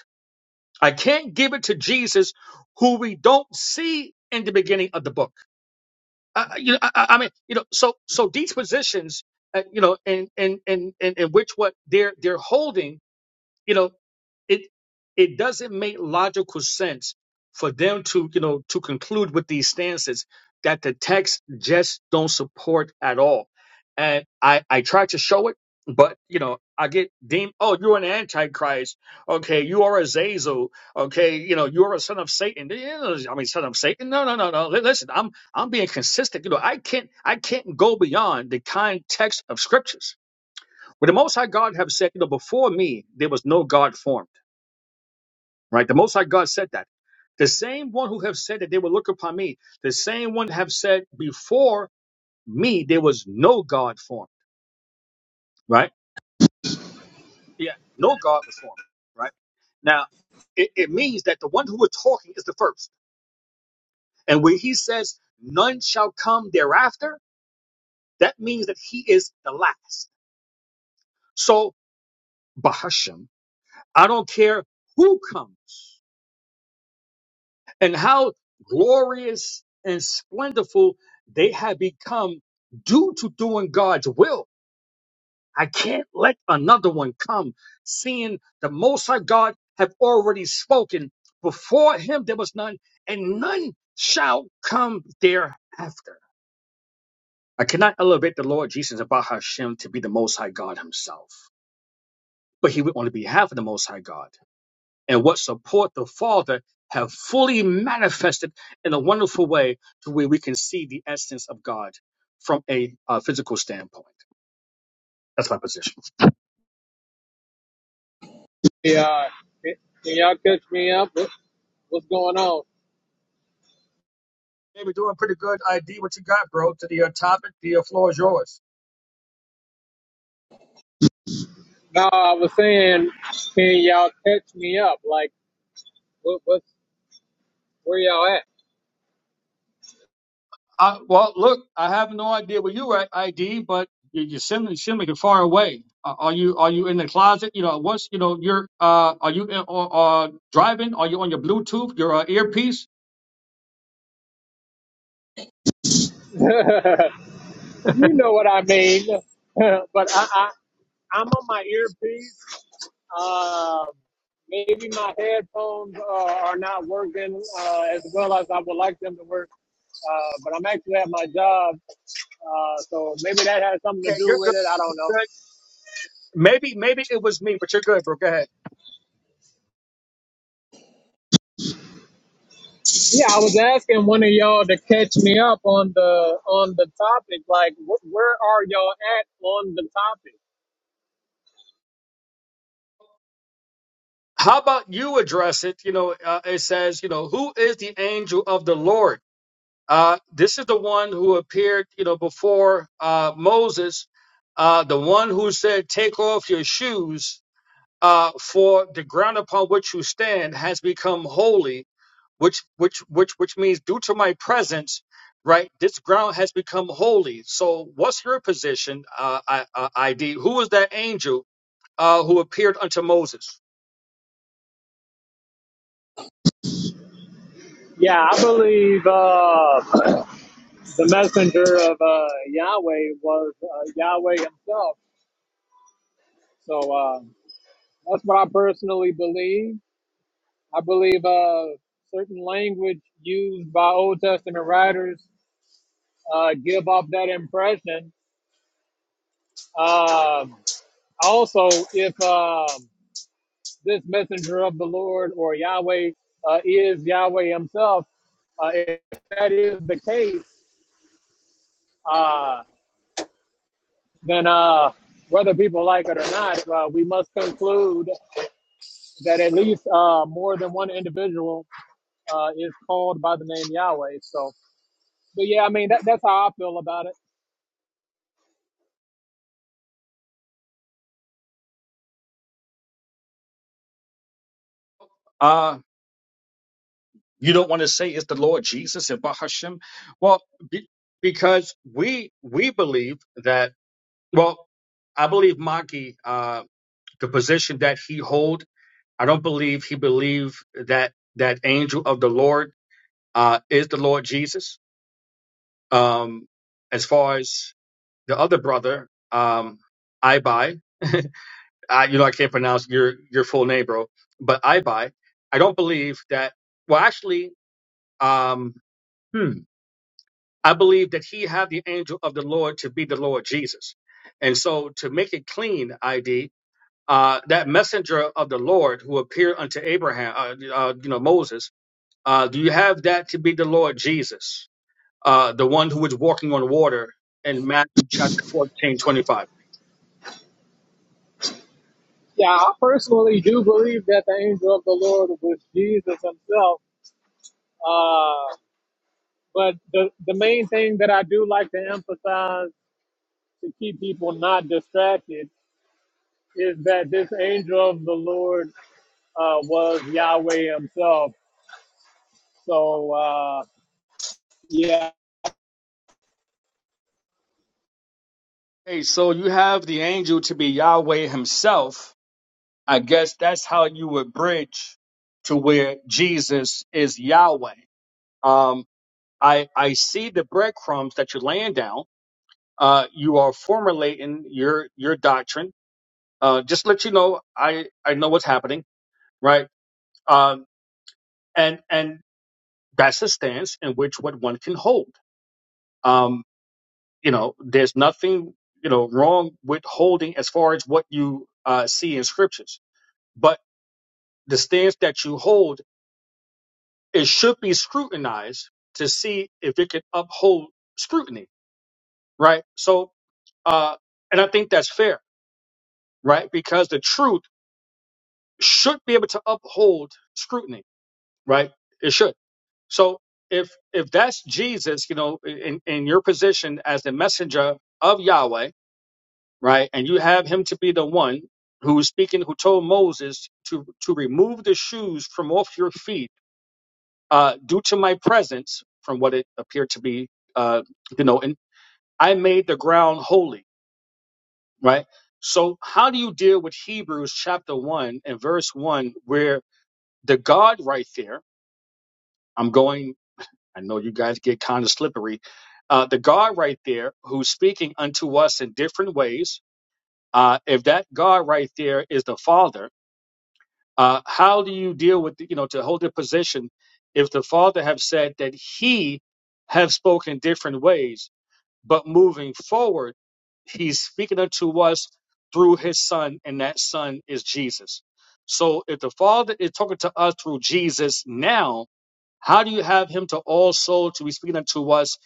A: I can't give it to Jesus, who we don't see in the beginning of the book. Uh, you know, I, I I mean, you know, so so these positions, uh, you know, and and and and in which what they're they're holding, you know it it doesn't make logical sense for them to you know to conclude with these stances that the text just don't support at all and i i try to show it but you know i get deemed oh you're an antichrist okay you are a zazel okay you know you're a son of satan You know, i mean son of satan no no no no Li- listen i'm i'm being consistent you know i can't i can't go beyond the kind text of scriptures where the most high god have said you know before me there was no god form right? The Most High God said that. The same one who have said that they will look upon me, the same one have said before me there was no God formed, right? Yeah, no God was formed, right? Now, it, it means that the one who was talking is the first. And when he says none shall come thereafter, that means that he is the last. So, Bahashem, I don't care who comes, and how glorious and splendorful they have become due to doing God's will. I can't let another one come, seeing the Most High God have already spoken. Before him there was none, and none shall come thereafter. I cannot elevate the Lord Jesus about Hashem to be the Most High God himself, but he would only be half of the Most High God. and what support the Father have fully manifested in a wonderful way to where we can see the essence of God from a uh, physical standpoint. That's my position.
G: Yeah, can y'all catch me up? What, what's going on?
A: Hey, we're doing pretty good. ID, what you got, bro? To the uh, topic, the uh, floor is yours.
G: No, I was saying, can y'all catch me up? Like, what, what's where y'all at?
A: Uh, well, look, I have no idea where you at, ID, but you, you seem, you seem like you're far away. Uh, are you are you in the closet? You know, what's you know, you're uh, are you in, uh, uh, driving? Are you on your Bluetooth, your uh, earpiece?
G: you know what I mean. but I, I, I'm on my earpiece. Um, maybe my headphones uh, are not working uh, as well as I would like them to work. Uh, but I'm actually at my job, uh, so maybe that has something to
A: Okay, you're
G: do with
A: good.
G: it. I don't know.
A: Maybe, maybe it was me, but you're good, bro. Go ahead.
G: Yeah, I was asking one of y'all to catch me up on the on the topic. Like, wh- where are y'all at on the topic?
A: How about you address it? You know, uh, it says, you know, who is the angel of the Lord? Uh, this is the one who appeared, you know, before uh, Moses, uh, the one who said, "Take off your shoes, uh, for the ground upon which you stand has become holy." Which, which, which, which means, due to my presence, right? This ground has become holy. So, what's your position, uh, I, uh, ID? Who is that angel? uh, who appeared unto Moses.
G: Yeah, I believe uh, the messenger of uh, Yahweh was uh, Yahweh himself. So uh, that's what I personally believe. I believe uh, certain language used by Old Testament writers uh, give off that impression. Um also, if um this messenger of the Lord or Yahweh uh, is Yahweh Himself, uh, if that is the case, uh, then uh, whether people like it or not, uh, we must conclude that at least uh, more than one individual uh, is called by the name Yahweh. So, but yeah, I mean that, that's how I feel about it.
A: Uh, you don't want to say it's the Lord Jesus and Bahashem? Well, be, because we we believe that. Well, I believe Maki, uh, the position that he hold. I don't believe he believed that that angel of the Lord uh, is the Lord Jesus. Um, as far as the other brother, um, Ibai, I, you know I can't pronounce your your full name, bro, but Ibai, I don't believe that. Well, actually, um, hmm, I believe that he had the angel of the Lord to be the Lord Jesus. And so to make it clean, ID, uh, that messenger of the Lord who appeared unto Abraham, uh, uh, you know, Moses, uh, do you have that to be the Lord Jesus, uh, the one who was walking on water in Matthew chapter fourteen twenty-five?
G: Yeah, I personally do believe that the angel of the Lord was Jesus Himself. Uh, but the the main thing that I do like to emphasize to keep people not distracted is that this angel of the Lord uh, was Yahweh himself. So uh, yeah,
A: Hey, so you have the angel to be Yahweh himself. I guess that's how you would bridge to where Jesus is Yahweh. Um, I, I see the breadcrumbs that you're laying down. Uh, you are formulating your your doctrine. Uh, just to let you know, I, I know what's happening, right? Um, and and that's the stance in which what one can hold. Um, you know, there's nothing you know wrong with holding as far as what you uh, see in scriptures, but the stance that you hold it should be scrutinized to see if it can uphold scrutiny, right? So, uh, and I think that's fair right? Because the truth should be able to uphold scrutiny, right? It should. So if if that's Jesus, you know, in, in your position as the messenger of Yahweh, right, and you have him to be the one who is speaking, who told Moses to to remove the shoes from off your feet, uh, due to my presence, from what it appeared to be, uh, you know, and I made the ground holy, right? So how do you deal with Hebrews chapter one and verse one, where the guard right there, I'm going, I know you guys get kind of slippery. Uh, the God right there who's speaking unto us in different ways, uh, if that God right there is the Father, uh, how do you deal with, the, you know, to hold a position if the Father have said that he have spoken different ways? But moving forward, he's speaking unto us through his son, and that son is Jesus. So if the Father is talking to us through Jesus now, how do you have him to also to be speaking unto us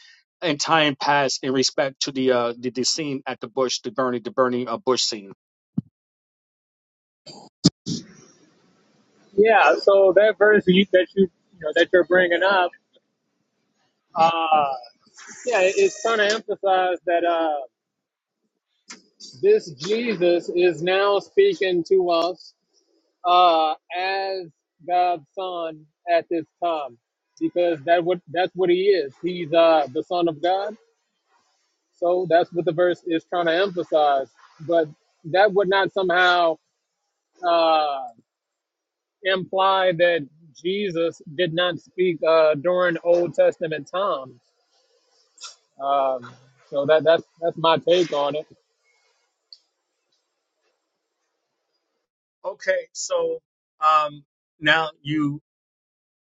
A: in time past in respect to the uh the, the scene at the bush, the burning the burning uh, bush scene?
G: yeah. So that verse that you, that you you know that you're bringing up, uh, yeah, it's trying to emphasize that uh, this Jesus is now speaking to us uh, as God's Son at this time, because that what that's what he is. He's uh, the Son of God So that's what the verse is trying to emphasize. But that would not somehow uh, imply that Jesus did not speak uh, during Old Testament times. Um, so that that's that's my take on it.
A: Okay, so um now you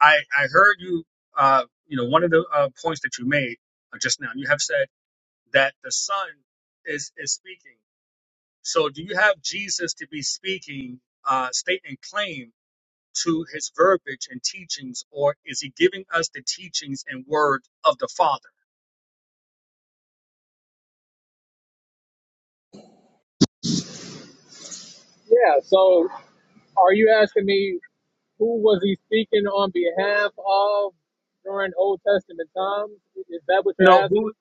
A: I I heard you uh you know one of the uh, points that you made uh, just now you have said that the son is is speaking So do you have Jesus to be speaking, uh, stating claim to his verbiage and teachings, or is he giving us the teachings and word of the Father?
G: Yeah. So are you asking me who was he speaking on behalf of during Old Testament times? Is that what
A: No,
G: you're asking?
A: who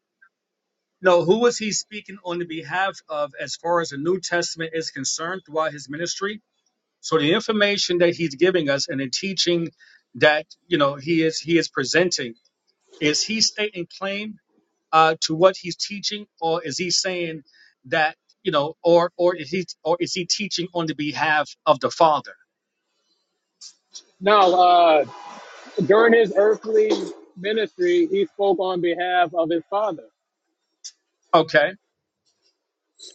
A: no, who was he speaking on the behalf of as far as the New Testament is concerned throughout his ministry? So the information that he's giving us and the teaching that you know he is he is presenting, is he stating claim uh, to what he's teaching, or is he saying that you know, or or is he or is he teaching on the behalf of the Father?
G: No. Uh, during his earthly ministry, he spoke on behalf of his father.
A: Okay,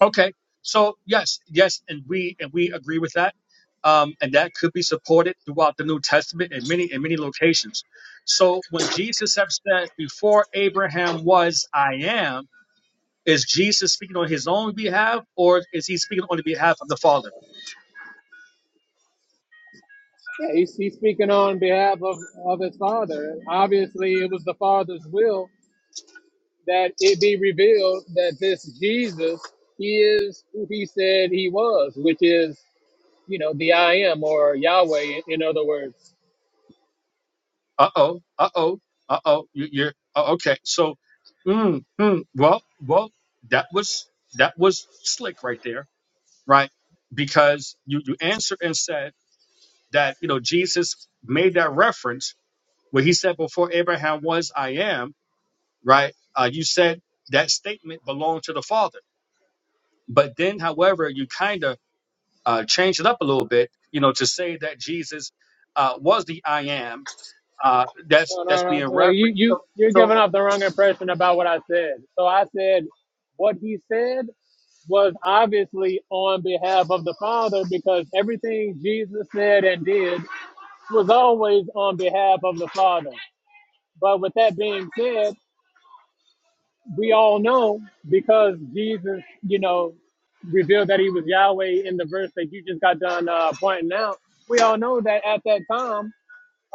A: okay. So yes, yes, and we and we agree with that, um, and that could be supported throughout the New Testament in many in many locations. So when Jesus have said, "Before Abraham was, I am," is Jesus speaking on his own behalf, or is he speaking on the behalf of the Father?
G: Yeah, he's, he's speaking on behalf of, of his father. Obviously, it was the father's will that it be revealed that this Jesus, he is who he said he was, which is, you know, the I am or Yahweh, in, other words.
A: Uh oh. Uh oh. Uh oh. You, you're oh, okay. So, mm, mm, well, well, that was that was slick right there, right? Because you you answered and said that you know Jesus made that reference where he said before Abraham was I am, right? Uh, you said that statement belonged to the Father, but then, however, you kind of uh, changed it up a little bit, you know, to say that Jesus uh, was the I am. Uh, that's
G: No,
A: that's
G: no, no.
A: being
G: Well, you,
A: referenced. So.
G: you, you're
A: So
G: giving off the wrong impression about what I said. So I said what he said was obviously on behalf of the Father because everything Jesus said and did was always on behalf of the Father. But with that being said, we all know because Jesus, you know, revealed that he was Yahweh in the verse that you just got done uh, pointing out. We all know that at that time,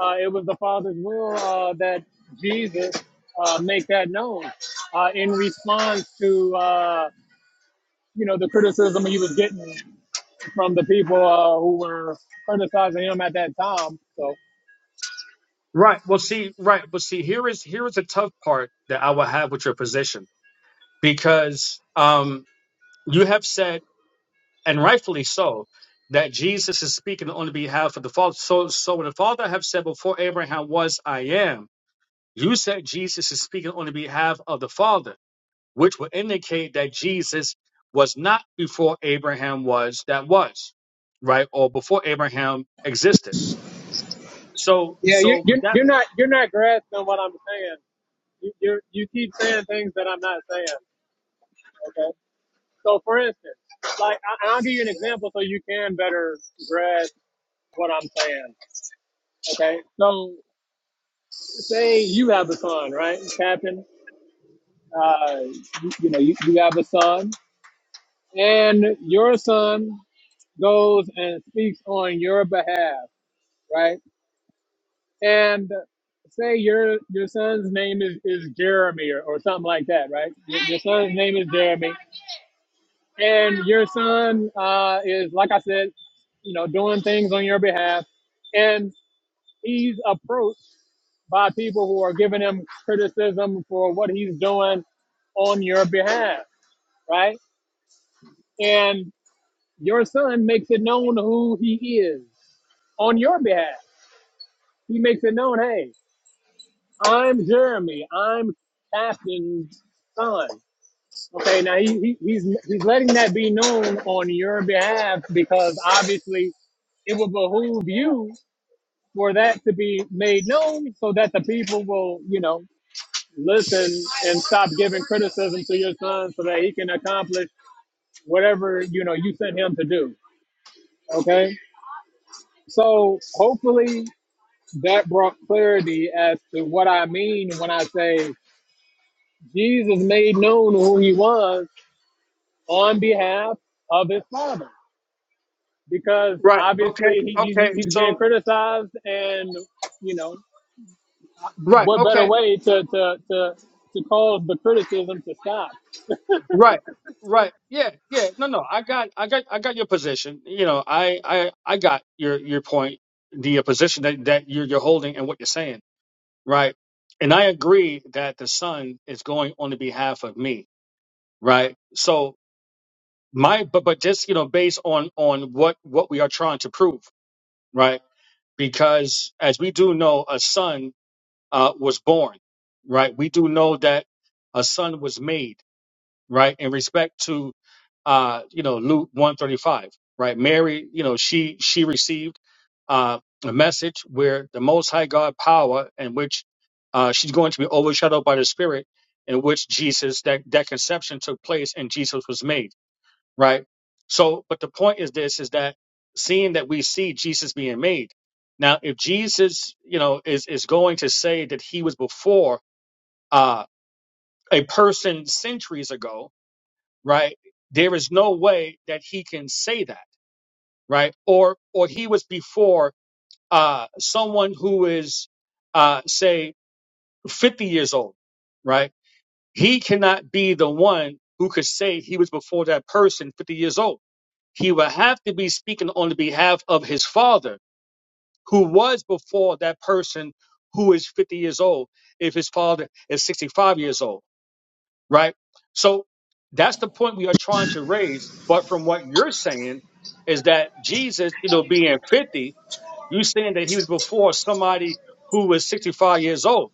G: uh, it was the Father's will uh, that Jesus uh, make that known uh, in response to, uh, you know, the criticism he was getting from the people uh, who were criticizing him at that time. So,
A: Right. Well, see, right. But see, here is here is a tough part that I will have with your position because um, you have said, and rightfully so, that Jesus is speaking on behalf of the Father. So, so when the Father have said before Abraham was, I am. You said Jesus is speaking on the behalf of the Father, which would indicate that Jesus was not before Abraham was that was, right, or before Abraham existed. So,
G: yeah, you,
A: so
G: you're,
A: with that,
G: you're not you're not grasping what I'm saying You, you're, you keep saying things that I'm not saying. Okay. So for instance, like, I, and I'll give you an example so you can better grasp what I'm saying. Okay. So say you have a son, right, Captain? Uh, you, you know, you, you have a son, and your son goes and speaks on your behalf, right? And say your your son's name is, is Jeremy or, or something like that, right? Your, your son's name is Jeremy. and your son uh, is like i said you know doing things on your behalf and he's approached by people who are giving him criticism for what he's doing on your behalf right and your son makes it known who he is on your behalf he makes it known hey i'm jeremy i'm captain's son okay now he, he, he's he's letting that be known on your behalf because obviously it will behoove you for that to be made known so that the people will, you know, listen and stop giving criticism to your son so that he can accomplish whatever, you know, you sent him to do. Okay. So hopefully that brought clarity as to what I mean when I say Jesus made known who he was on behalf of his father. Because
A: right? Okay,
G: obviously he, he,
A: okay.
G: he's
A: So
G: being criticized and, you know,
A: Right.
G: What better
A: Okay.
G: way to to to, to cause the criticism to stop?
A: Right. Right. Yeah. Yeah. No. No. I got. I got. I got your position. You know. I. I. I got your your point. The uh, position that that you're you're holding and what you're saying. Right. And I agree that the son is going on the behalf of me. Right. So my but but just you know based on on what what we are trying to prove. Right. Because as we do know, a son uh, was born. Right. We do know that a son was made right? In respect to uh, you know, Luke 135, right? Mary, you know, she she received uh a message where the most high God power in which uh she's going to be overshadowed by the spirit in which Jesus that that conception took place and Jesus was made, right? So but the point is this is that seeing that we see Jesus being made. Now if Jesus, you know, is is going to say that he was before uh a person centuries ago, right? There is no way that he can say that, right? Or or he was before uh, someone who is, uh, say, 50 years old, right? He cannot be the one who could say he was before that person 50 years old. He would have to be speaking on the behalf of his father, who was before that person who is 50 years old, if his father is 65 years old right? So that's the point we are trying to raise. But from what you're saying is that Jesus, you know, being 50, you saying that he was before somebody who was 65 years old.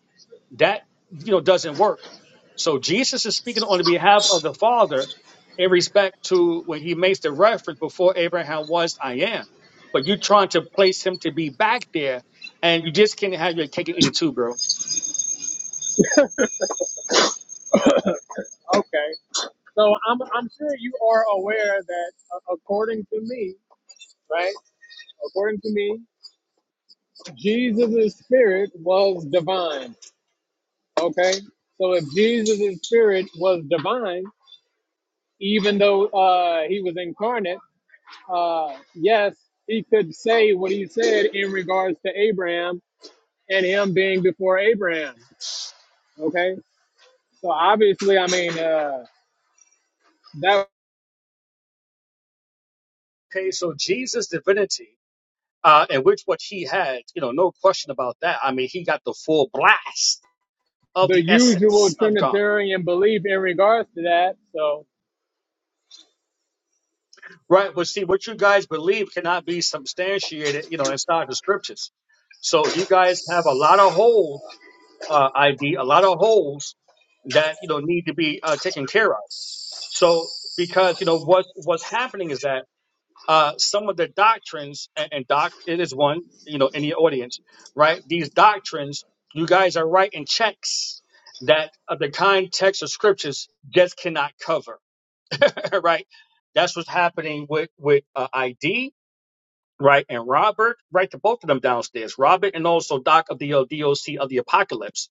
A: That, you know, doesn't work. So Jesus is speaking on the behalf of the Father in respect to when he makes the reference before Abraham was, I am. But you're trying to place him to be back there, and you just can't have your cake and eat it too, bro.
G: Okay. So I'm I'm sure you are aware that uh, according to me, right? According to me, Jesus' spirit was divine. Okay. So if Jesus' spirit was divine, even though uh, he was incarnate, uh, yes, he could say what he said in regards to Abraham and him being before Abraham. Okay. So obviously, I mean, uh, that
A: Okay, so Jesus' divinity uh, and which what he had, you know, no question about that. I mean, he got the full blast of
G: the
A: the
G: usual
A: essence of God,
G: Trinitarian belief in regards to that. So
A: right? But see, what you guys believe cannot be substantiated, you know, inside the scriptures. So you guys have a lot of holes, uh, ID, lot of holes that you know need to be uh, taken care of. So because you know what's what's happening is that uh, some of the doctrines, and, and doc, it is one, you know, in the audience, right? These doctrines, you guys are writing checks that uh, the context of scriptures just cannot cover, right? That's what's happening with with uh, ID right? And Robert, right, to both of them downstairs, Robert and also Doc of the uh, DOC of the Apocalypse,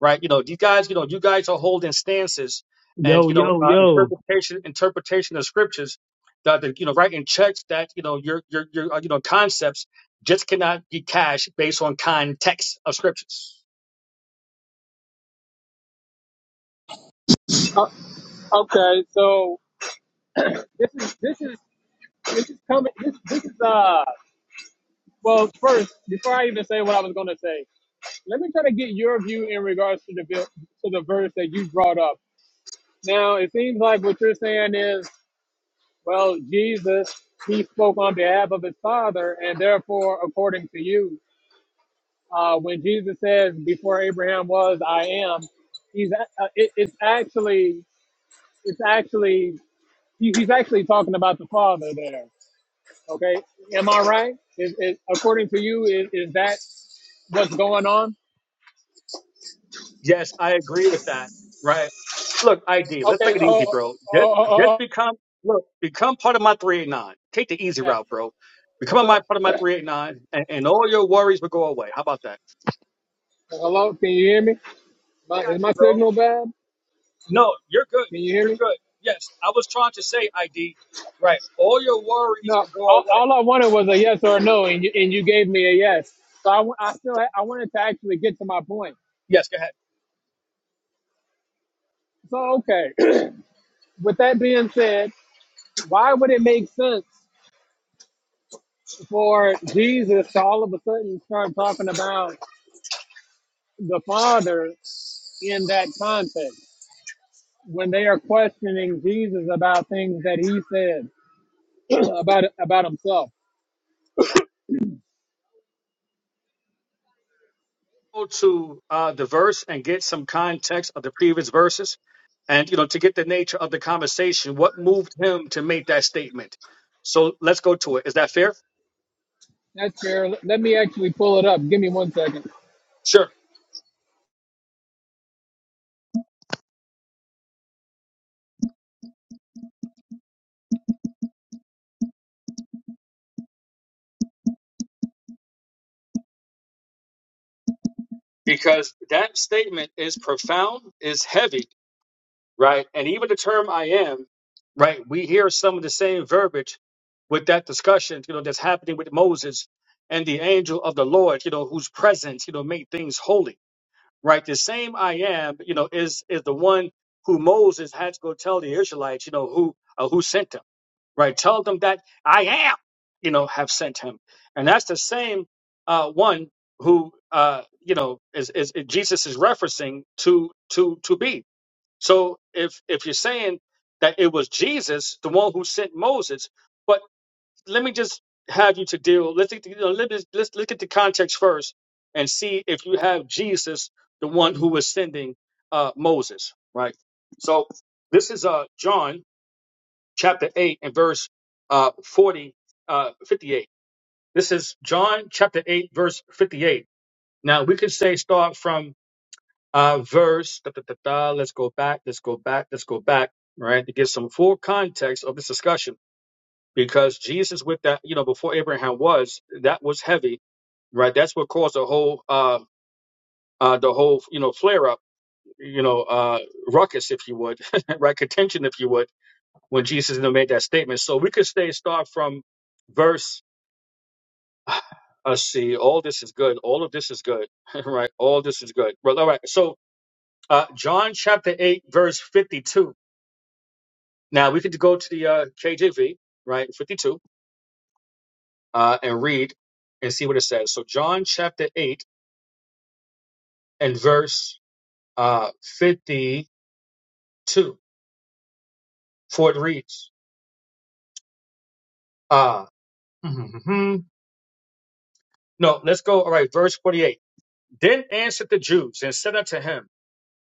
A: right? You know, these guys, you know, you guys are holding stances and
H: Yo,
A: you know
H: yo,
A: uh,
H: yo.
A: interpretation interpretation of scriptures that that, you know writing checks that you know your your your uh, you know concepts just cannot be cashed based on context of scriptures.
G: uh, okay, so this is this is this is coming. This this is uh. Well, first, before I even say what I was going to say, let me try to get your view in regards to the vi- to the verse that you brought up. Now, it seems like what you're saying is, well, Jesus he spoke on behalf of his father, and therefore, according to you, uh, when Jesus says, "Before Abraham was, I am," he's a- uh, it, it's actually It's actually he- he's actually talking about the father there. Okay, am I right? Is, is according to you is, is that what's going on?
A: Yes, I agree with that. Right. Look, ID, let's make
G: Okay.
A: it
G: Oh,
A: easy,
G: oh,
A: bro. Just
G: oh,
A: just
G: oh,
A: become look, become part of my 389. Take the easy
G: oh. oh.
A: route, bro. Become
G: So
A: my part of my 389 and, and all your worries will go away. How about that?
G: hello, can you hear me?
A: I
G: My, is
A: got you,
G: my
A: bro.
G: signal bad?
A: No, you're good.
G: Can you hear
A: You're
G: me?
A: good. Yes. I was trying to say ID. Right. All your worries
G: No.
A: can go
G: All,
A: away.
G: all I wanted was a yes or a no, and you and you gave me a yes. So I, wa- I still ha- I wanted to actually get to my point.
A: Yes, go ahead.
G: So okay. With that being said, why would it make sense for Jesus to all of a sudden start talking about? the Father in that context. When they are questioning Jesus about things that he said about about himself.
A: go to uh, the verse and get some context of the previous verses and you know to get the nature of the conversation what moved him to make that statement so let's go to it is that fair
G: That's fair. Let me actually pull it up. Give me one second.
A: sure because that statement is profound is heavy right and even the term i am right we hear some of the same verbiage with that discussion you know that's happening with moses and the angel of the lord you know whose presence you know made things holy right? The same I am, you know, is is the one who Moses had to go tell the Israelites, you know, who uh, who sent him, right? Tell them that I am, you know, have sent him, and that's the same uh, one who uh, you know is, is is Jesus is referencing to to to be. So if if you're saying that it was Jesus, the one who sent Moses. but let me just have you to deal. Let's take the- you know, let us let's look at the context first and see if you have Jesus, the one who was sending uh, Moses, right? So this is uh, John chapter eight and verse uh, 40, uh, 58. This is John chapter eight, verse 58. Now we could say start from uh, verse. Da, da, da, da, let's go back. Let's go back. Let's go back. Right to get some full context of this discussion because Jesus with that, you know, before Abraham was, that was heavy, right? That's what caused the whole, uh, uh, the whole, you know, flare up, you know, uh, ruckus, if you would, right? Contention, if you would, when Jesus you know, made that statement. So we could stay, start from verse, let's see, all this is good. All of this is good, right? All this is good. Well, all right. So, uh, John chapter 8, verse 52. Now we could go to the, uh, KJV, right? 52 uh, and read and see what it says. So, John chapter 8 and verse uh, 52. For it reads, uh, no, let's go. All right, verse 48. Then answered the Jews and said unto him,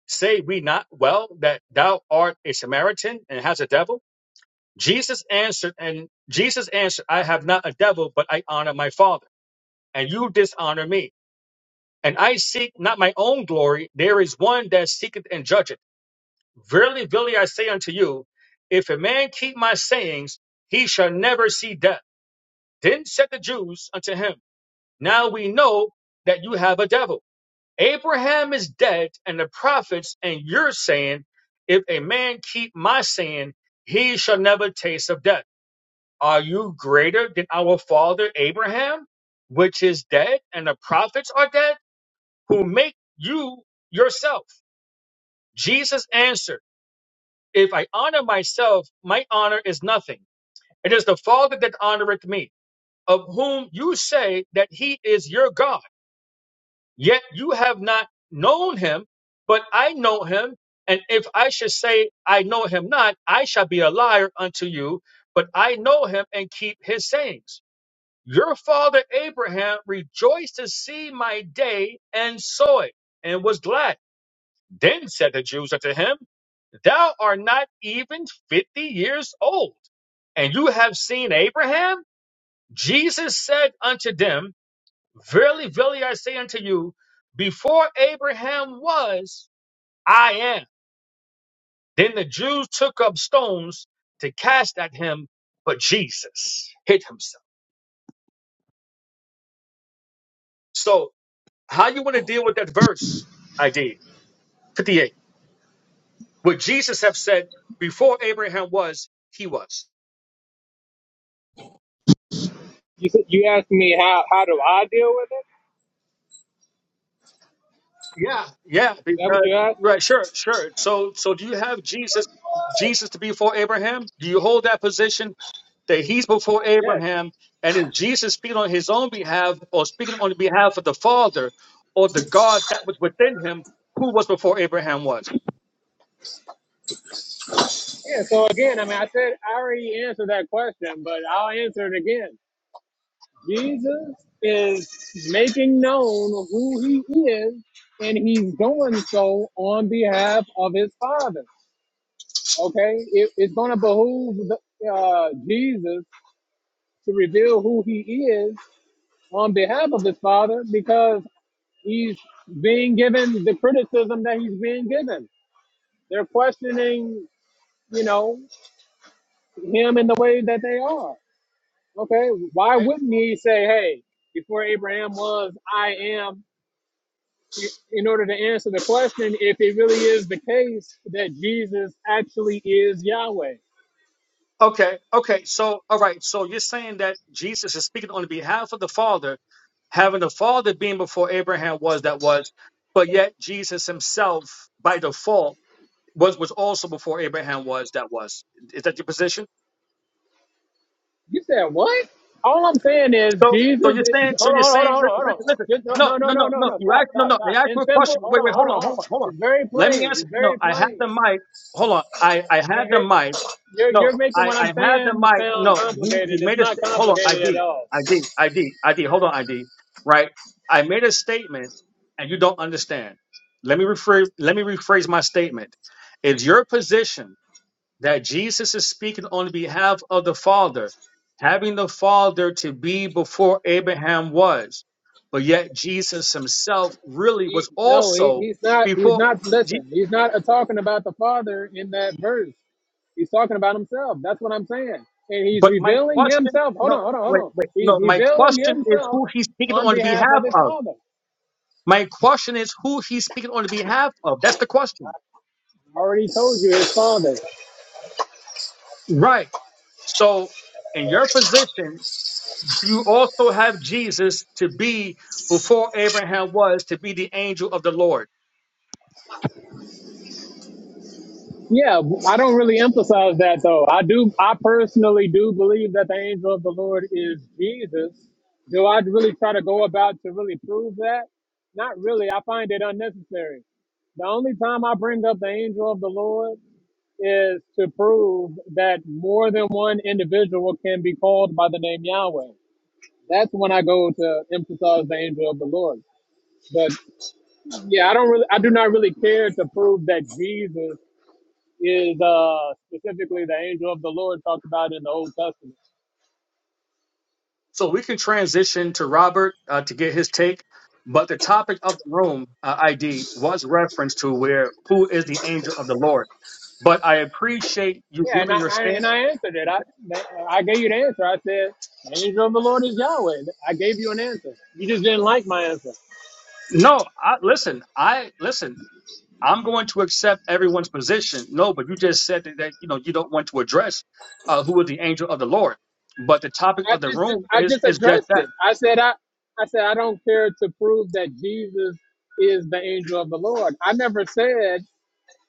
A: Say we not well that thou art a Samaritan and has a devil? Jesus answered, and Jesus answered, I have not a devil, but I honor my Father, and you dishonor me. And I seek not my own glory. There is one that seeketh and judgeth. Verily, verily, I say unto you, if a man keep my sayings, he shall never see death. Then said the Jews unto him, Now we know that you have a devil. Abraham is dead, and the prophets, and you're saying, If a man keep my saying, he shall never taste of death. Are you greater than our father Abraham, which is dead, and the prophets are dead, who make you yourself? Jesus answered. If I honor myself, my honor is nothing. It is the Father that honoreth me, of whom you say that he is your God. Yet you have not known him, but I know him. And if I should say I know him not, I shall be a liar unto you. But I know him and keep his sayings. Your father Abraham rejoiced to see my day and saw it and was glad. Then said the Jews unto him, Thou art not even fifty years old, and you have seen Abraham? Jesus said unto them, Verily, verily, I say unto you, before Abraham was, I am. Then the Jews took up stones to cast at him, but Jesus hid himself. So, how you want to deal with that verse? I did 58. What Jesus have said before Abraham was, he was.
G: You said you asked me how how do I deal with it?
A: Yeah, yeah,
G: Is that what
A: because
G: you asked?
A: right, sure, sure. So, so do you have Jesus, Jesus to be before Abraham? Do you hold that position that he's before
G: Yes.
A: Abraham, and is Jesus speaking on his own behalf, or speaking on behalf of the Father, or the God that was within him, who was before Abraham was?
G: Yeah, so again, I mean I said I already answered that question, but I'll answer it again. Jesus is making known who he is and he's doing so on behalf of his father. Okay, it, it's gonna behoove the, uh, Jesus to reveal who He is on behalf of His Father because He's being given the criticism that He's being given. They're questioning, you know, Him in the way that they are. Okay, why
A: Okay,
G: wouldn't He say, "Hey, before Abraham was, I am," in order to answer the question if it really is the case that Jesus actually is Yahweh?
A: okay, okay. So, all right. So you're saying that Jesus is speaking on the behalf of the Father, having the Father being before Abraham was that was, but yet Jesus himself by default was was also before Abraham was that was. Is that your position?
G: You said what? All I'm saying is
A: So so
G: Jesus.
A: you're saying
G: Is,
A: so
G: hold on,
A: you're
G: hold
A: saying
G: on, hold on,
A: listen
G: hold on.
A: listen listen
G: Just,
A: no
G: no, no,
A: no
G: no, no,
A: no
G: no.
A: no
G: no.
A: you ask
G: Stop,
A: no
G: stop,
A: no I
G: stop.
A: asked you
G: In
A: a
G: simple,
A: question
G: hold
A: wait
G: on,
A: wait
G: hold
A: hold
G: on,
A: on
G: hold on.
A: hold on hold on
G: It's very
A: let me
G: plain.
A: answer
G: It's
A: no
G: very
A: I had
G: plain.
A: the mic hold on I I had
G: 'Cause
A: the
G: it-
A: mic
G: you're,
A: no
G: you're making
A: I
G: what
A: I
G: I'm
A: had the
G: saying
A: mic
G: sound
A: no you you
G: complicated. It's
A: made a
G: not
A: st- hold on
G: complicated at
A: ID
G: all.
A: ID ID ID hold on ID right I made a statement and you don't understand let me rephrase let me rephrase my statement It's your position that Jesus is speaking on behalf of the Father, having the Father to be before Abraham was. But yet Jesus himself really
G: He,
A: was
G: no, he,
A: also
G: he's not. He's
A: before.
G: not.
A: Je-
G: Listen, he's not uh, talking about the Father in that verse. He's talking about himself. That's what I'm saying. And he's
A: But my
G: revealing
A: question,
G: himself. Hold
A: no,
G: on, hold on, hold
A: wait,
G: on.
A: wait,
G: He's
A: no, my
G: revealing
A: question is
G: himself
A: who he's speaking
G: on
A: on
G: behalf
A: behalf
G: of his
A: of.
G: Father.
A: My question is who he's speaking on behalf of. That's the question.
G: I already told you his father.
A: Right. So, in your position, do you also have Jesus to be before Abraham was to be the angel of the Lord?
G: Yeah, I don't really emphasize that though. I do. I personally do believe that the angel of the Lord is Jesus. Do I really try to go about to really prove that? Not really. I find it unnecessary. The only time I bring up the angel of the Lord is to prove that more than one individual can be called by the name Yahweh. That's when I go to emphasize the angel of the Lord. But yeah, I don't really, I do not really care to prove that Jesus is uh, specifically the angel of the Lord talked about in the Old Testament.
A: So we can transition to Robert uh, to get his take. But the topic of the room, uh, ID, was reference to where who is the angel of the Lord. But I appreciate you
G: Yeah, and
A: giving
G: I,
A: your
G: I and
A: stand.
G: I answered it. I I gave you the answer. I said the angel of the Lord is Yahweh. I gave you an answer. You just didn't like my answer.
A: No, I, listen, I listen. I'm going to accept everyone's position. No, but you just said that, that you know you don't want to address uh, who is the angel of the Lord. But the topic
G: I
A: of the
G: just
A: room
G: I
A: is
G: just
A: is just
G: addressed it.
A: that.
G: I said I I said I don't care to prove that Jesus is the angel of the Lord. I never said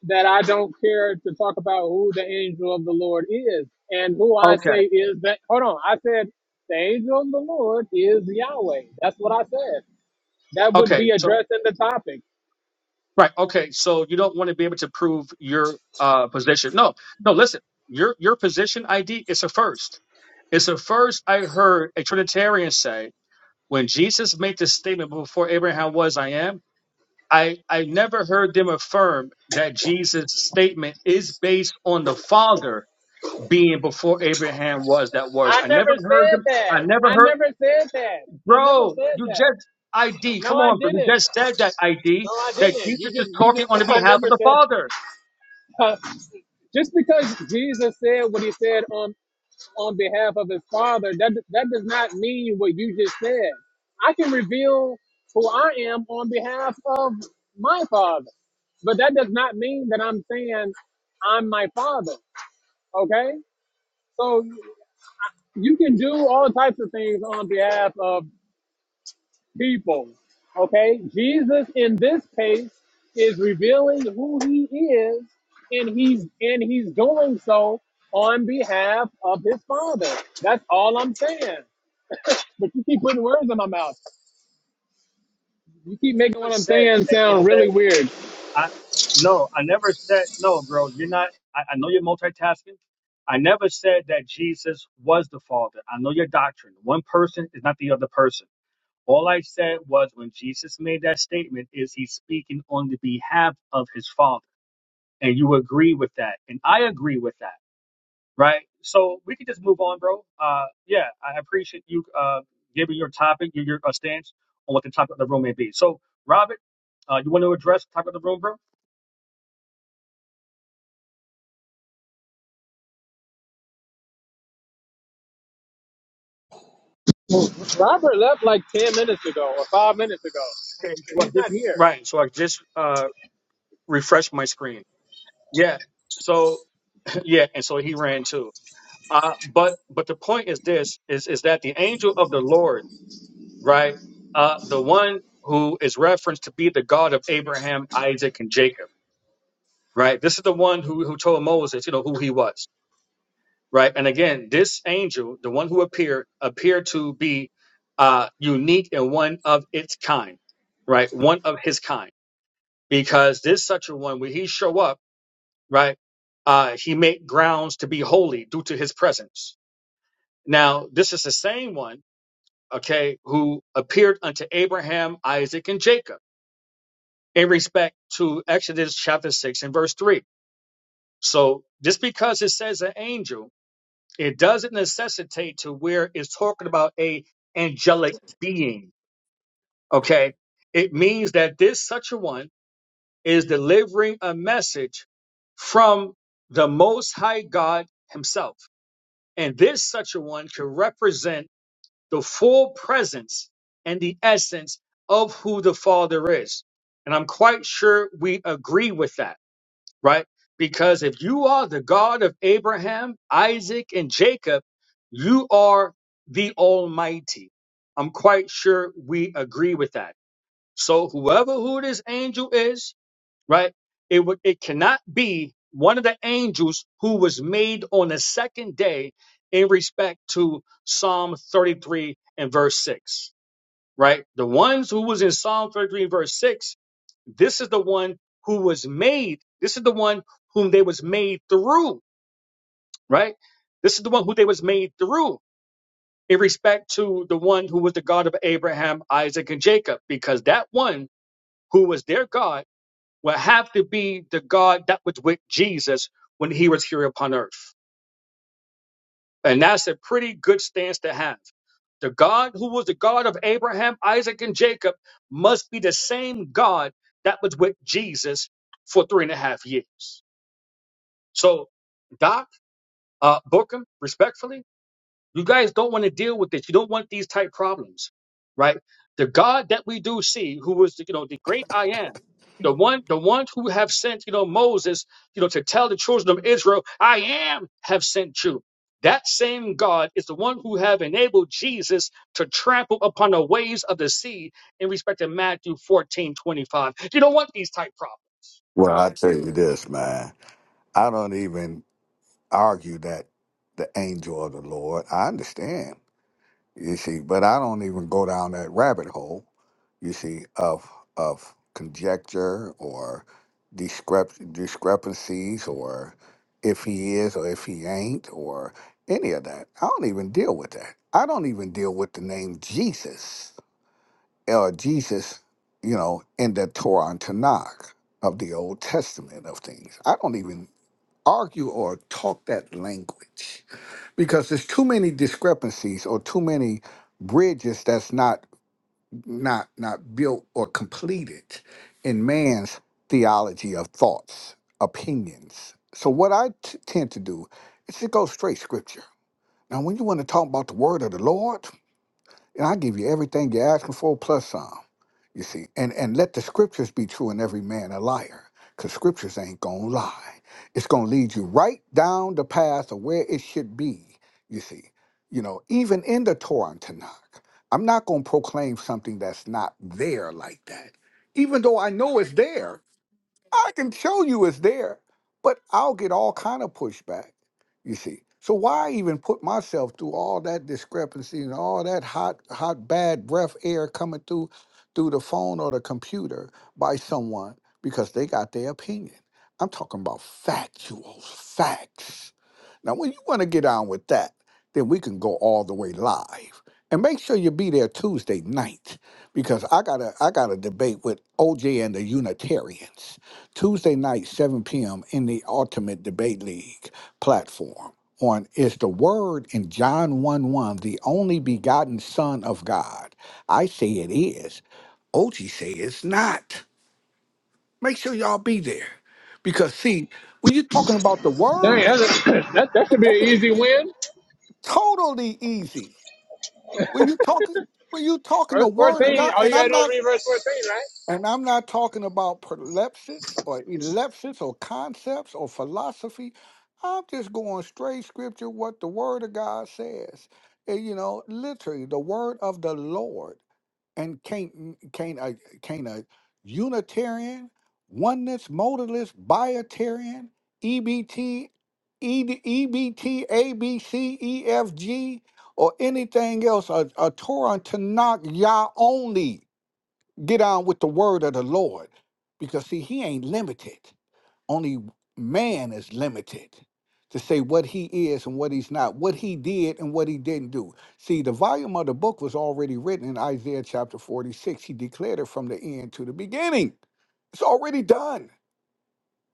G: that I don't care to talk about who the angel of the Lord is. And who I
A: Okay,
G: say is that, hold on, I said, the angel of the Lord is Yahweh. That's what I said. That would
A: okay.
G: be
A: So
G: addressing the topic.
A: Right. Okay. So you don't want to be able to prove your uh, position. No. No. Listen. Your your position ID is a first. It's a first. I heard a Trinitarian say when Jesus made this statement before Abraham was, I am. I I never heard them affirm that Jesus' statement is based on the Father being before Abraham was. That was.
G: I
A: I
G: never
A: never heard
G: said
A: them. I
G: that.
A: never
G: I
A: heard,
G: never said that. I never
A: bro.
G: said
A: You just
G: that.
A: ID. Come
G: No, I
A: on, bro.
G: didn't.
A: You just said that ID
G: No, I
A: that
G: didn't.
A: Jesus
G: You
A: is
G: just, you
A: talking
G: just,
A: on the
G: I
A: behalf of
G: never
A: the
G: said
A: Father.
G: that. just because Jesus said what he said on on behalf of his father, that that does not mean what you just said. I can reveal who I am on behalf of my father, but that does not mean that I'm saying I'm my father. Okay, so you can do all types of things on behalf of people. Okay, Jesus in this case is revealing who he is, and he's and he's doing so on behalf of his father. That's all I'm saying. But you keep putting words in my mouth. You keep making
A: never
G: what I'm
A: said
G: saying
A: that you
G: sound
A: said
G: really weird.
A: I no, I never said no, bro. You're not I, I know you're multitasking. I never said that Jesus was the Father. I know your doctrine. One person is not the other person. All I said was when Jesus made that statement is he's speaking on the behalf of his Father. And you agree with that. And I agree with that right? So we can just move on, bro. Uh, yeah, I appreciate you uh, giving your topic, your, your uh, stance on what the topic of the room may be. So, Robert, uh, you want to address the topic of the room, bro?
G: Robert left like 10 minutes ago or five minutes ago.
A: Okay, so I
G: He's
A: just,
G: not here.
A: right. So I just uh, refreshed my screen. Yeah. So yeah, and so he ran too. Uh, but but the point is this: is is that the angel of the Lord, right? Uh, the one who is referenced to be the God of Abraham, Isaac, and Jacob, right? This is the one who who told Moses, you know, who he was right? And again, this angel, the one who appeared, appeared to be uh, unique and one of its kind, right? One of his kind, because this such a one, when he show up, right, uh, he make grounds to be holy due to his presence. Now, this is the same one, okay, who appeared unto Abraham, Isaac, and Jacob in respect to Exodus chapter six and verse three. So just because it says an angel it doesn't necessitate to where it's talking about a angelic being okay it means that this such a one is delivering a message from the most high god himself and this such a one can represent the full presence and the essence of who the father is and i'm quite sure we agree with that right? Because if you are the God of Abraham, Isaac, and Jacob, you are the Almighty. I'm quite sure we agree with that. So whoever who this angel is, right? It would it cannot be one of the angels who was made on the second day in respect to Psalm 33 and verse 6 right? The ones who was in Psalm 33 verse 6, this is the one who was made. This is the one whom they was made through, right? This is the one who they was made through in respect to the one who was the God of Abraham, Isaac, and Jacob, because that one who was their God will have to be the God that was with Jesus when he was here upon earth. And that's a pretty good stance to have. The God who was the God of Abraham, Isaac, and Jacob must be the same God that was with Jesus for three and a half years. So, Doc, uh, Bookham, respectfully, you guys don't want to deal with this. You don't want these type problems, right? The God that we do see, who was you know the great I am, the one the one who have sent you know Moses, you know to tell the children of Israel, I am have sent you. That same God is the one who have enabled Jesus to trample upon the waves of the sea in respect to Matthew 14 25. You don't want these type problems.
I: Well, I tell you this, man. I don't even argue that the angel of the Lord. I understand, you see, but I don't even go down that rabbit hole, you see, of of conjecture or discrep- discrepancies or if he is or if he ain't or any of that. I don't even deal with that. I don't even deal with the name Jesus. uh, Jesus, you know, in the Torah and Tanakh of the Old Testament of things. I don't even argue or talk that language because there's too many discrepancies or too many bridges that's not not not built or completed in man's theology of thoughts, opinions. So what I t- tend to do is to go straight scripture. Now, when you want to talk about the word of the Lord, and I give you everything you're asking for plus some. You see, and and let the scriptures be true, and every man a liar, because scriptures ain't gonna lie. It's gonna lead you right down the path of where it should be. You see, you know, even in the Torah and Tanakh, I'm not gonna proclaim something that's not there like that, even though I know it's there. I can show you it's there, but I'll get all kind of pushback, you see. So why even put myself through all that discrepancy and all that hot, hot, bad breath air coming through through the phone or the computer by someone because they got their opinion. I'm talking about factual facts. Now, when you want to get on with that, then we can go all the way live. And make sure you be there Tuesday night because I got to I got to debate with OJ and the Unitarians. Tuesday night, 7 p.m. in the Ultimate Debate League platform on Is the Word in John 1 1 the only begotten Son of God? I say it is. OG say it's not. Make sure y'all be there. Because see, when you're talking about the word,
G: Dang, that's a, that, that should be an easy win.
I: totally easy. When you talking when you talking the
G: Verse
I: word of
G: 14,
I: God,
G: all
I: and
G: you got
I: I'm
G: to do
I: not
G: is read verse 14,
I: And I'm not talking about prolepsis or elepsis or concepts or philosophy. I'm just going straight scripture, what the word of God says. And, you know, literally the word of the Lord. And can't can't a can't a Unitarian, oneness, modalist, biotarian, EBT, ED, EBT, ABC, EFG, or anything else, a, a Torah Tanakh Yah only get on with the word of the Lord. Because see, he ain't limited. Only man is limited to say what he is and what he's not, what he did and what he didn't do. See, the volume of the book was already written in Isaiah chapter 46. He declared it from the end to the beginning. It's already done.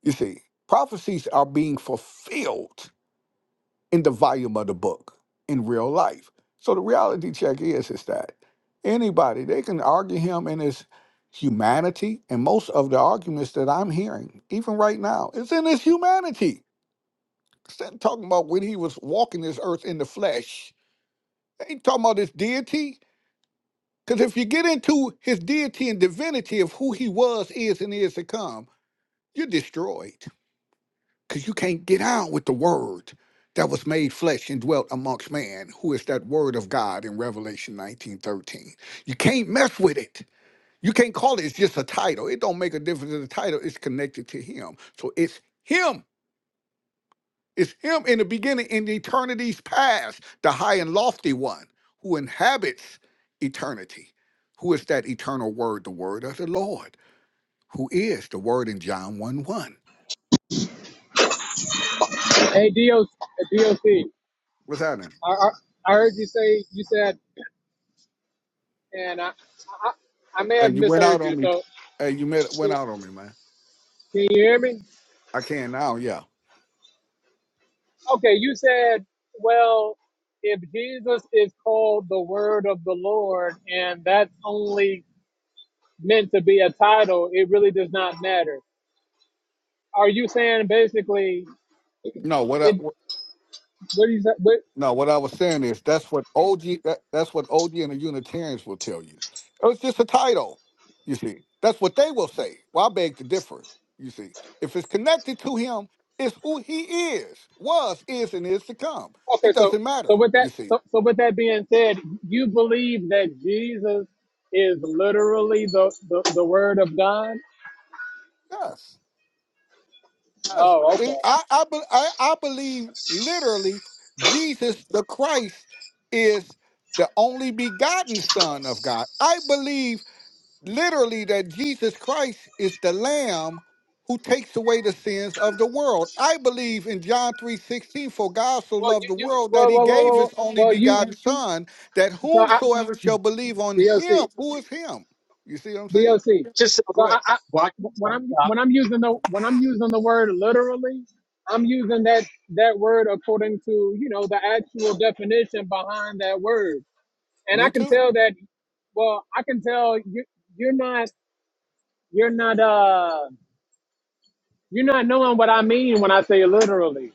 I: You see, prophecies are being fulfilled in the volume of the book in real life. So the reality check is is that anybody they can argue him in his humanity, and most of the arguments that I'm hearing, even right now, is in his humanity. Instead of talking about when he was walking this earth in the flesh, they ain't talking about his deity. Because if you get into his deity and divinity of who he was, is, and is to come, you're destroyed. because you can't get out with the word that was made flesh and dwelt amongst man, who is that word of God in Revelation 19:13. You can't mess with it. You can't call it, it's just a title. It don't make a difference in the title. It's connected to him. So it's him. It's him in the beginning, in the eternity's past, the high and lofty one who inhabits eternity. Who is that eternal word? The word of the Lord, who is the word in John 1 1.
G: right? Hey, DOC, DOC
I: What's happening?
G: I, I, I heard you say, you said, and I, I, I may
I: Hey,
G: have
I: you went out
G: misheard
I: on
G: you,
I: me.
G: so
I: Hey, you met, went
G: can
I: out on me, man.
G: can you hear me?
I: I can now, yeah.
G: Okay, you said, well, if Jesus is called the word of the Lord, and that's only meant to be a title, it really does not matter. Are you saying basically
I: No, what up?
G: it? What do you say? What,
I: No, what I was saying is that's what OG that, that's what OG and the Unitarians will tell you. It was just a title, you see. That's what they will say. Well, I beg to differ, you see. If it's connected to him, it's who he is, was, is, and is to come.
G: okay,
I: It
G: so
I: doesn't
G: so
I: matter,
G: with
I: you
G: that
I: see.
G: so, so with that being said, you believe that Jesus is literally the the, the word of God?
I: Yes, yes.
G: Oh, okay.
I: And I, I, be- I, I believe literally Jesus the Christ is the only begotten Son of God. I believe literally that Jesus Christ is the lamb who takes away the sins of the world. I believe in John 3:16 for God so
G: Well,
I: loved
G: you
I: the
G: you
I: world that
G: well
I: he
G: well well
I: gave his
G: well,
I: only
G: well you
I: begotten son that
G: so I
I: whomsoever shall believe on
G: DLC.
I: him who is him. You see what I'm saying?
G: DOC.
A: Just say,
G: So
I: Go
G: I,
I: ahead.
G: I
A: why
G: when I'm when I'm using the when I'm using the word literally, I'm using that that word according to you know the actual definition behind that word, and
I: Me
G: I can
I: too.
G: tell that. Well, I can tell you you're not you're not uh you're not knowing what I mean when I say literally.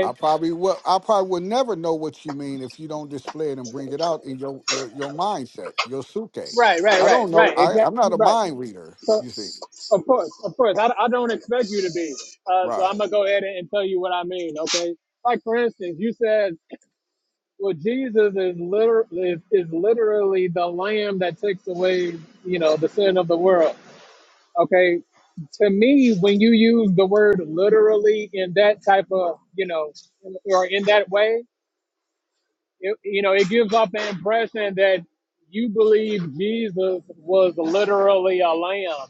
I: I probably will I probably will never know what you mean if you don't display it and bring it out in your your, your mindset, your suke.
G: Right. Right.
I: I
G: Right.
I: don't know.
G: Right.
I: I, I'm
G: Exactly.
I: not a
G: Right.
I: mind reader,
G: So
I: you see.
G: of course, of course, I, I don't expect you to be. Uh, so
I: Right.
G: I'm gonna go ahead and tell you what I mean. Okay. Like for instance, you said Well, Jesus is liter is, is literally the lamb that takes away, you know, the sin of the world. Okay. To me, when you use the word literally in that type of, you know, or in that way, it, you know, it gives off the impression that you believe Jesus was literally a lamb.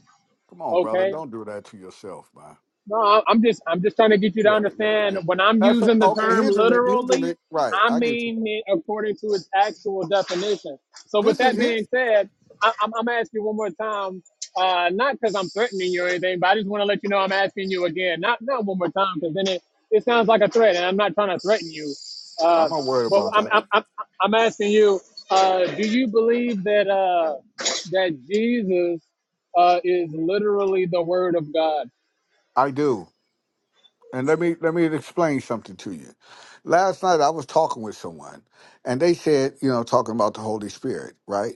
I: Come on, brother.
G: Okay.
I: Don't do that to yourself, man.
G: No, I- I'm just I'm just trying to get you to
I: Yeah, yeah,
G: understand
I: yeah.
G: when I'm
I: That's a,
G: using the
I: okay.
G: term
I: Here's an here's
G: literally,
I: an right.
G: I
I: I get you.
G: mean it according to its actual definition. So with
I: This is
G: that
I: here.
G: being said, I, I'm I'm asking you one more time, uh, not because I'm threatening you or anything, but I just want to let you know I'm asking you again, not not one more time, because then it, it sounds like a threat, and I'm not trying to threaten you.
I: I'm
G: Uh,
I: not worried
G: but
I: about
G: I'm
I: that.
G: I'm I'm, I'm asking you, uh, do you believe that uh, that Jesus uh, is literally the Word of God?
I: I do, and let me let me explain something to you. Last night I was talking with someone, and they said, you know, talking about the Holy Spirit, right?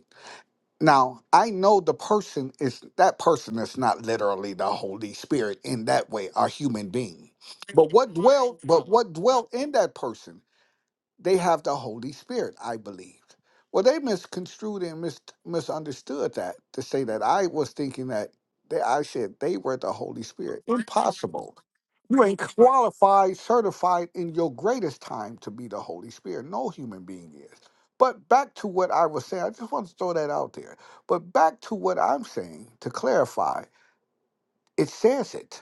I: Now I know the person is that person is not literally the Holy Spirit in that way, a human being. But what dwelt, but what dwelt in that person? they have the Holy Spirit, I believed. Well, they misconstrued and mis- misunderstood that to say that I was thinking that they, I said they were the Holy Spirit. Impossible. You ain't qualified, certified in your greatest time to be the Holy Spirit. No human being is. But back to what I was saying, I just want to throw that out there. But back to what I'm saying to clarify, it says it.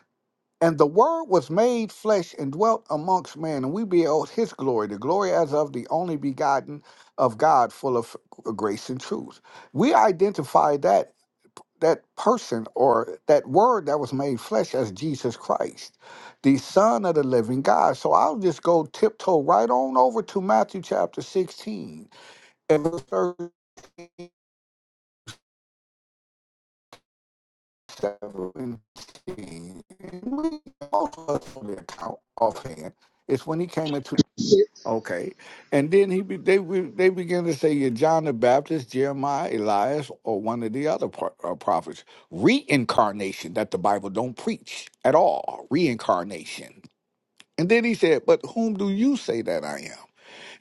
I: And the Word was made flesh and dwelt amongst men, and we beheld his glory, the glory as of the only begotten of God, full of grace and truth. We identify that that person or that word that was made flesh as Jesus Christ, the Son of the living God. So I'll just go tiptoe right on over to Matthew chapter 16 and verse 17. And we also have the account offhand. It's when he came into Okay, and then he be, they be- they begin to say you're John the Baptist, Jeremiah, Elias, or one of the other pro- uh, prophets. Reincarnation that the Bible don't preach at all. Reincarnation. And then he said, "But whom do you say that I am?"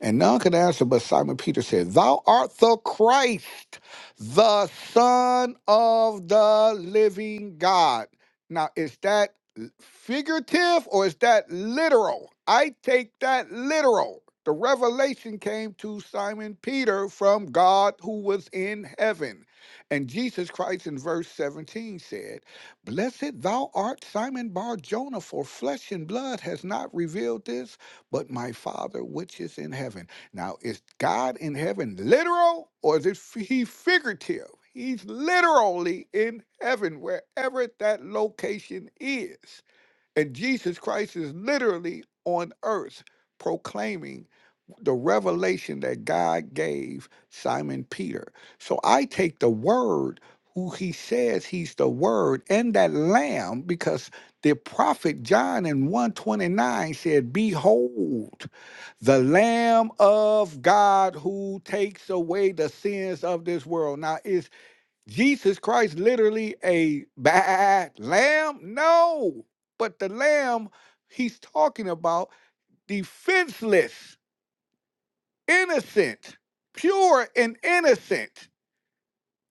I: And none could answer, but Simon Peter said, Thou art the Christ, the Son of the living God. Now, is that l- figurative or is that literal? I take that literal. The revelation came to Simon Peter from God who was in heaven. And Jesus Christ in verse 17 said, Blessed thou art, Simon Bar Jonah, for flesh and blood has not revealed this but my Father which is in heaven. Now, is God in heaven literal or is it f- he figurative? He's literally in heaven, wherever that location is. And Jesus Christ is literally on earth proclaiming the revelation that God gave Simon Peter. So I take the word who he says he's the word and that lamb because the prophet John in 129 said behold the lamb of God who takes away the sins of this world. Now is Jesus Christ literally a bad lamb? No. But the lamb he's talking about defenseless innocent, pure and innocent.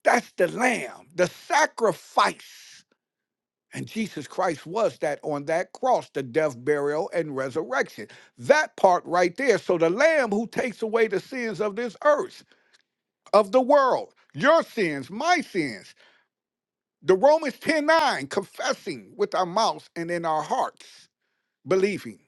I: That's the lamb, the sacrifice. And Jesus Christ was that on that cross, the death, burial, and resurrection. That part right there. So the lamb who takes away the sins of this earth, of the world, your sins, my sins. The Romans 10 9, confessing with our mouths and in our hearts. believing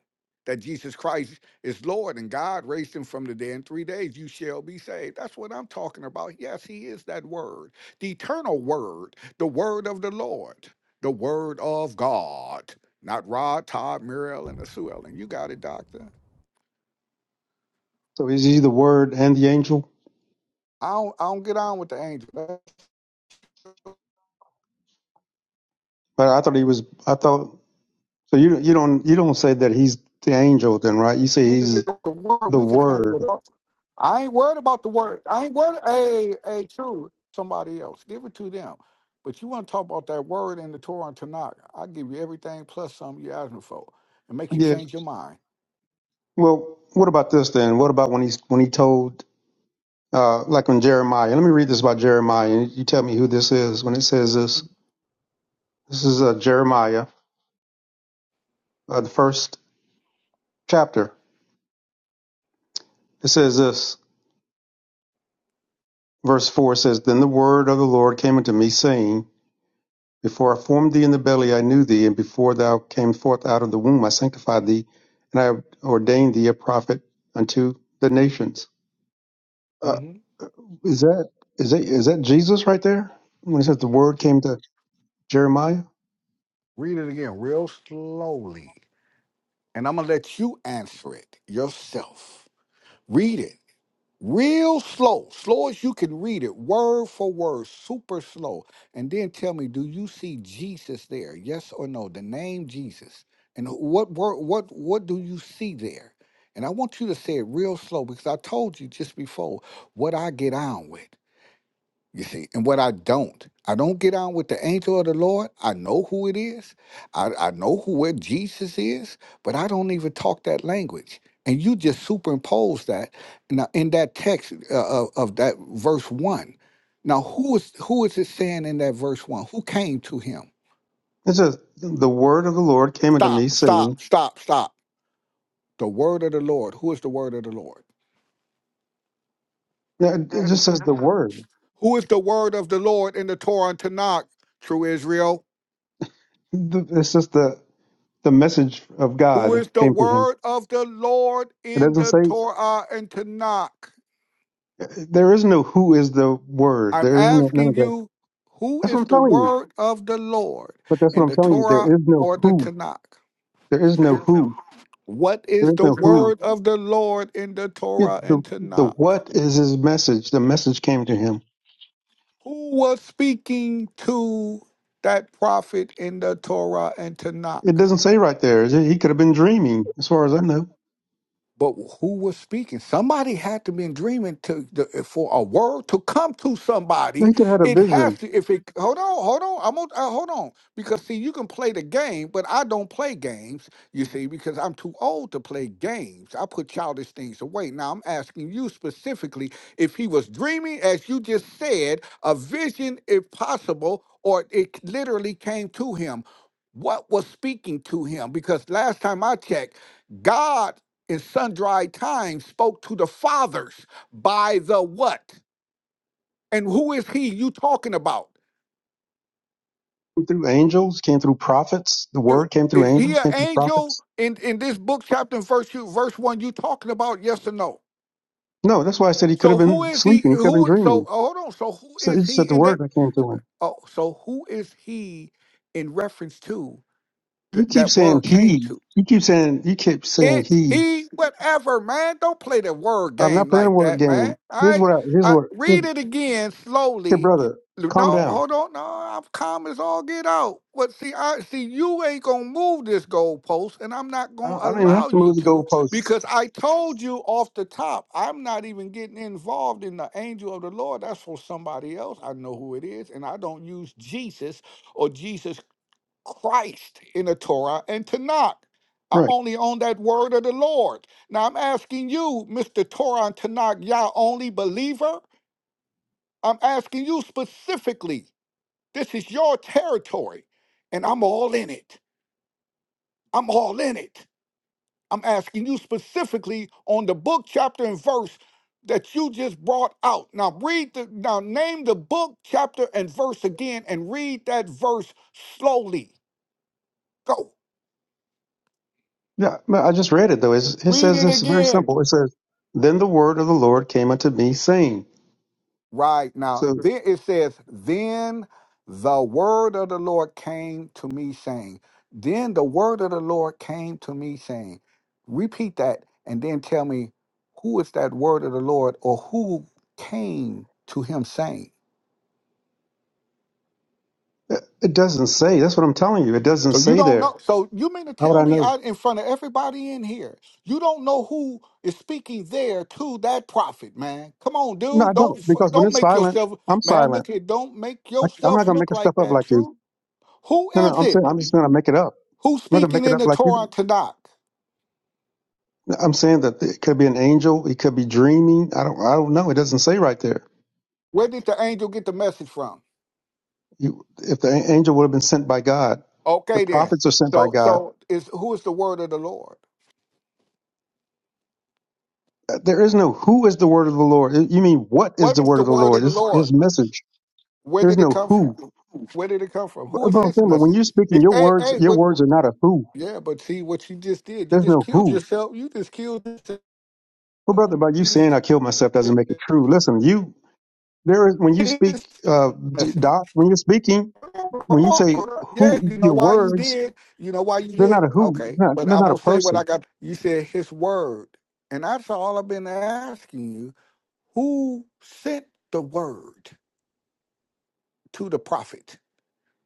I: that Jesus Christ is Lord and God raised him from the dead in three days, you shall be saved. That's what I'm talking about. Yes, he is that word, the eternal word, the word of the Lord, the word of God, not Rod, Todd, Muriel, and the Sue Ellen. You got it, doctor.
J: So is he the Word and the angel?
I: I don't, I don't get on with the angel.
J: But I thought he was. I thought so. You you don't you don't say that he's the angel then, right? You say
I: You can
J: he's
I: get the word,
J: the
I: we can
J: Word.
I: handle it up. I ain't worried about the word. I ain't worried. Hey, hey, true. Somebody else. Give it to them. But you want to talk about that word in the Torah and Tanakh. I'll give you everything plus something you're asking for and make you
J: Yeah.
I: change your mind.
J: Well, what about this then? What about when he's when he told uh, like when Jeremiah? Let me read this about Jeremiah, and you tell me who this is when it says this. This is uh, Jeremiah, uh, the first chapter. It says this, verse four says, "Then the word of the Lord came unto me, saying." Before I formed thee in the belly, I knew thee, and before thou came forth out of the womb, I sanctified thee, and I ordained thee a prophet unto the nations. Uh,
I: hmm
J: is that is that is that Jesus right there? When it says the word came to Jeremiah,
I: Read it again real slowly. And I'm going to let you answer it yourself. Read it. real slow, slow as you can read it, word for word, super slow. And then tell me, do you see Jesus there? Yes or no? The name Jesus. And what word, what what do you see there? And I want you to say it real slow because I told you just before what I get on with. You see, and what I don't, I don't get on with the angel of the Lord. I know who it is. I, I know who where Jesus is, but I don't even talk that language. And you just superimpose that now in that text uh, of, of that verse one. Now, who is who is it saying in that verse one? Who came to him?
J: it says the word of the Lord came unto
I: Stop!
J: me,
I: Stop!
J: saying.
I: Stop! Stop! The word of the Lord. Who is the word of the Lord?
J: Yeah, It it just says the word.
I: Who is the word of the Lord in the Torah and Tanakh? True Israel.
J: The- It's just the the message of
I: who
J: God
I: is the
J: came to him.
I: word of the Lord
J: It
I: in
J: doesn't
I: the
J: say
I: Torah and Tanakh.
J: there is no who is the word.
I: I'm
J: There is no none of
I: asking
J: that.
I: you, who
J: That's what
I: is
J: I'm
I: the
J: telling you.
I: word of the Lord
J: But that's what
I: in
J: I'm
I: the
J: telling you. There
I: Torah
J: is no
I: or the
J: who
I: Tanakh?
J: There is no who.
I: What
J: There
I: is
J: is
I: the
J: no who.
I: word of the Lord in the
J: Yeah,
I: Torah
J: the
I: and
J: the
I: Tanakh?
J: what is his message? The message came to him.
I: Who was speaking to that prophet in the Torah and
J: It
I: Tanakh?
J: doesn't say right there. He could have been dreaming, as far as I know.
I: But who was speaking? Somebody had to been dreaming to the, for a word to come to somebody.
J: He could have had a
I: It has
J: vision.
I: to. If it hold on, hold on, I'm on, uh, hold on because see, you can play the game, but I don't play games. You see, because I'm too old to play games. I put childish things away. Now I'm asking you specifically if he was dreaming, as you just said, a vision, if possible, or it literally came to him. What was speaking to him? Because last time I checked, God in sundry times spoke to the fathers by the what? And who is he you talking about?
J: Came through angels, came through prophets. The
I: I-
J: word came through
I: Is he
J: angels,
I: an
J: came through
I: angel
J: prophets.
I: in, in this book, chapter and verse you, verse one you talking about? Yes or no?
J: No, that's why I said he could have
I: So who
J: been
I: is he?
J: sleeping. He could have been
I: Who? So
J: dreaming.
I: oh, hold on. So who
J: So he
I: is
J: just said
I: he
J: the
I: in that?
J: word that came to him.
I: Oh, so who is he in reference to th-
J: You keep
I: that
J: saying
I: word came to?
J: he. You keep saying you keep saying
I: it,
J: he.
I: he, whatever, man. Don't play the word
J: I'm not
I: game
J: playing a
I: like
J: word
I: that, man.
J: game.
I: All
J: Here's
I: right?
J: what. I, here's
I: I
J: what.
I: read it again
J: Hey,
I: slowly.
J: brother, calm
I: No,
J: down.
I: hold on. No, I'm calm as all get out. But see, I see you ain't gonna move this goalpost, and I'm not
J: I
I: gonna
J: don't, I don't even have
I: allow
J: to
I: you
J: move the
I: to
J: goalposts.
I: because I told you off the top, I'm not even getting involved in the angel of the Lord. That's for somebody else. I know who it is, and I don't use Jesus or Jesus Christ in the Torah and Tanakh. I'm
J: Right.
I: only on that word of the Lord. Now I'm asking you, Mr. Torah and Tanakh, Yah only believer. I'm asking you specifically. This is your territory, and I'm all in it. I'm all in it. I'm asking you specifically on the book, chapter, and verse that you just brought out. Now read the now name the book, chapter, and verse again, and read that verse slowly. Go.
J: Yeah, but I just read it though. It's, it
I: Read
J: says
I: it
J: this very
I: again.
J: simple. It says, "Then the word of the Lord came unto me, saying."
I: Right now,
J: So
I: then it says, Then the word of the Lord came to me saying, Then the word of the Lord came to me saying, Repeat that and then tell me who is that word of the Lord or who came to him saying.
J: uh, it doesn't say. That's what I'm telling you. It doesn't
I: So you
J: say
I: don't
J: there.
I: know. So you mean to
J: How would
I: tell
J: I
I: me
J: know?
I: out in front of everybody in here, you don't know who is speaking there to that prophet, man? Come on,
J: No, I
I: dude. Don't
J: don't.
I: f-
J: Because when
I: don't
J: it's
I: make
J: silent,
I: yourself,
J: I'm
I: man. Look
J: silent.
I: here. Don't make
J: I, I'm not
I: yourself
J: gonna
I: look
J: make stuff
I: like
J: up
I: that,
J: like you.
I: true. Who
J: No, no.
I: is
J: I'm saying
I: it?
J: I'm just gonna make it up.
I: Who's
J: I'm not gonna
I: speaking
J: make it
I: in
J: up
I: the
J: like you.
I: Torah
J: do.
I: and Tanakh?
J: I'm saying that it could be an angel. It could be dreaming. I don't. I don't know. It doesn't say right there.
I: Where did the angel get the message from?
J: You, if the a- angel would have been sent by God, the
I: Okay, then.
J: prophets are sent by
I: So,
J: God.
I: so is who is the word of the Lord?
J: There is no who is the word of the Lord. You mean what is
I: What
J: the
I: is
J: word
I: the
J: of the
I: word
J: Lord?
I: of the
J: This is
I: Lord?
J: his message.
I: Where
J: There's
I: did it
J: no
I: come from?
J: who.
I: Where did it come from?
J: But
I: Who is
J: but I'm
I: his
J: saying, but when
I: message?
J: you're speaking,
I: It-
J: your
I: Hey,
J: words,
I: hey,
J: your
I: what,
J: words are not a who.
I: yeah, but see what you just did. You
J: There's
I: just
J: no
I: killed
J: who.
I: yourself. You just killed yourself.
J: Well, brother, by you
I: You
J: saying I killed myself doesn't
I: said
J: make it true. Listen, you there is when you
I: His
J: speak, uh, D-
I: message.
J: Doc, when you're speaking,
I: Hold
J: when you
I: on,
J: say
I: hold on. Yeah,
J: who,
I: you know
J: your
I: why you
J: words,
I: did. You know why you
J: they're
I: did.
J: not a who.
I: Okay,
J: They're not,
I: but
J: they're
I: I'm
J: not a
I: gonna say what I
J: person.
I: got. You said His word, and that's all I've been asking you. Who sent the word to the prophet?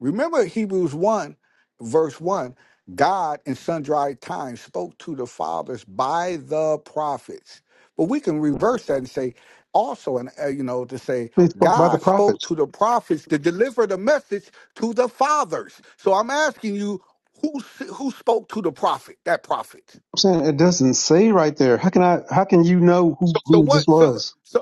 I: Remember Hebrews 1, verse 1 God in sundry times spoke to the fathers by the prophets. But we can reverse that and say, also, and uh, you know, to say
J: They spoke by the
I: God spoke
J: prophets.
I: to the prophets to deliver the message to the fathers. So I'm asking you, who s- who spoke to the prophet? That prophet.
J: I'm saying it doesn't say right there. How can I? How can you know who,
I: So
J: who this
I: what? So
J: was?
I: so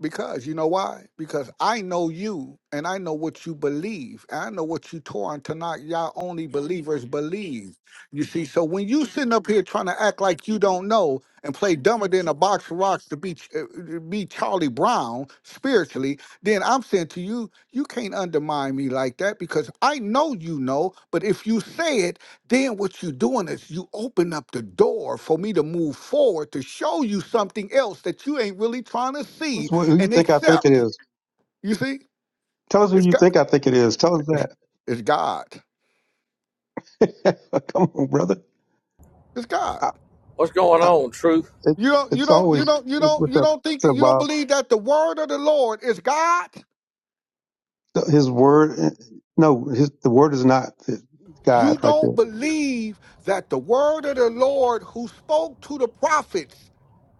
I: Because you know why? Because I know you and I know what you believe. And I know what you Torah to not y'all only believers believe. You see, so when you sitting up here trying to act like you don't know and play dumber than a box of rocks to be uh, uh, be Charlie Brown spiritually, then I'm saying to you, you can't undermine me like that because I know you know, but if you say it, then what you're doing is you open up the door for me to move forward to show you something else that you ain't really trying to see
J: That's what who you
I: and
J: think I think it
I: accept.
J: is.
I: You see,
J: Tell us who
I: it's
J: you
I: God.
J: think I think it is. Tell us
I: It's God.
J: that. Come on, brother.
I: It's God.
J: I,
K: What's going
J: I,
K: on, Truth?
I: You
J: it's
I: don't. You
J: it's
I: don't. You
J: always
I: don't. You don't.
J: what's
I: You
J: up,
I: don't think
J: what's
I: that
J: up,
I: you don't
J: Bob.
I: believe that the word of the Lord is God.
J: His word, eh, no, his the word is not
I: You
J: God right
I: don't
J: there.
I: believe that the word of the Lord, who spoke to the prophets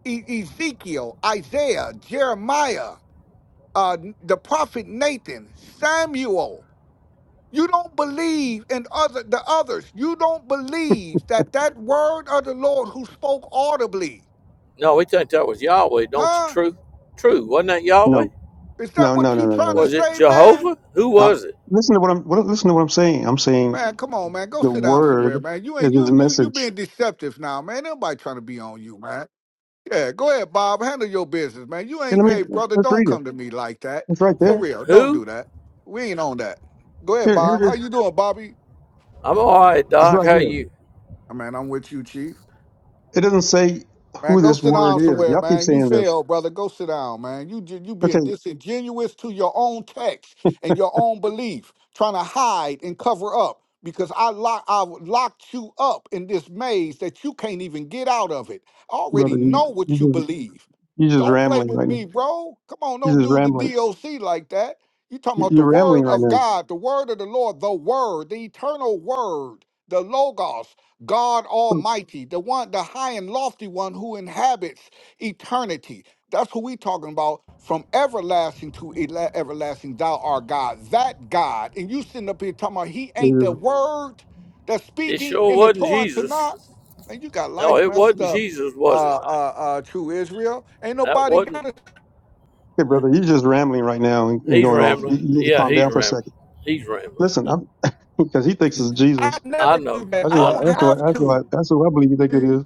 I: e- Ezekiel, Isaiah, Jeremiah, uh, the prophet Nathan, Samuel. You don't believe in other the others. You don't believe that that word of the Lord who spoke audibly,
K: No, we think that was Yahweh, don't you,
I: huh?
K: Truth? True, wasn't that Yahweh?
J: No,
I: Is that
J: no, no,
I: what
J: no,
I: you
J: no,
I: trying to
K: Was
J: no.
K: it
I: say, man?
K: Jehovah? Who
J: Now,
K: was it?
J: listen to what I'm what, listen to what I'm saying. I'm saying
I: Man, come on, man. Go
J: the
I: sit down
J: word
I: somewhere, man. You
J: is
I: ain't
J: his
I: you you you
J: message.
I: being deceptive now, man. Ain't Nobody trying to be on you, man. Yeah, go ahead, Bob. Handle your business, man. You
J: And
I: ain't
J: let me
I: hey brother,
J: let's
I: don't
J: read it.
I: come to me like that.
J: It's right
I: For
J: there.
I: real. Don't
K: Who?
I: do that. We ain't on that. Go ahead,
J: Here, here
I: Bob.
J: it
I: How
J: is.
I: you doing, Bobby?
K: I'm all right,
J: It's
K: Doc.
J: right
K: How
J: here.
K: you?
I: Man, I'm with you, Chief.
J: It doesn't say
I: Man,
J: who
I: go
J: this
I: sit
J: word
I: down
J: is.
I: somewhere,
J: Y'all keep
I: man. You
J: saying this.
I: failed, brother. Go sit down, man. You ju- you
J: Okay,
I: being disingenuous to your own text and your own belief, trying to hide and cover up because I lock I locked you up in this maze that you can't even get out of it. I
J: brother,
I: already
J: you,
I: know
J: you
I: what you
J: just
I: believe.
J: you just
I: Don't play
J: rambling
I: with
J: right now.
I: me, bro. Come on,
J: You're
I: don't
J: just
I: do the
J: rambling.
I: DOC like that. You talking
J: You-
I: about the
J: You're rambling
I: word
J: right
I: of
J: now.
I: God, the word of the Lord, the word, the eternal word, the logos. God Almighty, the one, the high and lofty one who inhabits eternity. That's who we talking about. From everlasting to ele- everlasting, thou art God, that God. And you sitting up here talking about he ain't the
J: Okay,
I: word that's
K: It
I: speaking
K: sure
I: in the
K: wasn't
I: Torah and
K: Jesus.
I: Tanakh. Man, you got
K: No,
I: life
K: it
I: messed
K: wasn't
I: up,
K: Jesus, was it?
I: uh, uh, uh, true Israel. Ain't
K: That
I: nobody
K: wasn't.
I: got it.
J: brother, you're just rambling right now and, and
K: He's
J: going off. You,
K: rambling.
J: you need to
K: Yeah,
J: calm
K: he's
J: down for a
K: rambling.
J: second.
K: He's rambling.
J: Listen, I'm, because he thinks it's
I: I
J: Jesus.
K: I
I: never do
K: know.
I: that.
J: That's
I: I
K: I
J: what.
I: don't
K: know.
J: That's what.
I: have
J: That's what.
I: to.
J: That's what I believe he thinks it is.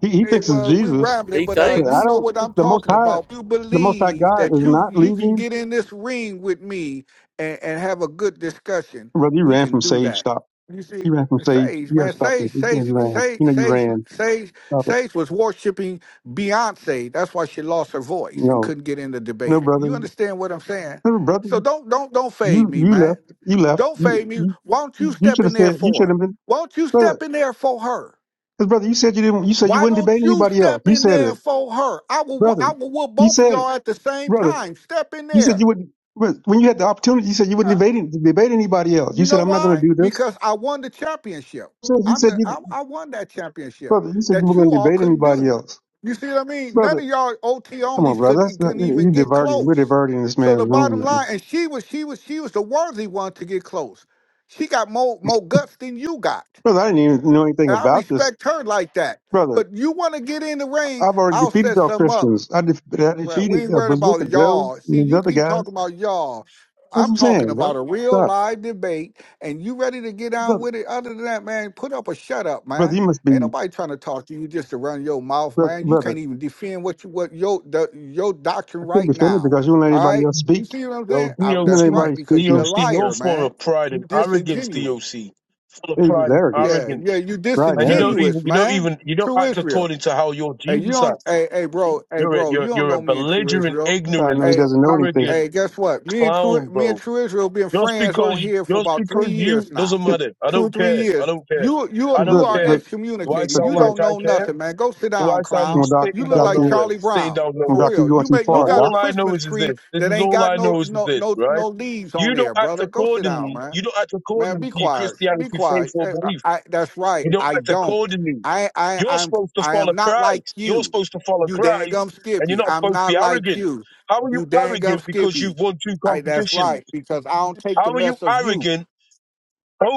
J: He, he
I: Hey,
J: thinks it's
I: well, we
J: Jesus.
I: rambling,
K: He
I: but uh,
J: But
I: you
J: I
K: thinks.
I: know
J: don't.
I: what I'm
J: The Most
I: talking
J: High,
I: about. You
J: the Most High
I: believe
J: God
I: that
J: is
I: you
J: not
I: you can
J: leading.
I: get in this ring with me and, and have a good discussion.
J: Brother, you
I: We
J: ran
I: can
J: from
I: do
J: Sage.
I: that.
J: Stop.
I: You see,
J: You ran from Sage.
I: Sage,
J: You got
I: man,
J: to stop this.
I: Sage,
J: You know
I: Sage,
J: you ran. You
I: Sage,
J: know you
I: Sage,
J: ran.
I: Sage,
J: Stop it.
I: Sage was worshiping Beyonce. That's why she lost her voice and
J: No,
I: couldn't get in the
J: no,
I: debate.
J: brother.
I: You understand what I'm saying?
J: No, brother.
I: So don't don't don't fade
J: You
I: me,
J: you left.
I: man.
J: You left.
I: Don't
J: You
I: fade me.
J: you,
I: Why don't you
J: you
I: step
J: should have
I: in there
J: said. You
I: for
J: should
I: her?
J: have been
I: Why don't you
J: brother.
I: step in there for her?
J: Because brother, you said you didn't. You said you
I: Why
J: wouldn't
I: don't
J: debate
I: you
J: anybody else.
I: step
J: You
I: in
J: said
I: there
J: it,
I: for her? I will. wh-
J: brother.
I: I will whoop
J: You
I: both of
J: said it,
I: y'all at the same
J: brother.
I: time. Step in
J: You said
I: there.
J: you wouldn't. When when you had the opportunity, you said you wouldn't
I: Uh,
J: debate any- debate anybody else. You
I: You
J: said
I: know
J: I'm not going
I: why?
J: to do this.
I: Because I won the championship.
J: So you
I: I'm
J: said
I: the.
J: you,
I: I,
J: didn't-
I: I won that championship
J: brother. You said you were
I: that you
J: going to
I: all
J: debate
I: couldn't
J: anybody
I: do.
J: else,
I: You see what I mean? None
J: brother.
I: of y'all OT
J: Come on,
I: onlys
J: brother.
I: could
J: That's not,
I: couldn't even
J: you
I: get
J: diverting. We're
I: close.
J: diverting this
I: So
J: man's
I: the
J: room
I: bottom
J: right now,
I: line, and she was she was she was the worthy one to get close. She got more more guts than you got,
J: brother. I didn't even know anything
I: and I
J: about this,
I: respect her like that.
J: brother.
I: But you want to get in the ring?
J: I've already
I: I'll
J: defeated
I: set
J: y'all
I: some up.
J: Christians. I, def- I
I: Right. We
J: defeated
I: ain't
J: uh,
I: worried about
J: Bazooka Joe
I: y'all.
J: and
I: See,
J: these
I: you
J: other
I: keep
J: guys.
I: talking about y'all.
J: That's
I: I'm
J: what I'm
I: talking
J: saying,
I: about
J: brother.
I: a real
J: Stop,
I: live debate, and you ready to get on
J: brother.
I: with it. Other than that, man, put up a shut up,
J: Brother,
I: man.
J: you must
I: Ain't
J: be,
I: nobody trying to talk to you just to run your mouth,
J: brother.
I: man. You
J: brother
I: can't even defend what you what your the, your doctrine
J: I couldn't
I: right
J: defend it
I: now.
J: because you don't let
I: All
J: anybody
I: right,
J: else
I: you
J: speak.
I: see what I'm saying?
L: Yo,
I: I,
J: You don't let
I: that's
L: DOC,
J: anybody
I: right,
J: speak
I: because you're a
J: him.
L: DOC, you're
I: liar,
L: full
I: man.
L: of pride
I: You
L: and arrogance,
I: disingenuous.
L: DOC. Full of
J: It's his
L: pride and
J: arrogance,
I: Yeah,
L: arrogance.
I: yeah, you
J: pride and
L: And you don't
J: arrogance.
L: even,
I: disingenuous,
L: you don't
I: man.
L: even, you don't
I: True
L: act
I: Israel.
L: according to how your
I: Hey, you
L: Jesus
I: don't.
L: acts.
I: Hey, hey, bro. Hey,
L: You're a,
I: bro.
L: you're,
I: You don't
L: you're a
I: know me in True
L: belligerent,
I: Israel.
J: That's how I know
L: ignorant,
J: he
I: Hey,
J: doesn't know anything.
L: arrogant
I: Hey, guess what? Me and
L: clown,
I: True, me and
L: bro.
I: True Israel been
L: Just
I: friends
L: because,
I: on here for
L: just
I: about
L: because
I: three
L: you,
I: years now,
L: doesn't
J: Because,
L: matter. I
I: two or
L: don't
I: three
L: care. I
I: years.
L: don't care.
I: You you
L: I don't
I: you
J: brother,
I: are
L: care.
J: but,
L: Do I
J: but,
I: excommunicated.
L: sound
I: You
J: but,
L: like
I: don't
L: I
I: know
L: care?
I: nothing, man. Go sit
L: Do
I: down,
L: I
J: you
L: sound
I: clown.
J: know, doc,
I: You
L: sitting
I: look
L: down
I: like
J: doctor, you
L: nowhere?
I: Charlie
L: Sitting
I: Brown
L: down
J: know,
I: for
L: nowhere.
J: doc, you're
I: real.
J: going
I: You
J: too
I: make
L: Now
I: you
J: far,
I: got a
J: doc.
L: all I know
I: Christmas
L: is, is
I: tree
L: this. This
I: that
L: is
I: ain't
L: all
I: got
L: I
I: no
L: know is
I: no
L: this,
I: no
L: right?
I: no leaves on
L: You don't
I: there,
L: act
I: brother. Go sit down,
L: accordingly.
I: man.
L: You don't act
I: Man,
L: accordingly to
I: be
L: your
I: quiet. Be
L: Christianity faith
I: quiet.
L: or
I: Eh, I,
L: belief.
I: I- that's right.
L: You don't
I: I
L: act
I: don't.
L: accordingly.
I: I I
L: You're
I: I'm
L: supposed to
I: I
L: follow
I: am not like
L: Christ. You're
I: you.
L: supposed to follow
I: You dang
L: Christ,
I: gum
L: and you're
I: skippy.
L: not
I: I'm
L: supposed to be
I: not like
L: arrogant.
I: you.
L: How are you
I: You dang gum
L: arrogant because
I: skippy.
L: you've won two
I: I that's
L: competitions?
I: right, because I don't take
L: How
I: the
L: are you
I: mess of you.
L: arrogant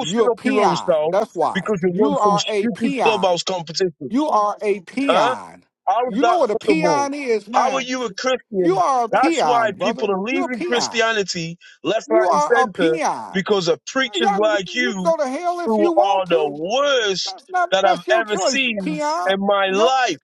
I: You're a
L: up your own
I: peon.
L: self
I: That's why.
L: because you
I: You
L: won some
I: are a
L: stupid
I: peon.
L: clubhouse competition?
I: You are a
L: Huh?
I: peon.
L: How is
I: You
L: that
I: know what a
L: possible?
I: peon is,
L: How are
I: man.
L: you a
I: You
L: Christian?
I: are a
L: That's why
I: peon,
L: people
I: brother.
L: are
I: You're a
L: leaving
I: peon.
L: Christianity left, right,
I: You
L: and
I: are a
L: center
I: peon.
L: because of
I: Y'all
L: preachers
I: you
L: like you
I: go to hell if
L: who
I: you
L: are
I: want
L: the
I: to.
L: worst
I: That's not
L: that I've
I: that's your
L: ever
I: choice,
L: seen
I: Peon.
L: in my
I: Yo,
L: life.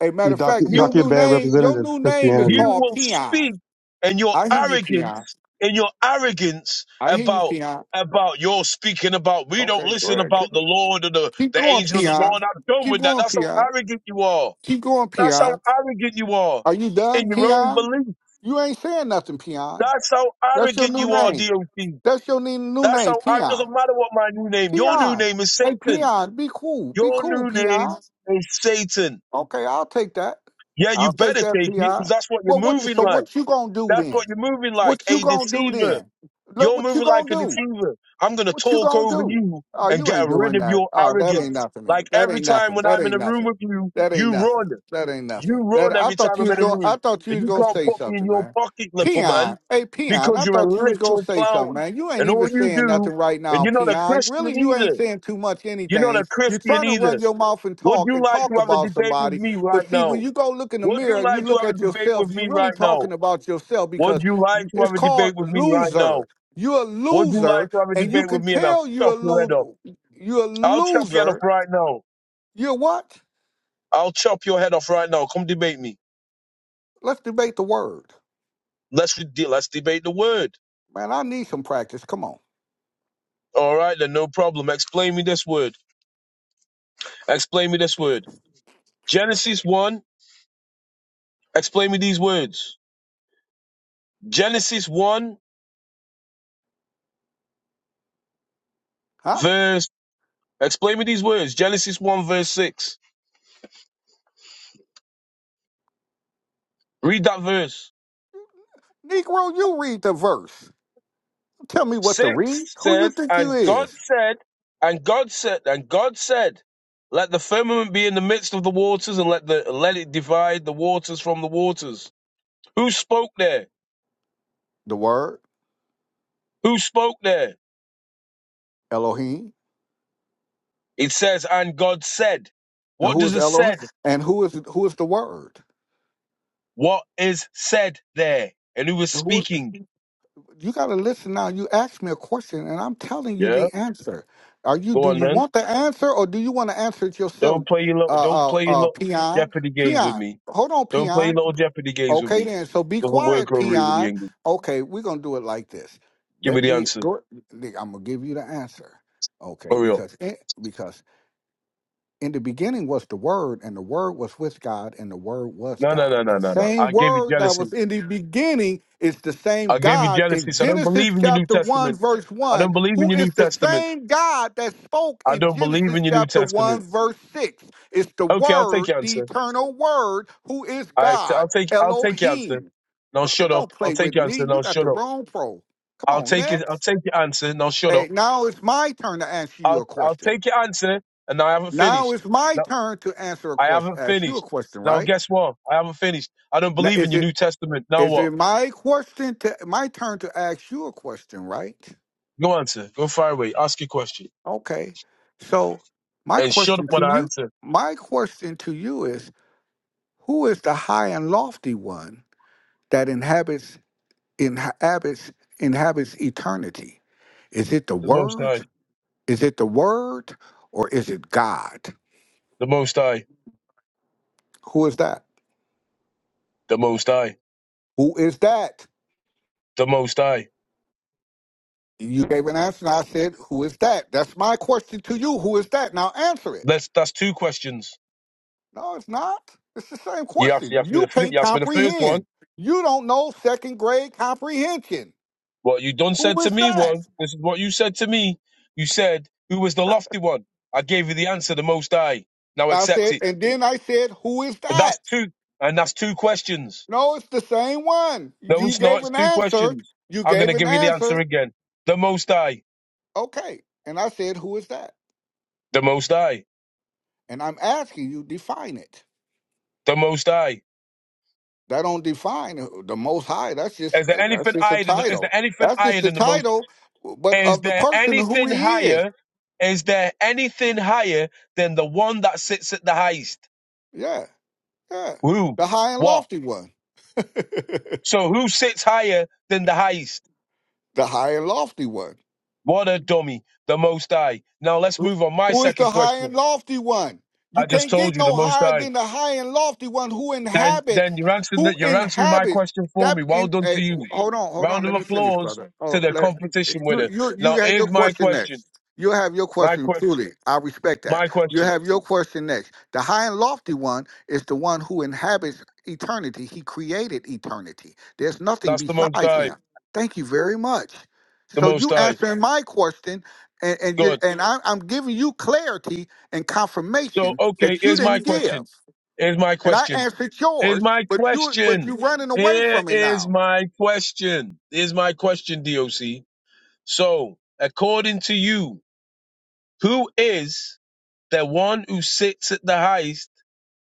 I: a matter
J: You're
I: of
J: doc,
I: fact, your
L: You,
J: doc, you're a
I: new
J: bad
I: name, your
J: representative of
I: new name is
J: Christianity.
L: you
I: called
L: will
I: Peon.
L: speak and your
I: I hear you, Peon.
L: arrogance and your arrogance
I: I hear you,
L: about
I: Peon.
L: about your speaking about we don't
I: Okay, go
L: listen
I: ahead.
L: about
I: Keep,
L: the Lord and the,
I: keep
L: the
I: going,
L: angel of the
I: Peon.
L: Lord. I'm done
I: Keep
L: with that.
I: going,
L: That's how
I: Peon.
L: arrogant you are.
I: Keep going,
L: That's how
I: Peon.
L: arrogant you are
I: Are you
L: in
I: done,
L: your own
I: Peon?
L: belief.
I: You ain't saying nothing, Peon.
L: That's how
I: That's your
L: arrogant
I: new
L: you are,
I: name.
L: DOC.
I: That's your new, new
L: That's
I: name,
L: how ar- it
I: Peon.
L: doesn't matter what my new name. Your new
I: Peon.
L: name is
I: Hey,
L: Satan.
I: Peon, be cool. Be
L: Your
I: cool,
L: new name
I: Peon.
L: is Satan.
I: Okay, I'll take that.
L: Yeah, you
I: I'll take
L: better take
I: that
L: it because
I: PI.
L: that's what you're
I: Well, what? You,
L: moving
I: so
L: like.
I: what you gonna do
L: That's
I: then?
L: what you're moving like,
I: What you
L: a
I: gonna do
L: deceiver.
I: then? Look,
L: You're
I: what you
L: moving like
I: gonna
L: a
I: do?
L: deceiver. I'm gonna
I: What you
L: talk
I: gonna
L: over
I: do?
L: you
I: Oh,
L: and
I: you
L: get
I: ain't
L: rid
I: doing
L: of
I: that.
L: your
I: Oh, that ain't
L: arrogance.
I: nothing,
L: Like
I: man. That
L: every
I: ain't
L: time
I: nothing.
L: when
I: That
L: I'm in
I: ain't
L: a room
I: nothing.
L: with you,
I: That ain't
L: you
I: nothing.
L: run.
I: That ain't
L: You
I: nothing. That
L: run
I: I
L: every
I: thought
L: time
I: you
L: I'm
I: was
L: in a
I: gonna. I
L: room,
I: thought you
L: and
I: was
L: you
I: gonna
L: can't
I: say
L: put me in
I: something,
L: your
I: man.
L: pocket, little man,
I: Peon, hey Peon,
L: because
I: I
L: you're
I: thought
L: a
I: you was
L: little
I: gonna say something,
L: clown.
I: man. You ain't
L: And all
I: even
L: you
I: saying nothing
L: do,
I: right
L: and
I: now,
L: you're not a
I: Peon.
L: Christian
I: Really, you ain't
L: either.
I: saying too much
L: You're not a
I: anything. You're
L: Christian
I: trying to run
L: either.
I: your mouth and
L: Would
I: talk
L: you
I: and
L: like to
I: talk
L: have a
I: about
L: debate with
I: somebody,
L: me
I: but
L: right
I: see, when
L: now?
I: you go look in the
L: Would
I: mirror
L: you
I: and you
L: like to
I: look
L: have a
I: at
L: debate with
I: yourself, you're
L: me
I: really
L: right now?
I: talking about yourself
L: Would
I: because
L: you like
I: you-
L: to
I: it's
L: have a debate
I: called
L: with me right
I: loser.
L: now?
I: You're a
L: Would you
I: loser
L: like to have a
I: and you
L: debate with
I: can
L: me and I'll
I: tell you're a
L: chop your head off?
I: lo- you're a
L: I'll chop your head off
I: loser.
L: right now.
I: You're what?
L: I'll chop your head off right now. Come debate me.
I: Let's debate the word.
L: Let's let's debate the word.
I: Man, I need some practice. Come on.
L: All right, then no problem. Explain me this word. Explain me this word. Genesis 1, explain me these words. Genesis 1,
I: Huh?
L: verse, explain me these words. Genesis 1, verse 6. Read that verse.
I: Negro, you read the verse. Tell me what
L: 6
I: to read. Who you
L: says,
I: think
L: And
I: you
L: God
I: is?
L: said, and God said, and God said, Let the firmament be in the midst of the waters, and let the let it divide the waters from the waters. Who spoke there?
I: The word,
L: Who spoke there?
I: Elohim.
L: It says, And God said.
I: And
L: What
I: who
L: does
I: is
L: the
I: Elohim?
L: said
I: And who is who is the word?
L: what is said there, and who is
I: And who
L: speaking.
I: you gotta listen now. You ask me a question and I'm telling you
L: Yeah,
I: the answer. Are you
L: go
I: do
L: on
I: you
L: then.
I: want the answer or do you want to answer it yourself?
L: Don't play your little, don't
I: Uh uh
L: play your
I: uh
L: little
I: peon.
L: Jeopardy games with
I: Peon.
L: me.
I: Hold on,
L: Don't play
I: peon.
L: your little Jeopardy games with
I: Okay,
L: me.
I: then. So be
L: Doesn't work
I: quiet,
L: over here with the
I: peon.
L: English.
I: Okay, we're gonna do it like this.
L: Give me
I: Let
L: the
I: me
L: answer.
I: go. I'm gonna give you the answer. Okay,
L: Hurry up.
I: because it, because in the beginning was the word and the word was with god and the word was
L: No, no,
I: god
L: no, no,
I: the
L: no, no.
I: same
L: I gave you
I: word that
L: jealousy.
I: was in the beginning is the same
L: I gave you
I: god in
L: jealousy. So I don't believe
I: genesis
L: in your New
I: chapter 1
L: Testament.
I: verse
L: I don't
I: 1
L: believe in
I: who
L: your
I: is
L: New
I: the
L: Testament.
I: same god that spoke
L: I
I: in
L: don't believe
I: genesis
L: in your New
I: chapter 1
L: Testament.
I: verse 6 it's the
L: Okay, I'll take
I: word
L: your
I: the
L: answer.
I: eternal word who is
L: I,
I: god
L: I'll take, I'll take your answer.
I: elohim
L: Now
I: brother
L: shut up.
I: don't
L: I'll
I: play
L: take
I: with
L: your
I: me
L: answer.
I: you
L: Now
I: got
L: shut
I: the
L: up.
I: wrong pro come
L: I'll
I: on
L: take it. I'll
I: next
L: take your answer. Now shut up.
I: hey now it's my turn to answer you
L: I'll
I: a
L: I'll
I: question
L: take your answer, and I haven't
I: now
L: finished.
I: it's my
L: No,
I: turn to answer a
L: I
I: question,
L: haven't
I: ask you a
L: finished.
I: question,
L: Now
I: right?
L: guess what? I haven't finished. I don't
I: Now
L: believe in
I: is
L: your
I: it
L: New Testament. Now
I: is
L: what?
I: it my question to my turn to ask you a question, right?
L: Go answer. Go fire away. Ask your question.
I: Okay. So my
L: And shut up
I: question
L: when
I: to
L: I
I: you,
L: answer.
I: my question to you is, who is the high and lofty one that inhabits inhabits inhabits eternity? Is it the
L: The most
I: word?
L: high.
I: Is it the word or is it God?
L: The most high.
I: Who is that?
L: The most high.
I: Who is that?
L: The most high.
I: You gave an answer, and I said, Who is that? That's my question to you. Who is that? Now answer it.
L: Let's that's two questions.
I: No, it's not. It's the same
L: You asked you
I: question.
L: asked me
I: You
L: the fir-
I: can't
L: you asked me the first one.
I: comprehend. You don't know second grade comprehension.
L: What you done said
I: Who
L: to
I: is
L: me
I: that?
L: was this is what you said to me. You said, Who was the lofty one? I gave you the answer, the most high. Now
I: I
L: accept
I: said,
L: it.
I: and then I said, Who is
L: And
I: that?
L: That's two and that's two questions.
I: No, it's the same one.
L: No,
I: You
L: it's not.
I: gave
L: It's
I: an
L: two
I: answer.
L: questions.
I: You
L: I'm going to
I: gave an
L: give you the answer
I: answer.
L: again. The Most High.
I: Okay. And I said, Who is that?
L: The Most High.
I: And I'm asking you, define it.
L: The Most High.
I: that don't define who- the most high that's just
L: Is there
I: uh, that's
L: anything
I: just a
L: higher than the, is
I: title
L: there anything
I: that's just
L: higher
I: the
L: than the most?
I: title but
L: Is
I: of the
L: there
I: person who
L: anything
I: he is
L: higher? Is there anything higher than the one that sits at the highest?
I: yeah yeah
L: Who?
I: the high and
L: What?
I: lofty one the
L: So who sits higher than the highest?
I: high and lofty one
L: What a dummy. The Most High. Now let's
I: Who
L: move on. My
I: who is
L: second
I: the high
L: question.
I: and lofty one?
L: I
I: You
L: just
I: can't
L: told
I: get
L: you the
I: no
L: Most
I: higher
L: High.
I: than the high and lofty one who
L: Then,
I: inhabits.
L: then you're answering
I: Who
L: that. You're answering my
I: inhabits
L: question for me.
I: that?
L: Well
I: In
L: done to
I: hey,
L: you.
I: hold on, hold
L: Round
I: on.
L: of
I: Let me finish,
L: applause
I: brother.
L: to
I: Oh,
L: the
I: let
L: competition
I: you
L: winner.
I: you you
L: Now,
I: have your
L: here's my
I: question
L: question.
I: next. You have your
L: My
I: question
L: question.
I: truly. I respect that.
L: My
I: You
L: question.
I: have your question next. The high and lofty one is the one who inhabits eternity. He created eternity. There's nothing
L: That's the most
I: besides
L: I.
I: him. Thank you very much.
L: The
I: So
L: most
I: you
L: I.
I: answering my question and and you
L: Good.
I: and I, I'm giving you clarity and
L: So,
I: confirmation
L: okay.
I: that you
L: Here's my
I: didn't give.
L: question. Here's my
I: And I
L: question.
I: answered
L: Here's
I: yours,
L: my
I: but you but
L: question.
I: you running away
L: Here
I: from it
L: is
I: now.
L: my question. Here's my question, DOC. So, according to you, who is the one who sits at the highest,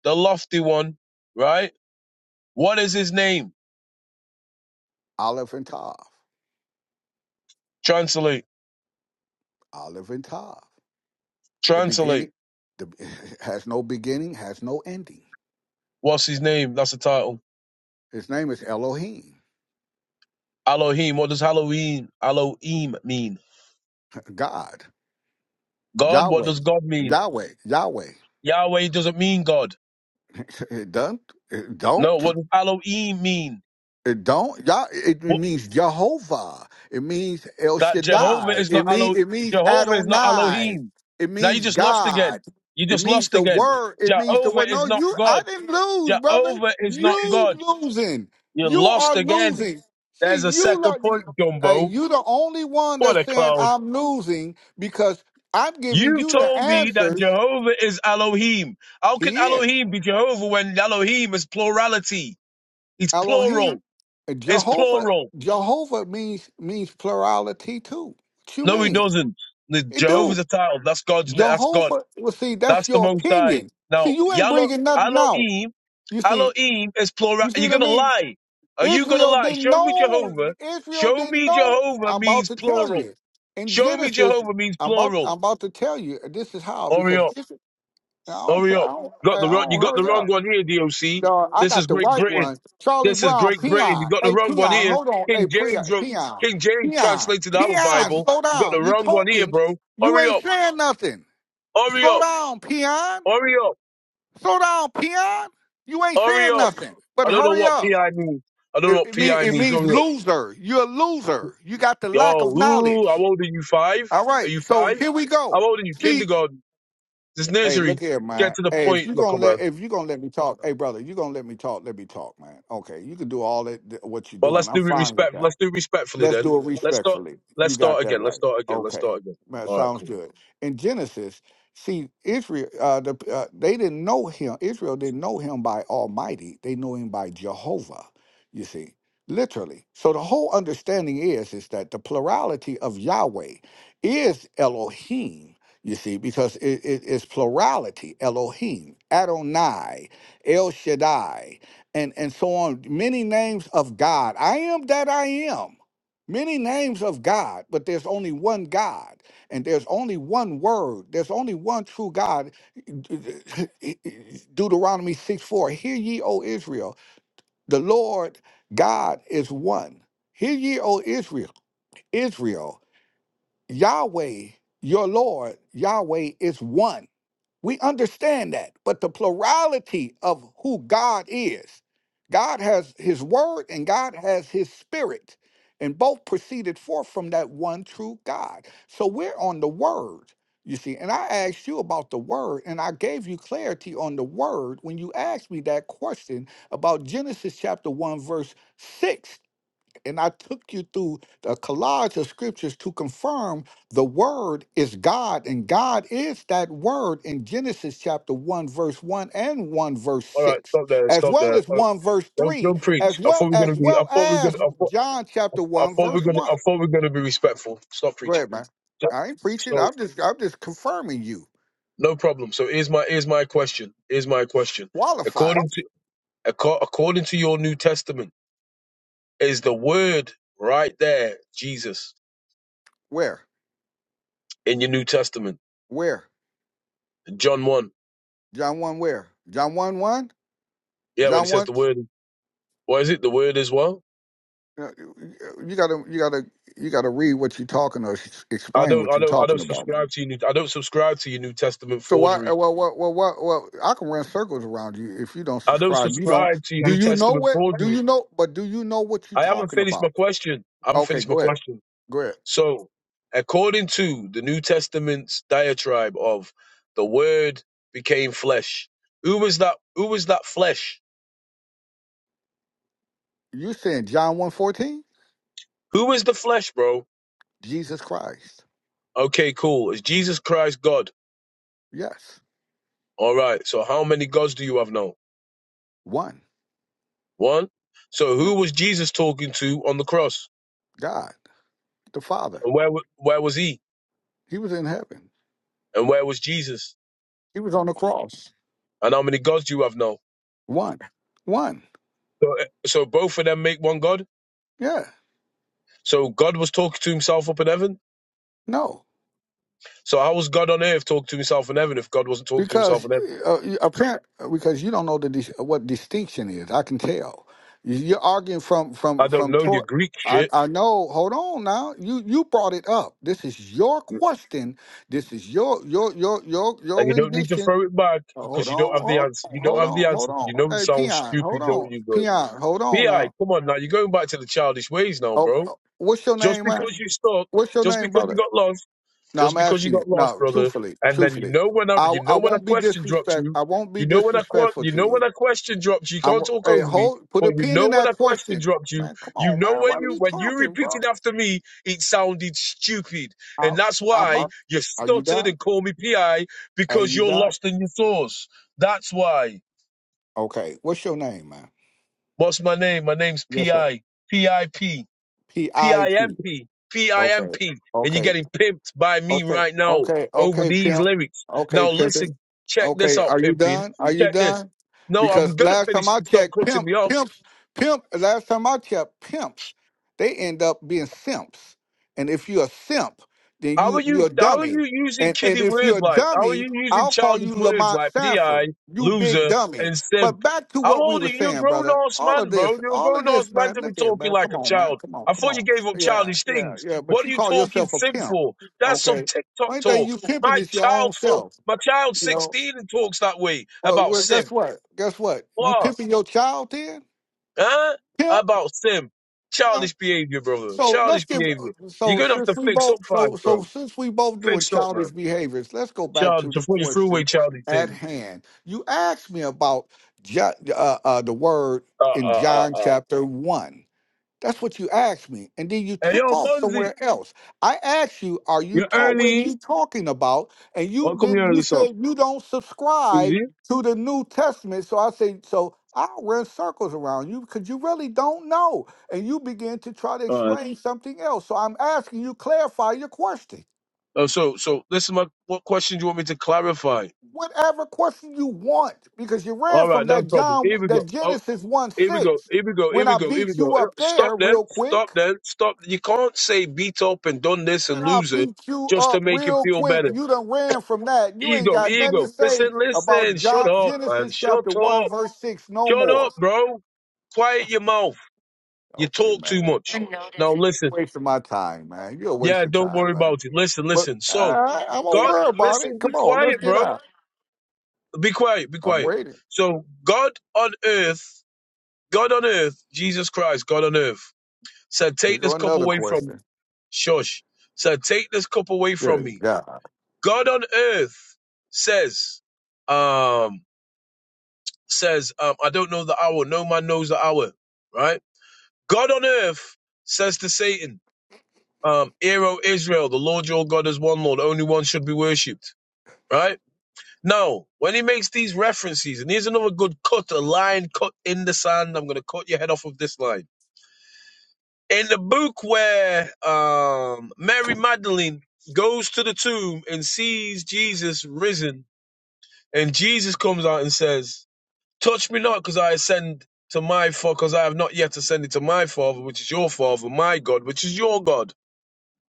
L: the lofty one, right? What is his name?
I: Olive and Tav,
L: Translate.
I: Olive and Tav. The
L: Translate.
I: beginning, the has no beginning, has no ending.
L: What's his name? That's the title.
I: His name is Elohim,
L: Elohim. What does Halloween, Elohim mean?
I: God,
L: God. What
I: Yahweh,
L: does God mean?
I: Yahweh, Yahweh.
L: Yahweh doesn't mean God.
I: It don't, it
L: No.
I: don't.
L: What does Elohim mean?
I: It don't y'all. It
L: What,
I: means Jehovah. It means El
L: that Jehovah
I: Shaddai.
L: is
I: It
L: not
I: mean
L: Elo.
I: it means
L: Jehovah is not
I: Adonai.
L: Elohim.
I: It
L: Now you
I: means
L: just lost again.
I: God.
L: You
I: It
L: just
I: means
L: lost
I: the
L: again.
I: word. It means the
L: Jehovah
I: word.
L: is
I: No,
L: not
I: you.
L: God.
I: I didn't lose, brother.
L: Jehovah is not
I: You
L: God.
I: losing.
L: You
I: You
L: lost
I: are
L: again.
I: losing.
L: There's
I: See,
L: a
I: you
L: second
I: look.
L: point,
I: Hey,
L: Jumbo.
I: you the only one
L: What
I: that's
L: a
I: saying
L: clown.
I: I'm losing because I'm giving
L: You
I: you the
L: told me that
I: answers.
L: Jehovah is Elohim. How can
I: He is.
L: Elohim be Jehovah when Elohim is plurality? It's plural.
I: Elohim, uh,
L: It's
I: Jehovah,
L: plural.
I: Jehovah means means plurality too. What you
L: No, he
I: mean?
L: doesn't. The
I: It
L: Jehovah's
I: do.
L: a title. That's God's name. That's God.
I: Jehovah. Well, see, that's
L: That's the
I: your
L: Most High.
I: opinion.
L: Now,
I: See, you ain't
L: Yalo,
I: bringing nothing out.
L: Elohim,
I: You see,
L: Elohim is plural.
I: you
L: Are
I: see
L: you
I: what I
L: gonna
I: mean?
L: lie? Are you gonna
I: Israel
L: lie?
I: didn't
L: Show me
I: know.
L: Jehovah.
I: Israel
L: Show
I: didn't
L: me
I: know.
L: Jehovah
I: I'm about
L: means
I: to tell
L: plural.
I: you. In
L: Show me
I: Genesis,
L: Jehovah means
I: I'm about
L: plural.
I: I'm about to tell you. This is how because
L: Orion.
I: Israel, I don't
L: Hurry
I: tell. I
L: up.
I: don't. I
L: Got the wrong, you
I: don't
L: got the
I: hurry up.
L: wrong one here, DOC.
I: Dog, I
L: This
I: got
L: is
I: the
L: Great
I: white
L: Britain.
I: ones. Charlie
L: This is
I: Brown,
L: Great Britain. You
I: peon.
L: got the
I: Hey,
L: wrong one
I: peon,
L: here.
I: hold on. Hey,
L: King
I: peon,
L: James wrote,
I: peon,
L: King James
I: peon,
L: translated our
I: peon.
L: Bible.
I: Slow
L: You got the
I: down. You
L: wrong one here,
I: talking?
L: bro.
I: You
L: Hurry
I: ain't
L: up.
I: saying nothing.
L: Hurry
I: Slow
L: up.
I: down, peon.
L: Hurry up.
I: Slow down, peon. You ain't
L: Hurry
I: saying
L: up.
I: nothing. But
L: I don't know
I: hurry
L: what
I: up.
L: PI means. I don't know
I: It,
L: what
I: it, mean,
L: PI
I: it
L: means.
I: means
L: Hurry up.
I: loser. You're a loser. You got the lack
L: Yo,
I: of
L: ooh, how
I: knowledge.
L: old are you? Five?
I: All
L: Are
I: right.
L: you
I: So
L: five?
I: here we
L: How
I: go.
L: old are you?
I: See,
L: Kindergarten. This
I: Hey,
L: nursery.
I: look here,
L: Get
I: man.
L: to the
I: Hey, if
L: point,
I: you
L: look,
I: gonna
L: man.
I: let if you gonna let me talk, hey brother, you gonna let me talk, let me talk, man. Okay, you can do all that that- what you're
L: Well,
I: doing.
L: let's
I: I'm
L: do it
I: fine with
L: respect.
I: that.
L: Let's do it respectfully
I: Let's
L: then.
I: do it
L: Let's start.
I: respectfully.
L: Let's
I: You got
L: start
I: that
L: again. Let's
I: right.
L: start again. Let's
I: Okay,
L: start again.
I: Man,
L: All right,
I: sounds
L: cool.
I: good. In Genesis, see Israel, uh, the, uh, they didn't know him. Israel didn't know him by Almighty. They know him by Jehovah. You see, literally. So the whole understanding is is that the plurality of Yahweh is Elohim. You see, because it, it is plurality, Elohim, Adonai, El Shaddai, and and so on. Many names of God. I am that I am. Many names of God, but there's only one God, and there's only one word. There's only one true God. Deuteronomy 6 4. Hear ye, O Israel, the Lord God is one. Hear ye, O Israel, Israel, Yahweh, your Lord, Yahweh is one. We understand that. But the plurality of who God is God has his word and God has his spirit, and both proceeded forth from that one true God. So we're on the word, you see. And I asked you about the word, and I gave you clarity on the word when you asked me that question about Genesis chapter 1, verse 6 and I took you through a collage of scriptures to confirm the word is God, and God is that word in Genesis chapter 1, verse 1 and 1 verse
L: All right,
I: 6,
L: stop there.
I: as
L: Stop
I: well
L: there.
I: as
L: Uh,
I: 1 verse
L: don't,
I: 3,
L: don't preach.
I: as
L: I
I: well
L: thought we were
I: as
L: gonna be. I
I: well
L: thought we were gonna.
I: as
L: I thought.
I: John chapter
L: I
I: 1,
L: thought we
I: verse
L: were gonna.
I: 1.
L: I thought we were gonna be respectful. Stop
I: Go
L: preaching.
I: ahead, man.
L: So,
I: I ain't preaching.
L: so,
I: I'm just I'm just confirming you,
L: no problem. So here's my here's my question. Here's my question.
I: qualifying. you.
L: According to acco- according to your New Testament, is the word right there Jesus
I: Where?
L: in your New Testament?
I: Where?
L: John one.
I: John 1 where? John 1 1?
L: Yeah, when it
I: John
L: says
I: 1?
L: the word, what is it? The word is what?
I: Yeah, you gotta you gotta you gotta read what you're talking or s-
L: I
I: explain
L: don't,
I: what
L: I
I: you're
L: don't, I don't
I: talking about
L: subscribe
I: man.
L: to your New. I don't subscribe to your New Testament
I: so why
L: forgery.
I: well well well well, well i can run circles around you if you don't
L: I don't
I: subscribe you don't
L: subscribe to your
I: do
L: New
I: you know
L: Testament
I: what do
L: forgery.
I: you know but do you know what you're
L: I haven't
I: talking
L: finished my
I: about
L: question. I haven't
I: okay
L: finished my
I: go ahead
L: question.
I: go ahead
L: So, according to the New Testament's diatribe of the Word became flesh, who was that? Who was that flesh?
I: you saying john one fourteen?
L: Who is the flesh, bro?
I: jesus christ
L: Okay, cool. Is Jesus Christ God?
I: yes
L: All right. So, how many gods do you have now?
I: one
L: One. So,
I: Yeah.
L: who was Jesus talking to on the cross,
I: god the father
L: and where wa- where was he?
I: he was in heaven
L: And where was Jesus?
I: he was on the cross
L: And how many gods do you have now?
I: one one
L: So, so both of them make one God.
I: yeah
L: So God was talking to himself up in heaven.
I: no
L: So how was God on earth talking to himself in heaven if God wasn't talking to himself
I: Because
L: in heaven?
I: uh, you- apparent, because you don't know the dis- what distinction is. I can tell. You- You're arguing from
L: I
I: from
L: don't
I: from.
L: know your
I: Tor-
L: Greek
I: I
L: shit.
I: I know. Hold on now. You you brought it up. This is your question. This is your your your your
L: And
I: your
L: you don't need to
I: rendition.
L: throw it back
I: Uh,
L: because
I: Hold
L: you don't
I: on.
L: have the
I: Hold
L: answer.
I: on.
L: You don't
I: Hold
L: have the
I: on. Hold
L: answer.
I: on.
L: You know it
I: Hey,
L: sounds
I: peon. Hold
L: stupid, don't
I: on.
L: you, bro?
I: Peon. Hold on
L: Bi,
I: now.
L: come on now. You're going back to the childish ways now,
I: Okay.
L: bro.
I: uh, What's your
L: Just
I: name,
L: because
I: man?
L: you stuck,
I: What's your
L: just
I: name,
L: because you
I: brother?
L: got lost,
I: No,
L: Just
I: I'm
L: because you
I: asking you.
L: got lost,
I: No,
L: brother,
I: truthfully,
L: and then you
I: truthfully.
L: know when I
I: I,
L: you know
I: I
L: when a
I: won't be
L: question drops
I: disrespect.
L: you,
I: I won't be
L: you know when a que-
I: disrespectful
L: you
I: to
L: know
I: you.
L: when a question drops you, you
I: I'm
L: can't talk
I: hey,
L: over me,
I: hold put
L: but
I: a
L: you
I: pin
L: know
I: in
L: when
I: that
L: a question
I: question.
L: dropped you,
I: Man, come
L: you
I: on,
L: know
I: man.
L: when
I: Why are
L: you
I: you
L: when you
I: talking, bro?
L: repeated after me, it sounded stupid,
I: I,
L: and that's
I: I'm
L: why
I: up.
L: you
I: Are you
L: stuttered
I: done?
L: and called me PI
I: Are
L: because
I: you
L: you're
I: done?
L: lost in your thoughts. That's why.
I: Okay. What's your name, man?
L: What's my name? My name's
I: Yes, sir.
L: PI. PIP.
I: P I P.
L: P-I-M-P,
I: Okay.
L: P-I-M-P. And you're
I: Okay.
L: getting pimped by me
I: Okay,
L: right now
I: okay,
L: over
I: okay,
L: these
I: pimp.
L: lyrics.
I: Okay,
L: Now
I: pimping.
L: listen, check this
I: Okay,
L: out,
I: are you
L: pimping.
I: done? Are you
L: Check this.
I: done?
L: No, I'm
I: Because
L: gonna
I: last time
L: finish if
I: I
L: you stop
I: checked,
L: cutting
I: pimp,
L: me off.
I: pimps, pimp. Last time I checked, pimps, they end up being simps. And if you're a simp, then
L: How are
I: you you're
L: you?
I: a
L: How are
I: dummy.
L: you using
I: And and
L: kiddie
I: if you're
L: words
I: a
L: like? How are
I: dummy,
L: you using
I: I'll call
L: childish
I: you
L: words
I: Lamont
L: like
I: Sanford.
L: pi,
I: You big
L: loser,
I: dummy.
L: and
I: But
L: simp?
I: back to
L: How
I: what we
L: old are
I: were
L: you? You're a
I: saying,
L: grown
I: brother.
L: ass
I: All of
L: man, bro.
I: this,
L: You're a
I: all of
L: grown ass
I: this,
L: man
I: man.
L: to be
I: Look here,
L: talking
I: man.
L: like
I: Come
L: a
I: on, man.
L: child.
I: Come on,
L: I
I: come
L: thought you
I: on.
L: gave up
I: Yeah,
L: childish
I: yeah,
L: things.
I: yeah. But
L: What are
I: you
L: you
I: call
L: talking
I: yourself a
L: simp
I: pimp.
L: for? That's some
I: Okay.
L: TikTok
I: Only thing
L: talk.
I: you pimping
L: My
I: is your own
L: child for
I: self.
L: my child
I: You know.
L: sixteen and talks that way
I: Well,
L: about
I: well, guess
L: simp.
I: what? Guess what? You
L: What?
I: pimping your child then?
L: Huh?
I: Pimp.
L: About simp.
I: Uh,
L: Childish behavior, brother.
I: so let's
L: Childish
I: give.
L: behavior.
I: uh,
L: You're
I: So
L: gonna have to
I: since we
L: fix up,
I: both,
L: five,
I: so so
L: bro.
I: since we both doing
L: Fix up, man.
I: childish behaviors, let's go back
L: Charlie,
I: to the
L: before you threw away
I: question
L: Charlie
I: at
L: thing.
I: hand. You asked me about John, uh, uh, the word
L: Uh,
I: in
L: uh, uh,
I: John
L: uh.
I: chapter one. That's what you asked me. And then you
L: Hey,
I: took
L: yo,
I: off
L: Bunzy,
I: somewhere else. I asked you, are you
L: you're
I: talk what are
L: early.
I: you talking about? And you
L: Oh, come
I: did
L: here early,
I: you
L: so.
I: said you don't
L: You see?
I: subscribe to the New Testament. So I said, so I'll run circles around you because you really don't know. And you begin to try to
L: All right.
I: explain something else. So I'm asking you clarify your question.
L: Uh, so, so, this is my, what question do you want me to clarify?
I: Whatever question you want, because you ran
L: All
I: from
L: right, no
I: that
L: problem.
I: John
L: Here we go.
I: that
L: Oh,
I: Genesis 1
L: here we go.
I: 6
L: Here we go. Here
I: when
L: we
I: I
L: go. Here we
I: beat
L: go.
I: you
L: Eh,
I: up
L: Stop
I: there
L: then.
I: real
L: Stop
I: quick.
L: then. Stop. You can't say beat up and done this and
I: And I'll
L: lose it
I: beat you
L: just
I: up
L: to make you
I: real
L: feel
I: quick.
L: better.
I: You done ran from that. You ain't
L: Ego,
I: got nothing to
L: ego. Listen,
I: say about
L: listen. Shut
I: John
L: up, man.
I: Genesis chapter
L: Shut
I: one
L: up.
I: verse six no
L: Shut
I: more.
L: up, bro. Quiet your mouth. You
I: Okay,
L: talk too
I: man.
L: much. Now listen.
I: Wasting my time, man. You're a
L: Yeah,
I: waste of
L: don't worry
I: time, man.
L: about it. Listen,
I: But
L: listen. So,
I: I, I won't
L: God,
I: worry about it.
L: listen, be
I: Come on, let's
L: quiet,
I: get
L: bro.
I: out.
L: Be quiet, be
I: I'm
L: quiet.
I: waiting.
L: So, God on earth, God on earth, Jesus Christ, God on earth, said,
I: Here
L: take this
I: go
L: cup
I: another
L: away from me.
I: question.
L: Shush. Said, take this cup away from
I: Good
L: me.
I: God.
L: God on earth says, um, says, um, I don't know the hour. No man knows the hour, right? God on earth says to Satan, um, Hear, O Israel, the Lord your God is one Lord, only one should be worshipped. Right? Now, when he makes these references, and here's another good cut, a line cut in the sand, I'm going to cut your head off of this line. In the book where um, Mary Magdalene goes to the tomb and sees Jesus risen, and Jesus comes out and says, Touch me not, because I ascend to my father, because I have not yet ascended to my father, which is your father, my God, which is your God.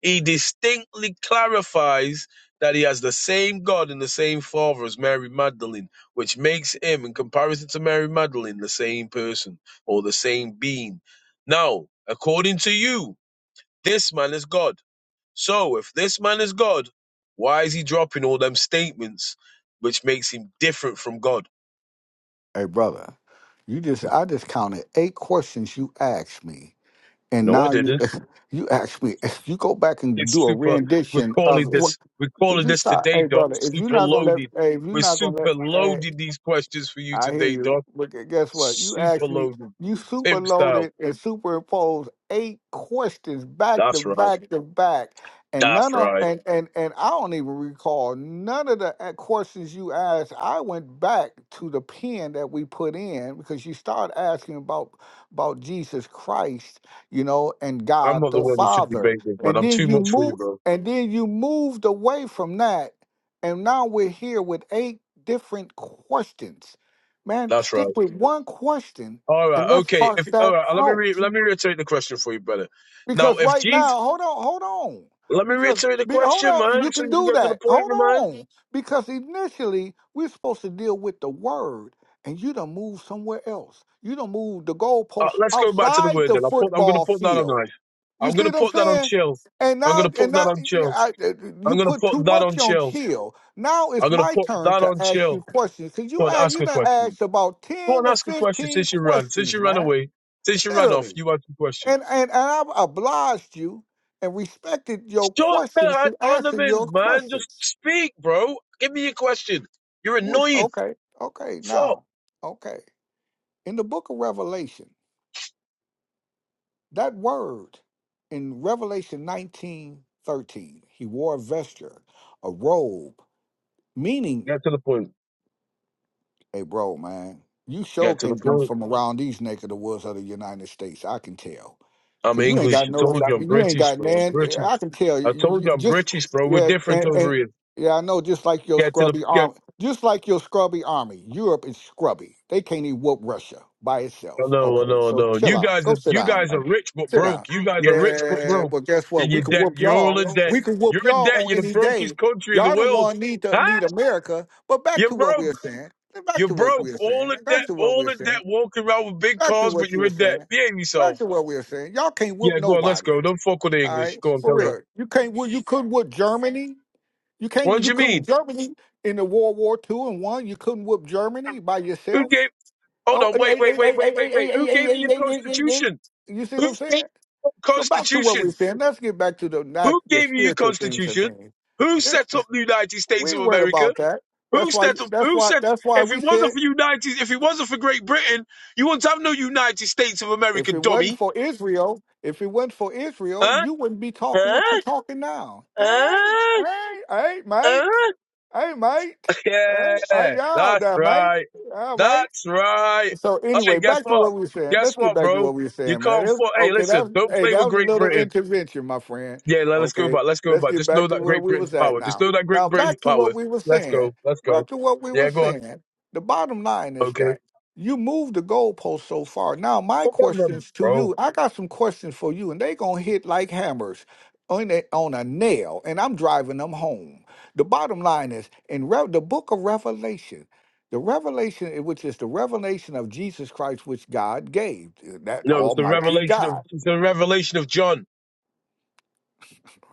L: He distinctly clarifies that he has the same God and the same Father as Mary Magdalene, which makes him, in comparison to Mary Magdalene, the same person or the same being. Now, according to you, this man is God. So, if this man is God, why is he dropping all them statements which makes him different from God?
I: Hey, brother, you just I just counted eight questions you asked me and
L: No, I
I: now you
L: didn't.
I: you ask me if you go back and
L: It's
I: do a
L: super. We're
I: rendition of
L: calling
I: what
L: this. We're
I: would
L: calling
I: you
L: this
I: stop
L: today,
I: hey
L: Doc.
I: brother if you're
L: Super
I: not gonna let
L: loaded.
I: hey if you're
L: We're
I: not gonna let
L: super
I: hey.
L: loaded these questions for you
I: I hear
L: today, Doc.
I: you. But gu- guess what? You
L: Super
I: asked me,
L: loaded.
I: you super
L: Pimp style.
I: loaded and superimposed eight questions back to
L: That's right.
I: back to back. And
L: That's
I: none of
L: right.
I: and and and I don't even recall none of the a- questions you asked. I went back to the pen that we put in because you started asking about about Jesus Christ, you know, and
L: I'm
I: God
L: not the
I: the
L: one you should be
I: Father.
L: bathing, man.
I: And
L: I'm
I: then
L: too
I: you
L: much for you,
I: move
L: bro.
I: and then you moved away from that. And now we're here with eight different questions Man,
L: That's
I: stick
L: right.
I: with one question
L: All right.
I: and let's
L: Okay.
I: parse
L: If all
I: that
L: right, let me
I: out.
L: re- let me reiterate the question for you, brother. Now,
I: Because
L: if
I: right
L: Jesus,
I: now, hold on, hold on.
L: let me
I: Because
L: reiterate the
I: be, hold
L: question,
I: on,
L: man,
I: you
L: so
I: can
L: you can
I: do
L: get to the
I: that.
L: point,
I: Hold
L: my man.
I: on. Because initially we're supposed to deal with the word, and you done move somewhere else. You done move the
L: Uh,
I: goalposts
L: let's go back to the
I: outside
L: word.
I: the
L: Then I put. I'm gonna
I: football
L: put that on
I: field.
L: ice.
I: You
L: I'm
I: see
L: gonna
I: what I'm
L: put that on
I: saying?
L: chill.
I: And
L: I'm
I: now,
L: gonna
I: and
L: put that
I: now,
L: on
I: yeah,
L: chill.
I: I, uh,
L: I'm
I: you
L: gonna
I: put too
L: put that on
I: much on
L: chill.
I: chill. Now
L: I'm
I: it's
L: gonna
I: my
L: put
I: turn
L: that
I: to
L: on
I: ask you
L: chill.
I: questions. Cause you
L: Go on,
I: ask,
L: ask
I: you
L: a
I: done
L: question.
I: asked about
L: Go and
I: ten or
L: ask a question
I: fifteen
L: since you ran. Since you
I: questions,
L: ran
I: man.
L: away, since you ran off,
I: Literally
L: you asked a question.
I: and and, and I've obliged you and respected your
L: Short
I: questions
L: had
I: to answer your
L: ornaments, man. Just
I: questions.
L: speak, bro. Give me a question. You're
I: Who is
L: annoying.
I: okay? Okay,
L: Fuck.
I: now, okay. In the book of Revelation, that word in Revelation 19 13, he wore a vesture, a robe, meaning,
L: Get to the point.
I: hey, bro, man, you sure
L: Get to the
I: can't be
L: point.
I: from around these neck of the woods of the United States. I can tell
L: I'm
I: Cause you ain't
L: English.
I: got
L: I
I: no,
L: told
I: dig-
L: you I'm
I: you ain't
L: British,
I: got
L: bro. I'm
I: man.
L: British.
I: I can tell.
L: I
I: You,
L: told you
I: you-
L: I'm
I: just
L: British, bro. We're
I: yeah,
L: different
I: and,
L: over
I: and
L: here.
I: yeah, I know. Just like your
L: Get to the
I: scrubby
L: get.
I: army, just like your scrubby army, Europe is scrubby. They can't even whoop Russia by
L: Oh,
I: itself.
L: no, oh, no,
I: Okay,
L: oh,
I: so
L: no.
I: chill
L: You
I: out.
L: guys,
I: Go
L: are,
I: sit
L: you
I: down,
L: guys are
I: man.
L: rich but
I: Sit down.
L: broke. You guys are rich but
I: Yeah,
L: broke.
I: but guess
L: And
I: what?
L: you're
I: We can
L: debt.
I: whoop
L: You're all in
I: y'all.
L: debt.
I: We can whoop
L: You're in
I: y'all
L: debt.
I: on
L: You're the
I: any
L: brokest
I: day.
L: country in the
I: Y'all the
L: world.
I: one need to
L: Huh?
I: need America. But back to
L: You're
I: what
L: broke.
I: we are saying. Back
L: You're
I: to what we
L: broke.
I: are
L: All
I: saying.
L: the debt,
I: Back to what
L: all
I: we are
L: the
I: saying
L: debt, walking around with big
I: back to
L: cars, but
I: what you
L: you're
I: were
L: in debt.
I: saying.
L: Behave
I: Back
L: yourself.
I: to what we were saying. Y'all can't whoop
L: Yeah, go on, let's
I: nobody.
L: go. Don't fuck with the
I: All right,
L: English. Go on,
I: for
L: carry on.
I: real. You can't. whoop- You couldn't whoop Germany. You can't.
L: What do
I: You
L: you
I: couldn't
L: mean?
I: Germany in the World War Two and one. You couldn't whoop Germany by
L: Who
I: yourself.
L: gave? Hold
I: Oh,
L: on,
I: hey,
L: wait,
I: hey,
L: wait, wait,
I: hey,
L: wait,
I: hey, hey,
L: wait, wait.
I: hey, hey,
L: Who
I: hey,
L: gave you
I: hey,
L: your
I: hey, hey, hey, hey.
L: constitution?
I: You see what
L: Who
I: I'm
L: gave you
I: saying?
L: your
I: So back to what we're
L: constitution?
I: saying. Let's get back to the not
L: Who
I: the
L: gave you your
I: spiritual things and
L: constitution?
I: things.
L: Who
I: That-
L: set up the United
I: We
L: States of
I: ain't worried
L: America?
I: about that.
L: Who
I: That's why.
L: set up?
I: That's
L: Who
I: why.
L: said
I: That's why
L: if it
I: we
L: wasn't
I: said
L: for United, if it wasn't for Great Britain, you wouldn't have no United States of
I: If
L: America,
I: it wasn't
L: dummy?
I: for Israel, if it wasn't for Israel,
L: Huh?
I: you wouldn't be talking what
L: Huh?
I: you're talking now. Hey,
L: Huh?
I: hey, hey, mate.
L: Huh?
I: Hey, mate. Hey,
L: Yeah,
I: hey, y'all
L: that's
I: there, mate.
L: right.
I: All right.
L: That's right.
I: So
L: Hey,
I: anyway,
L: guess
I: back to
L: what?
I: what we were saying.
L: Guess
I: Let's get
L: what,
I: back to
L: bro?
I: what we were
L: You
I: saying, man.
L: can't
I: That's-
L: afford. Hey,
I: okay, that
L: listen,
I: was
L: don't
I: hey,
L: play with
I: that was a
L: Great
I: little
L: Britain.
I: intervention, my friend.
L: Yeah, let, us go
I: Okay,
L: back. Let's go
I: let's
L: back.
I: get
L: Just know
I: back to
L: that
I: where
L: Great
I: we
L: Britain's
I: was at
L: power. Just
I: now.
L: know that Great
I: Now
L: Britain's
I: back to what
L: power.
I: we were
L: Let's
I: saying.
L: go. Let's go.
I: Back to what we were
L: Yeah, go on.
I: saying. The bottom line is
L: Okay.
I: that you moved the goalpost so far. Now my
L: Fuck on them,
I: questions to
L: bro.
I: you, I got some questions for you, and they gonna hit like hammers on a, on a nail, and I'm driving them home. The bottom line is in Rev the book of Revelation. The revelation, eh, which is the revelation of Jesus Christ, which God gave, eh, that
L: No, it's the
I: Almighty
L: revelation of
I: God.
L: it's the revelation of John,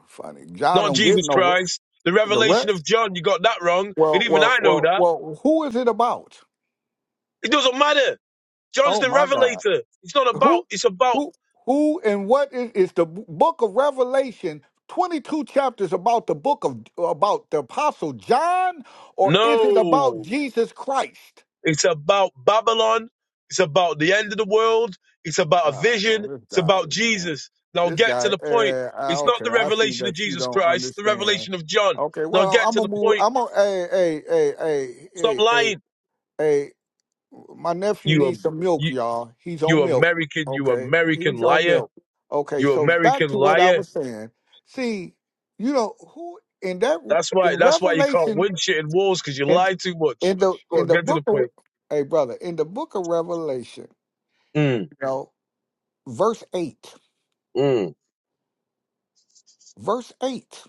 I: Funny, John
L: not
I: don't give
L: Jesus
I: no re-
L: Christ. The
I: the
L: revelation of
I: rest.
L: John. You got that wrong, and
I: Well,
L: even
I: well,
L: I know
I: well,
L: that.
I: well. Who is it about?
L: It doesn't matter. John's
I: Oh
L: the
I: my God,
L: revelator. It's not about.
I: who,
L: It's about
I: who, who, and what is, is the book of Revelation? Twenty-two chapters about the book of about the apostle John, or is it about
L: no.
I: Jesus Christ?
L: It's about Babylon. It's about the end of the world. It's about a
I: Oh
L: vision.
I: man, this
L: It's
I: guy,
L: about
I: man,
L: Jesus. Now
I: this
L: get to
I: guy.
L: the point.
I: Eh, I,
L: It's not the
I: okay, I see
L: revelation of
I: that you
L: Jesus
I: don't
L: Christ. It's the
I: understand.
L: revelation of John.
I: Okay,
L: Now
I: well,
L: get
I: I'm
L: to the
I: gonna move.
L: point.
I: I'm gonna. Hey, hey, hey, hey,
L: Stop
I: hey, hey,
L: lying.
I: hey. My nephew
L: You are
I: needs some milk,
L: you
I: y'all. He's
L: you
I: on milk.
L: American. You
I: Okay,
L: American
I: he's on
L: liar.
I: milk. Okay,
L: You
I: so back
L: American
I: to what I
L: liar.
I: was saying. See, you know who in that
L: That's
I: in
L: why. That's why you can't
I: Revelation
L: win shit in wars because you
I: in
L: lie too much.
I: in the
L: Go
I: in
L: on,
I: the
L: get to the
I: book of
L: point.
I: hey brother in the book of Revelation,
L: Mm,
I: you know, verse eight,
L: mm.
I: verse eight.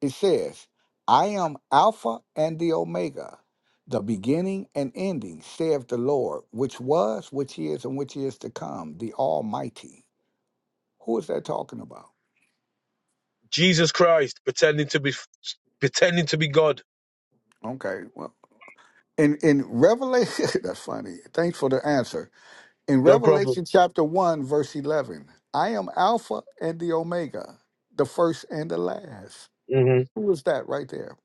I: It says, I am Alpha and the Omega, the beginning and ending, saith the Lord, which was, which is, and which is to come, the Almighty. Who is that talking about?
L: Jesus Christ pretending to be pretending to be God.
I: Okay, well, in, in Revelation, that's funny. Thanks for the answer. In
L: No problem.
I: Revelation chapter 1, verse 11, I am Alpha and the Omega, the first and the last. Who is that right there?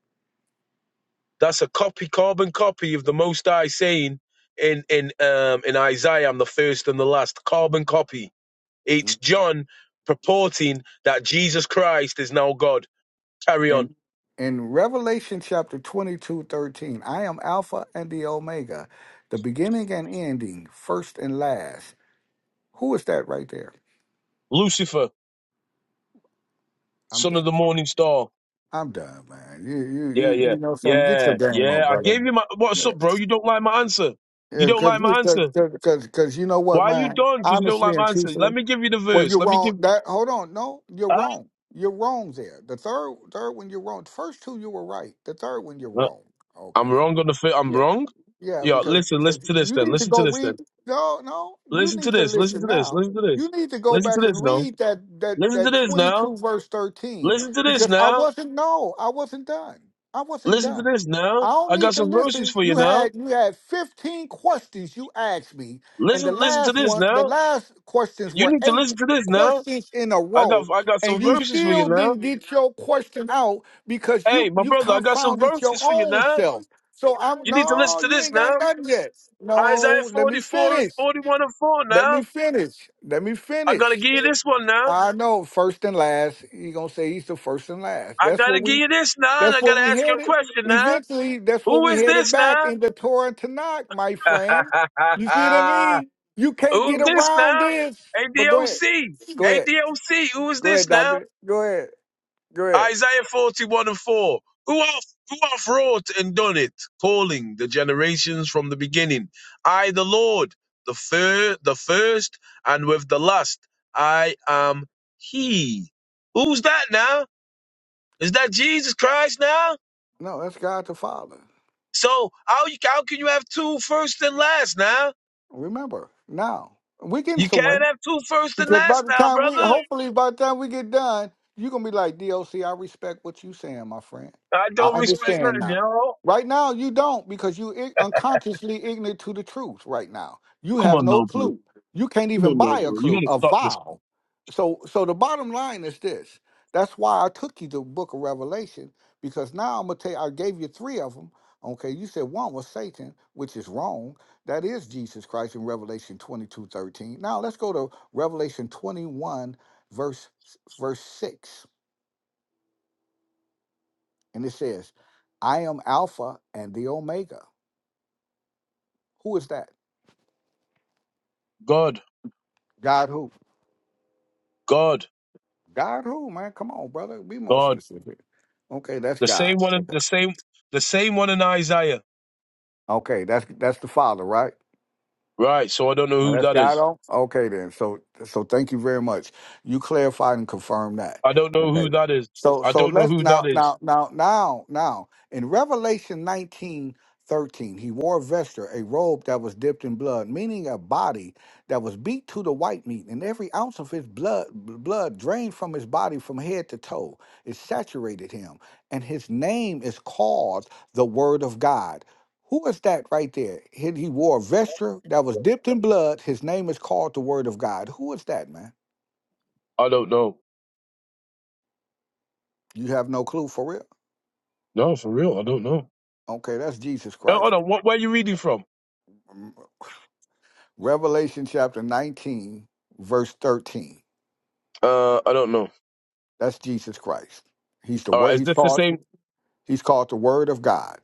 L: That's a copy, carbon copy of the Most High saying in in um, in Isaiah, "I'm the first and the last." Carbon copy. It's John purporting that Jesus Christ is now God. Carry on,
I: in Revelation chapter 22 13, I am Alpha and the Omega, the beginning and ending, first and last. Who is that right there?
L: Lucifer,
I: I'm
L: son of
I: done.
L: the morning star.
I: I'm done, man. You you
L: Yeah,
I: you,
L: yeah,
I: you know something. Get your
L: yeah,
I: game on,
L: yeah. I
I: brother.
L: gave you my. What's up, bro?
I: Yes.
L: You don't like my answer. You
I: Yeah,
L: don't
I: cause
L: like
I: you
L: my
I: cause,
L: answer.
I: cause, cause 'cause you know what,
L: Why are you
I: man?
L: done? Because you don't
I: Honestly
L: like
I: and
L: my answer. Let
I: truthfully,
L: me give you the
I: well
L: verse.
I: you're
L: Let me
I: wrong.
L: give.
I: That hold on, no, you're
L: Huh?
I: wrong. You're wrong there. The third third one you're wrong. The first two you were right. The third one you're wrong.
L: I'm
I: Okay.
L: wrong on the. fir- I'm
I: Yeah.
L: wrong.
I: Yeah,
L: Yeah,
I: because,
L: listen, listen
I: because
L: to
I: you
L: this then.
I: need to
L: Listen to
I: go
L: this then.
I: read. No, no, you
L: Listen to
I: need to
L: this. Listen
I: listen
L: to this.
I: now.
L: Listen to
I: You
L: this.
I: need to go
L: Listen
I: back
L: to
I: and
L: this now.
I: read that that
L: Listen to
I: that
L: this
I: twenty
L: now.
I: two verse thirteen
L: Listen to this
I: because I
L: now.
I: wasn't no, I wasn't done. I wasn't
L: Listen to
I: done.
L: this now.
I: I don't
L: I got
I: need to
L: some verses
I: listen.
L: for you
I: You
L: now.
I: had you had fifteen questions you asked me, and
L: Listen,
I: the
L: listen to
I: last
L: this
I: one, the
L: now.
I: last questions
L: You
I: were
L: need to
I: eight
L: listen to this now.
I: questions in a
L: I got,
I: row,
L: I got
I: and
L: some
I: you
L: verses for you
I: still
L: now.
I: didn't get your question out because
L: Hey,
I: you
L: my
I: you
L: brother, I got some
I: confounded your
L: verses for you
I: own
L: now.
I: self. So I'm
L: You need to
I: no,
L: listen to
I: you
L: this
I: ain't
L: now.
I: got nothing yet.
L: Isaiah
I: No, let me
L: 44,
I: finish.
L: 41 and 4
I: Let me
L: now.
I: finish. Let me
L: I gotta
I: finish.
L: give you this one now.
I: I know first and last. You gonna say he's the first and last.
L: I
I: That's what
L: gotta give
I: we
L: you this now, and
I: that's
L: I
I: what
L: gotta
I: we
L: ask you a
I: headed.
L: question now.
I: Eventually, that's what
L: Who
I: we
L: is
I: headed
L: this
I: back in the Torah and Tanakh, my friend. You see what I
L: now?
I: mean? You can't get
L: Who's this
I: around
L: now?
I: this. But go ahead.
L: ADOC.
I: Go ahead.
L: ADOC. Who is
I: Go ahead,
L: this now?
I: doctor. Go ahead. Go ahead.
L: Isaiah 41 and 4. Who hath, who hath wrought and done it, calling the generations from the beginning? I, the Lord, the, fir- the first, and with the last, I am He. Who's that now? Is that Jesus Christ now?
I: No, that's God the Father.
L: So how you how can you have two first and last now?
I: Remember, now we're getting
L: You
I: somewhere.
L: can't have two first and
I: Because by
L: last
I: the
L: now,
I: time we,
L: brother.
I: hopefully, by the time we get done, you're gonna be like, DOC, I respect what you saying, my friend.
L: I
I: I
L: don't respect
I: understand
L: nothing,
I: now.
L: yo.
I: Right now, you don't because you i- unconsciously ignorant to the truth. Right now, you
L: Come
I: have
L: on
I: no
L: now, bro.
I: clue. You can't
L: Come
I: even
L: on now,
I: buy a
L: bro. You
I: clue,
L: gotta
I: a
L: stop this.
I: vow. So, so the bottom line is this. That's why I took you to the Book of Revelation because now I'm gonna tell you. I gave you three of them. Okay, you said one was Satan, which is wrong that is Jesus Christ in Revelation 22 13. Now let's go to Revelation 21, verse, verse 6. And it says, I am Alpha and the Omega. Who is that?
L: God,
I: God who?
L: God,
I: God who, man? Come on, brother. Be more
L: God.
I: specific. Okay, that's
L: The
I: God.
L: same one, in- the same, the same one in Isaiah.
I: Okay, that's that's the Father, right?
L: Right. So I don't know
I: Now
L: who
I: that's
L: that
I: God
L: is.
I: on. Okay then. So so thank you very much. You clarified and confirmed that.
L: I don't know who
I: Okay.
L: that is.
I: So
L: I
I: so
L: don't know
I: let's
L: who that
I: now
L: is.
I: now now now now in Revelation nineteen thirteen he wore a vesture, a robe that was dipped in blood, meaning a body that was beat to the white meat, and every ounce of his blood blood drained from his body from head to toe. It saturated him, and his name is called the Word of God. Who is that right there? He, he wore a vesture that was dipped in blood. His name is called the Word of God. Who is that, man?
L: I don't know.
I: You have no clue for real?
L: No, for real, I don't know.
I: Okay, that's Jesus
L: No,
I: Christ.
L: hold on. What? Where are you reading from?
I: Mm, Revelation chapter 19, verse 13.
L: Uh, I don't know.
I: That's Jesus Christ. He's the
L: All
I: word
L: right. Is
I: he's
L: this the
I: called
L: same?
I: he's called the word of God.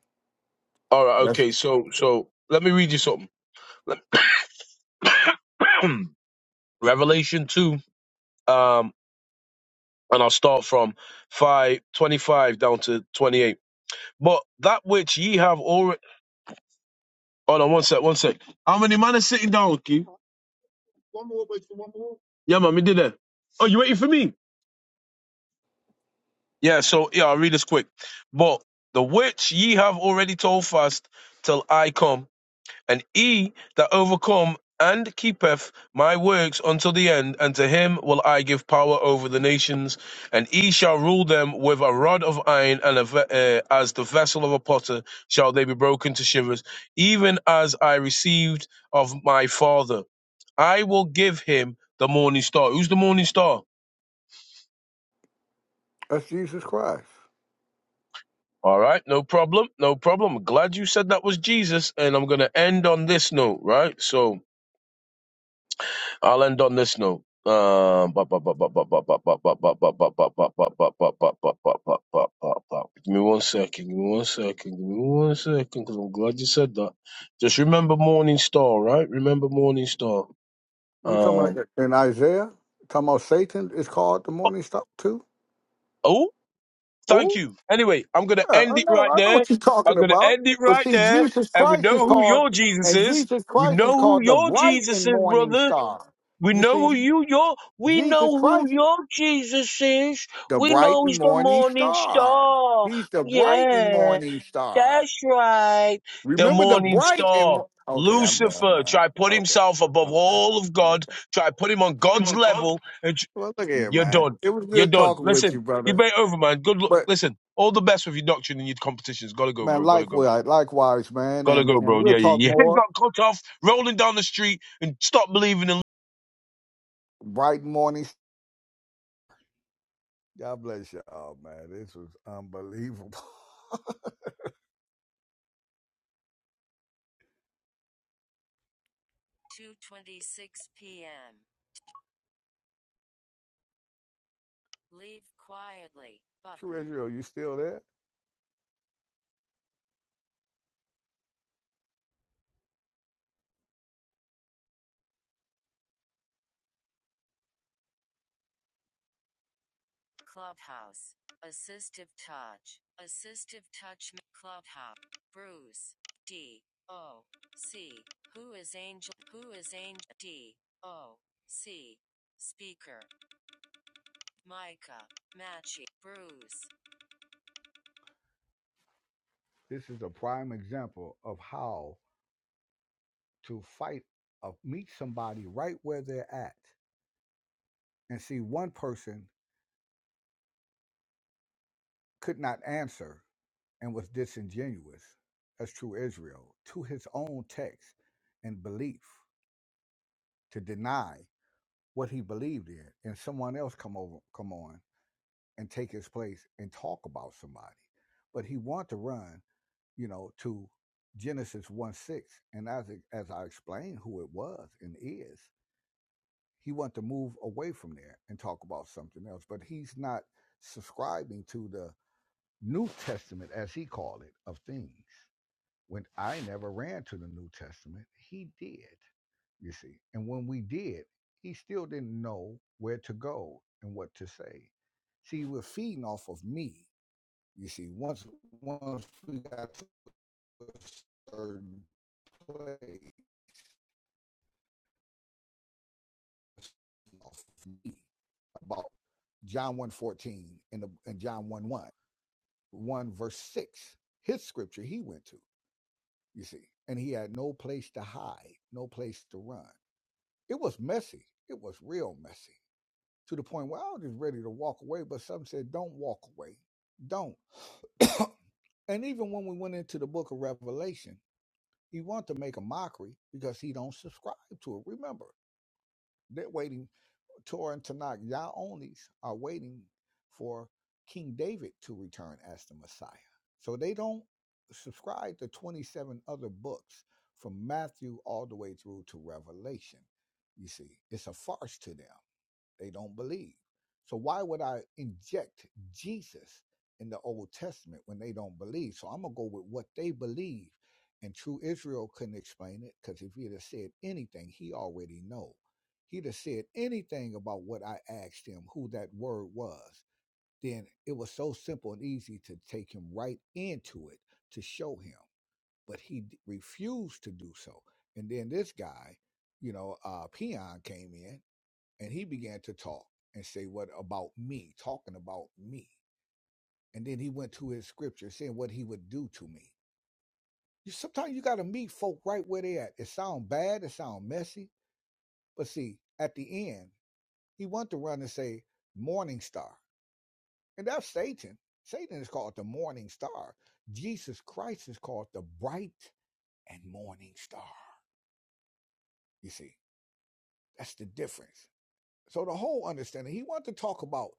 L: All right.
I: That's
L: Okay. So, so let me read you something. Let- Revelation two. Um, and I'll start from five twenty-five down to twenty-eight. But that which ye have already. Hold on, one sec, one sec. How many man is sitting down, Keith? One more, wait for one more. Yeah, man, we did that. Oh, you waiting for me? Yeah, so, yeah, I'll read this quick. But the which ye have already told fast till I come. And he that overcome and keepeth my works unto the end, and to him will I give power over the nations, and he shall rule them with a rod of iron, and a ve- uh, as the vessel of a potter shall they be broken to shivers, even as I received of my father. I will give him the morning star. Who's the morning star?
I: that's Jesus Christ.
L: All right, no problem, no problem. Glad you said that was Jesus, and I'm going to end on this note, right? So, I'll end on this note. Um, Give me one second. Give me one second. Give me one second. Because I'm glad you said that. Just remember Morning Star, right? Remember Morning Star.
I: What are you talking
L: Um.
I: about? In Isaiah? Talking about Satan is called the morning star too?
L: Oh, thank you. Anyway, I'm gonna
I: Yeah,
L: end
I: I
L: it
I: know,
L: right
I: I know
L: there.
I: what you're talking
L: I'm gonna
I: about.
L: end it
I: But
L: right
I: see,
L: there.
I: Jesus
L: And we
I: Christ is
L: know who
I: called,
L: your Jesus
I: and
L: is.
I: Jesus
L: We
I: Christ is
L: know who
I: called the
L: your
I: bright
L: Jesus
I: and
L: is,
I: morning
L: brother.
I: star.
L: We
I: You
L: know
I: see,
L: who you your we
I: Jesus
L: know who
I: Christ,
L: your Jesus is.
I: the
L: We
I: bright
L: know
I: and
L: he's the
I: morning
L: morning
I: star.
L: star.
I: He's the bright and
L: Yeah,
I: morning star.
L: that's right. The
I: Remember the
L: morning
I: bright and
L: star.
I: mo- okay, I'm done,
L: Lucifer
I: man.
L: try put
I: Okay,
L: himself above
I: okay,
L: all of God,
I: okay.
L: try put him on God's level, and tr-
I: Well, look here,
L: you're
I: man.
L: done.
I: It was
L: You're
I: good
L: done.
I: talking with
L: Listen,
I: you, brother.
L: debate over, man. Good luck.
I: But
L: Listen, all the best with your doctrine and your competitions. Gotta go,
I: man,
L: bro. Gotta go.
I: likewise, likewise, man,
L: Gotta
I: and
L: go,
I: and
L: bro.
I: we'll
L: Yeah, yeah.
I: talk
L: Your head
I: more.
L: got cut off, rolling down the street, and stop believing in
I: Bright morning God bless y'all, man. This was unbelievable. but. True Israel, you still there? This is a prime example of how to fight, uh, meet somebody right where they're at. And see, one person could not answer and was disingenuous, as true Israel, to his own text and belief to deny what he believed in, and someone else come over, come on and take his place and talk about somebody. But he wanted to run, you know, to Genesis 1 6. And as, as I explained who it was and is, he wanted to move away from there and talk about something else. But he's not subscribing to the New Testament, as he called it, of things. When I never ran to the New Testament, he did you see. And when we did, he still didn't know where to go and what to say. See, we're feeding off of me you see, once once we got to a certain place off me about John one 14 and, the, and John one one one verse 6, his scripture he went to, you see, and he had no place to hide, no place to run. It was messy. It was real messy to the point where I was just ready to walk away, but some said, don't walk away. Don't. and even when we went into the book of Revelation, He want to make a mockery because he don't subscribe to it. Remember, they're waiting. Torah and Tanakh, Yah onlys are waiting for King David to return as the Messiah. So they don't subscribe to 27 other books from Matthew all the way through to Revelation. You see, it's a farce to them. They don't believe. So why would I inject Jesus in the Old Testament when they don't believe? So I'm gonna go with what they believe. And true Israel couldn't explain it because if he'd have said anything, he already know. He'd have said anything about what I asked him, who that word was. Then it was so simple and easy to take him right into it to show him. But he d- refused to do so. And then this guy, you know, uh, Peon came in and he began to talk and say what about me talking about me and then he went to his scripture saying what he would do to me you sometimes you got to meet folk right where they at it sound bad it sound messy but see at the end he wanted to run and say morning star and that's satan satan is called the morning star jesus christ is called the bright and morning star you see that's the difference so the whole understanding he wanted to talk about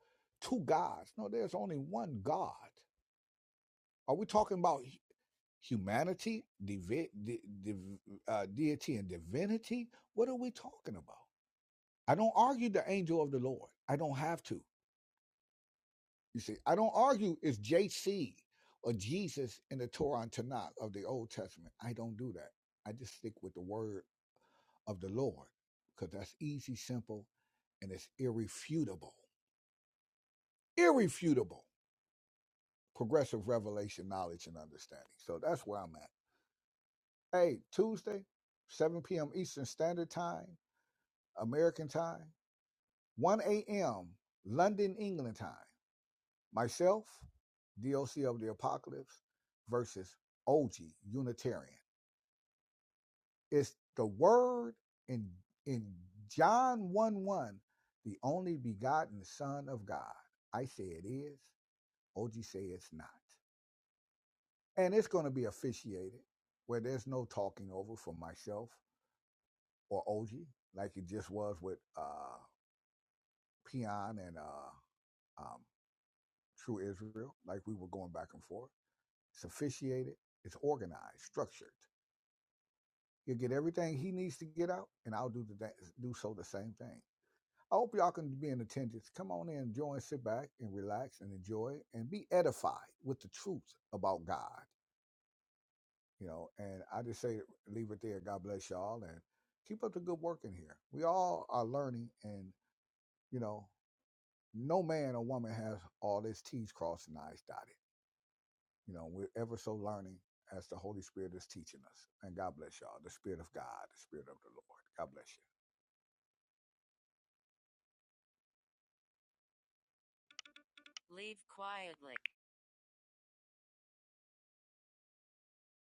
I: two gods no there's only one god Are we talking about hu- humanity, divi- di- div- uh, deity, and divinity? What are we talking about? I don't argue the angel of the Lord. I don't have to. You see, I don't argue it's JC or Jesus in the Torah and Tanakh of the Old Testament. I don't do that. I just stick with the word of the Lord because that's easy, simple, and it's irrefutable. Irrefutable progressive revelation, knowledge, and understanding. So that's where I'm at. Hey, Tuesday, 7 p.m. Eastern Standard Time, American Time, 1 a.m. London, England Time. Myself, DOC of the Apocalypse versus OG Unitarian. It's the Word in in John 1 1, the only begotten Son of God. I say it is, OG say it's not. And it's going to be officiated where there's no talking over for myself or OG like it just was with. Uh, Peon and uh, um, True Israel, like we were going back and forth. It's officiated, it's organized, structured. He'll get everything he needs to get out, and I'll do the do so the same thing. I hope y'all can be in attendance. Come on in, join, sit back and relax and enjoy and be edified with the truth about God. You know, and I just say leave it there. God bless y'all and keep up the good work in here. We all are learning and, you know, no man or woman has all his T's crossed and I's dotted. You know, we're ever so learning as the Holy Spirit is teaching us. And God bless y'all. The Spirit of God, the Spirit of the Lord. God bless you.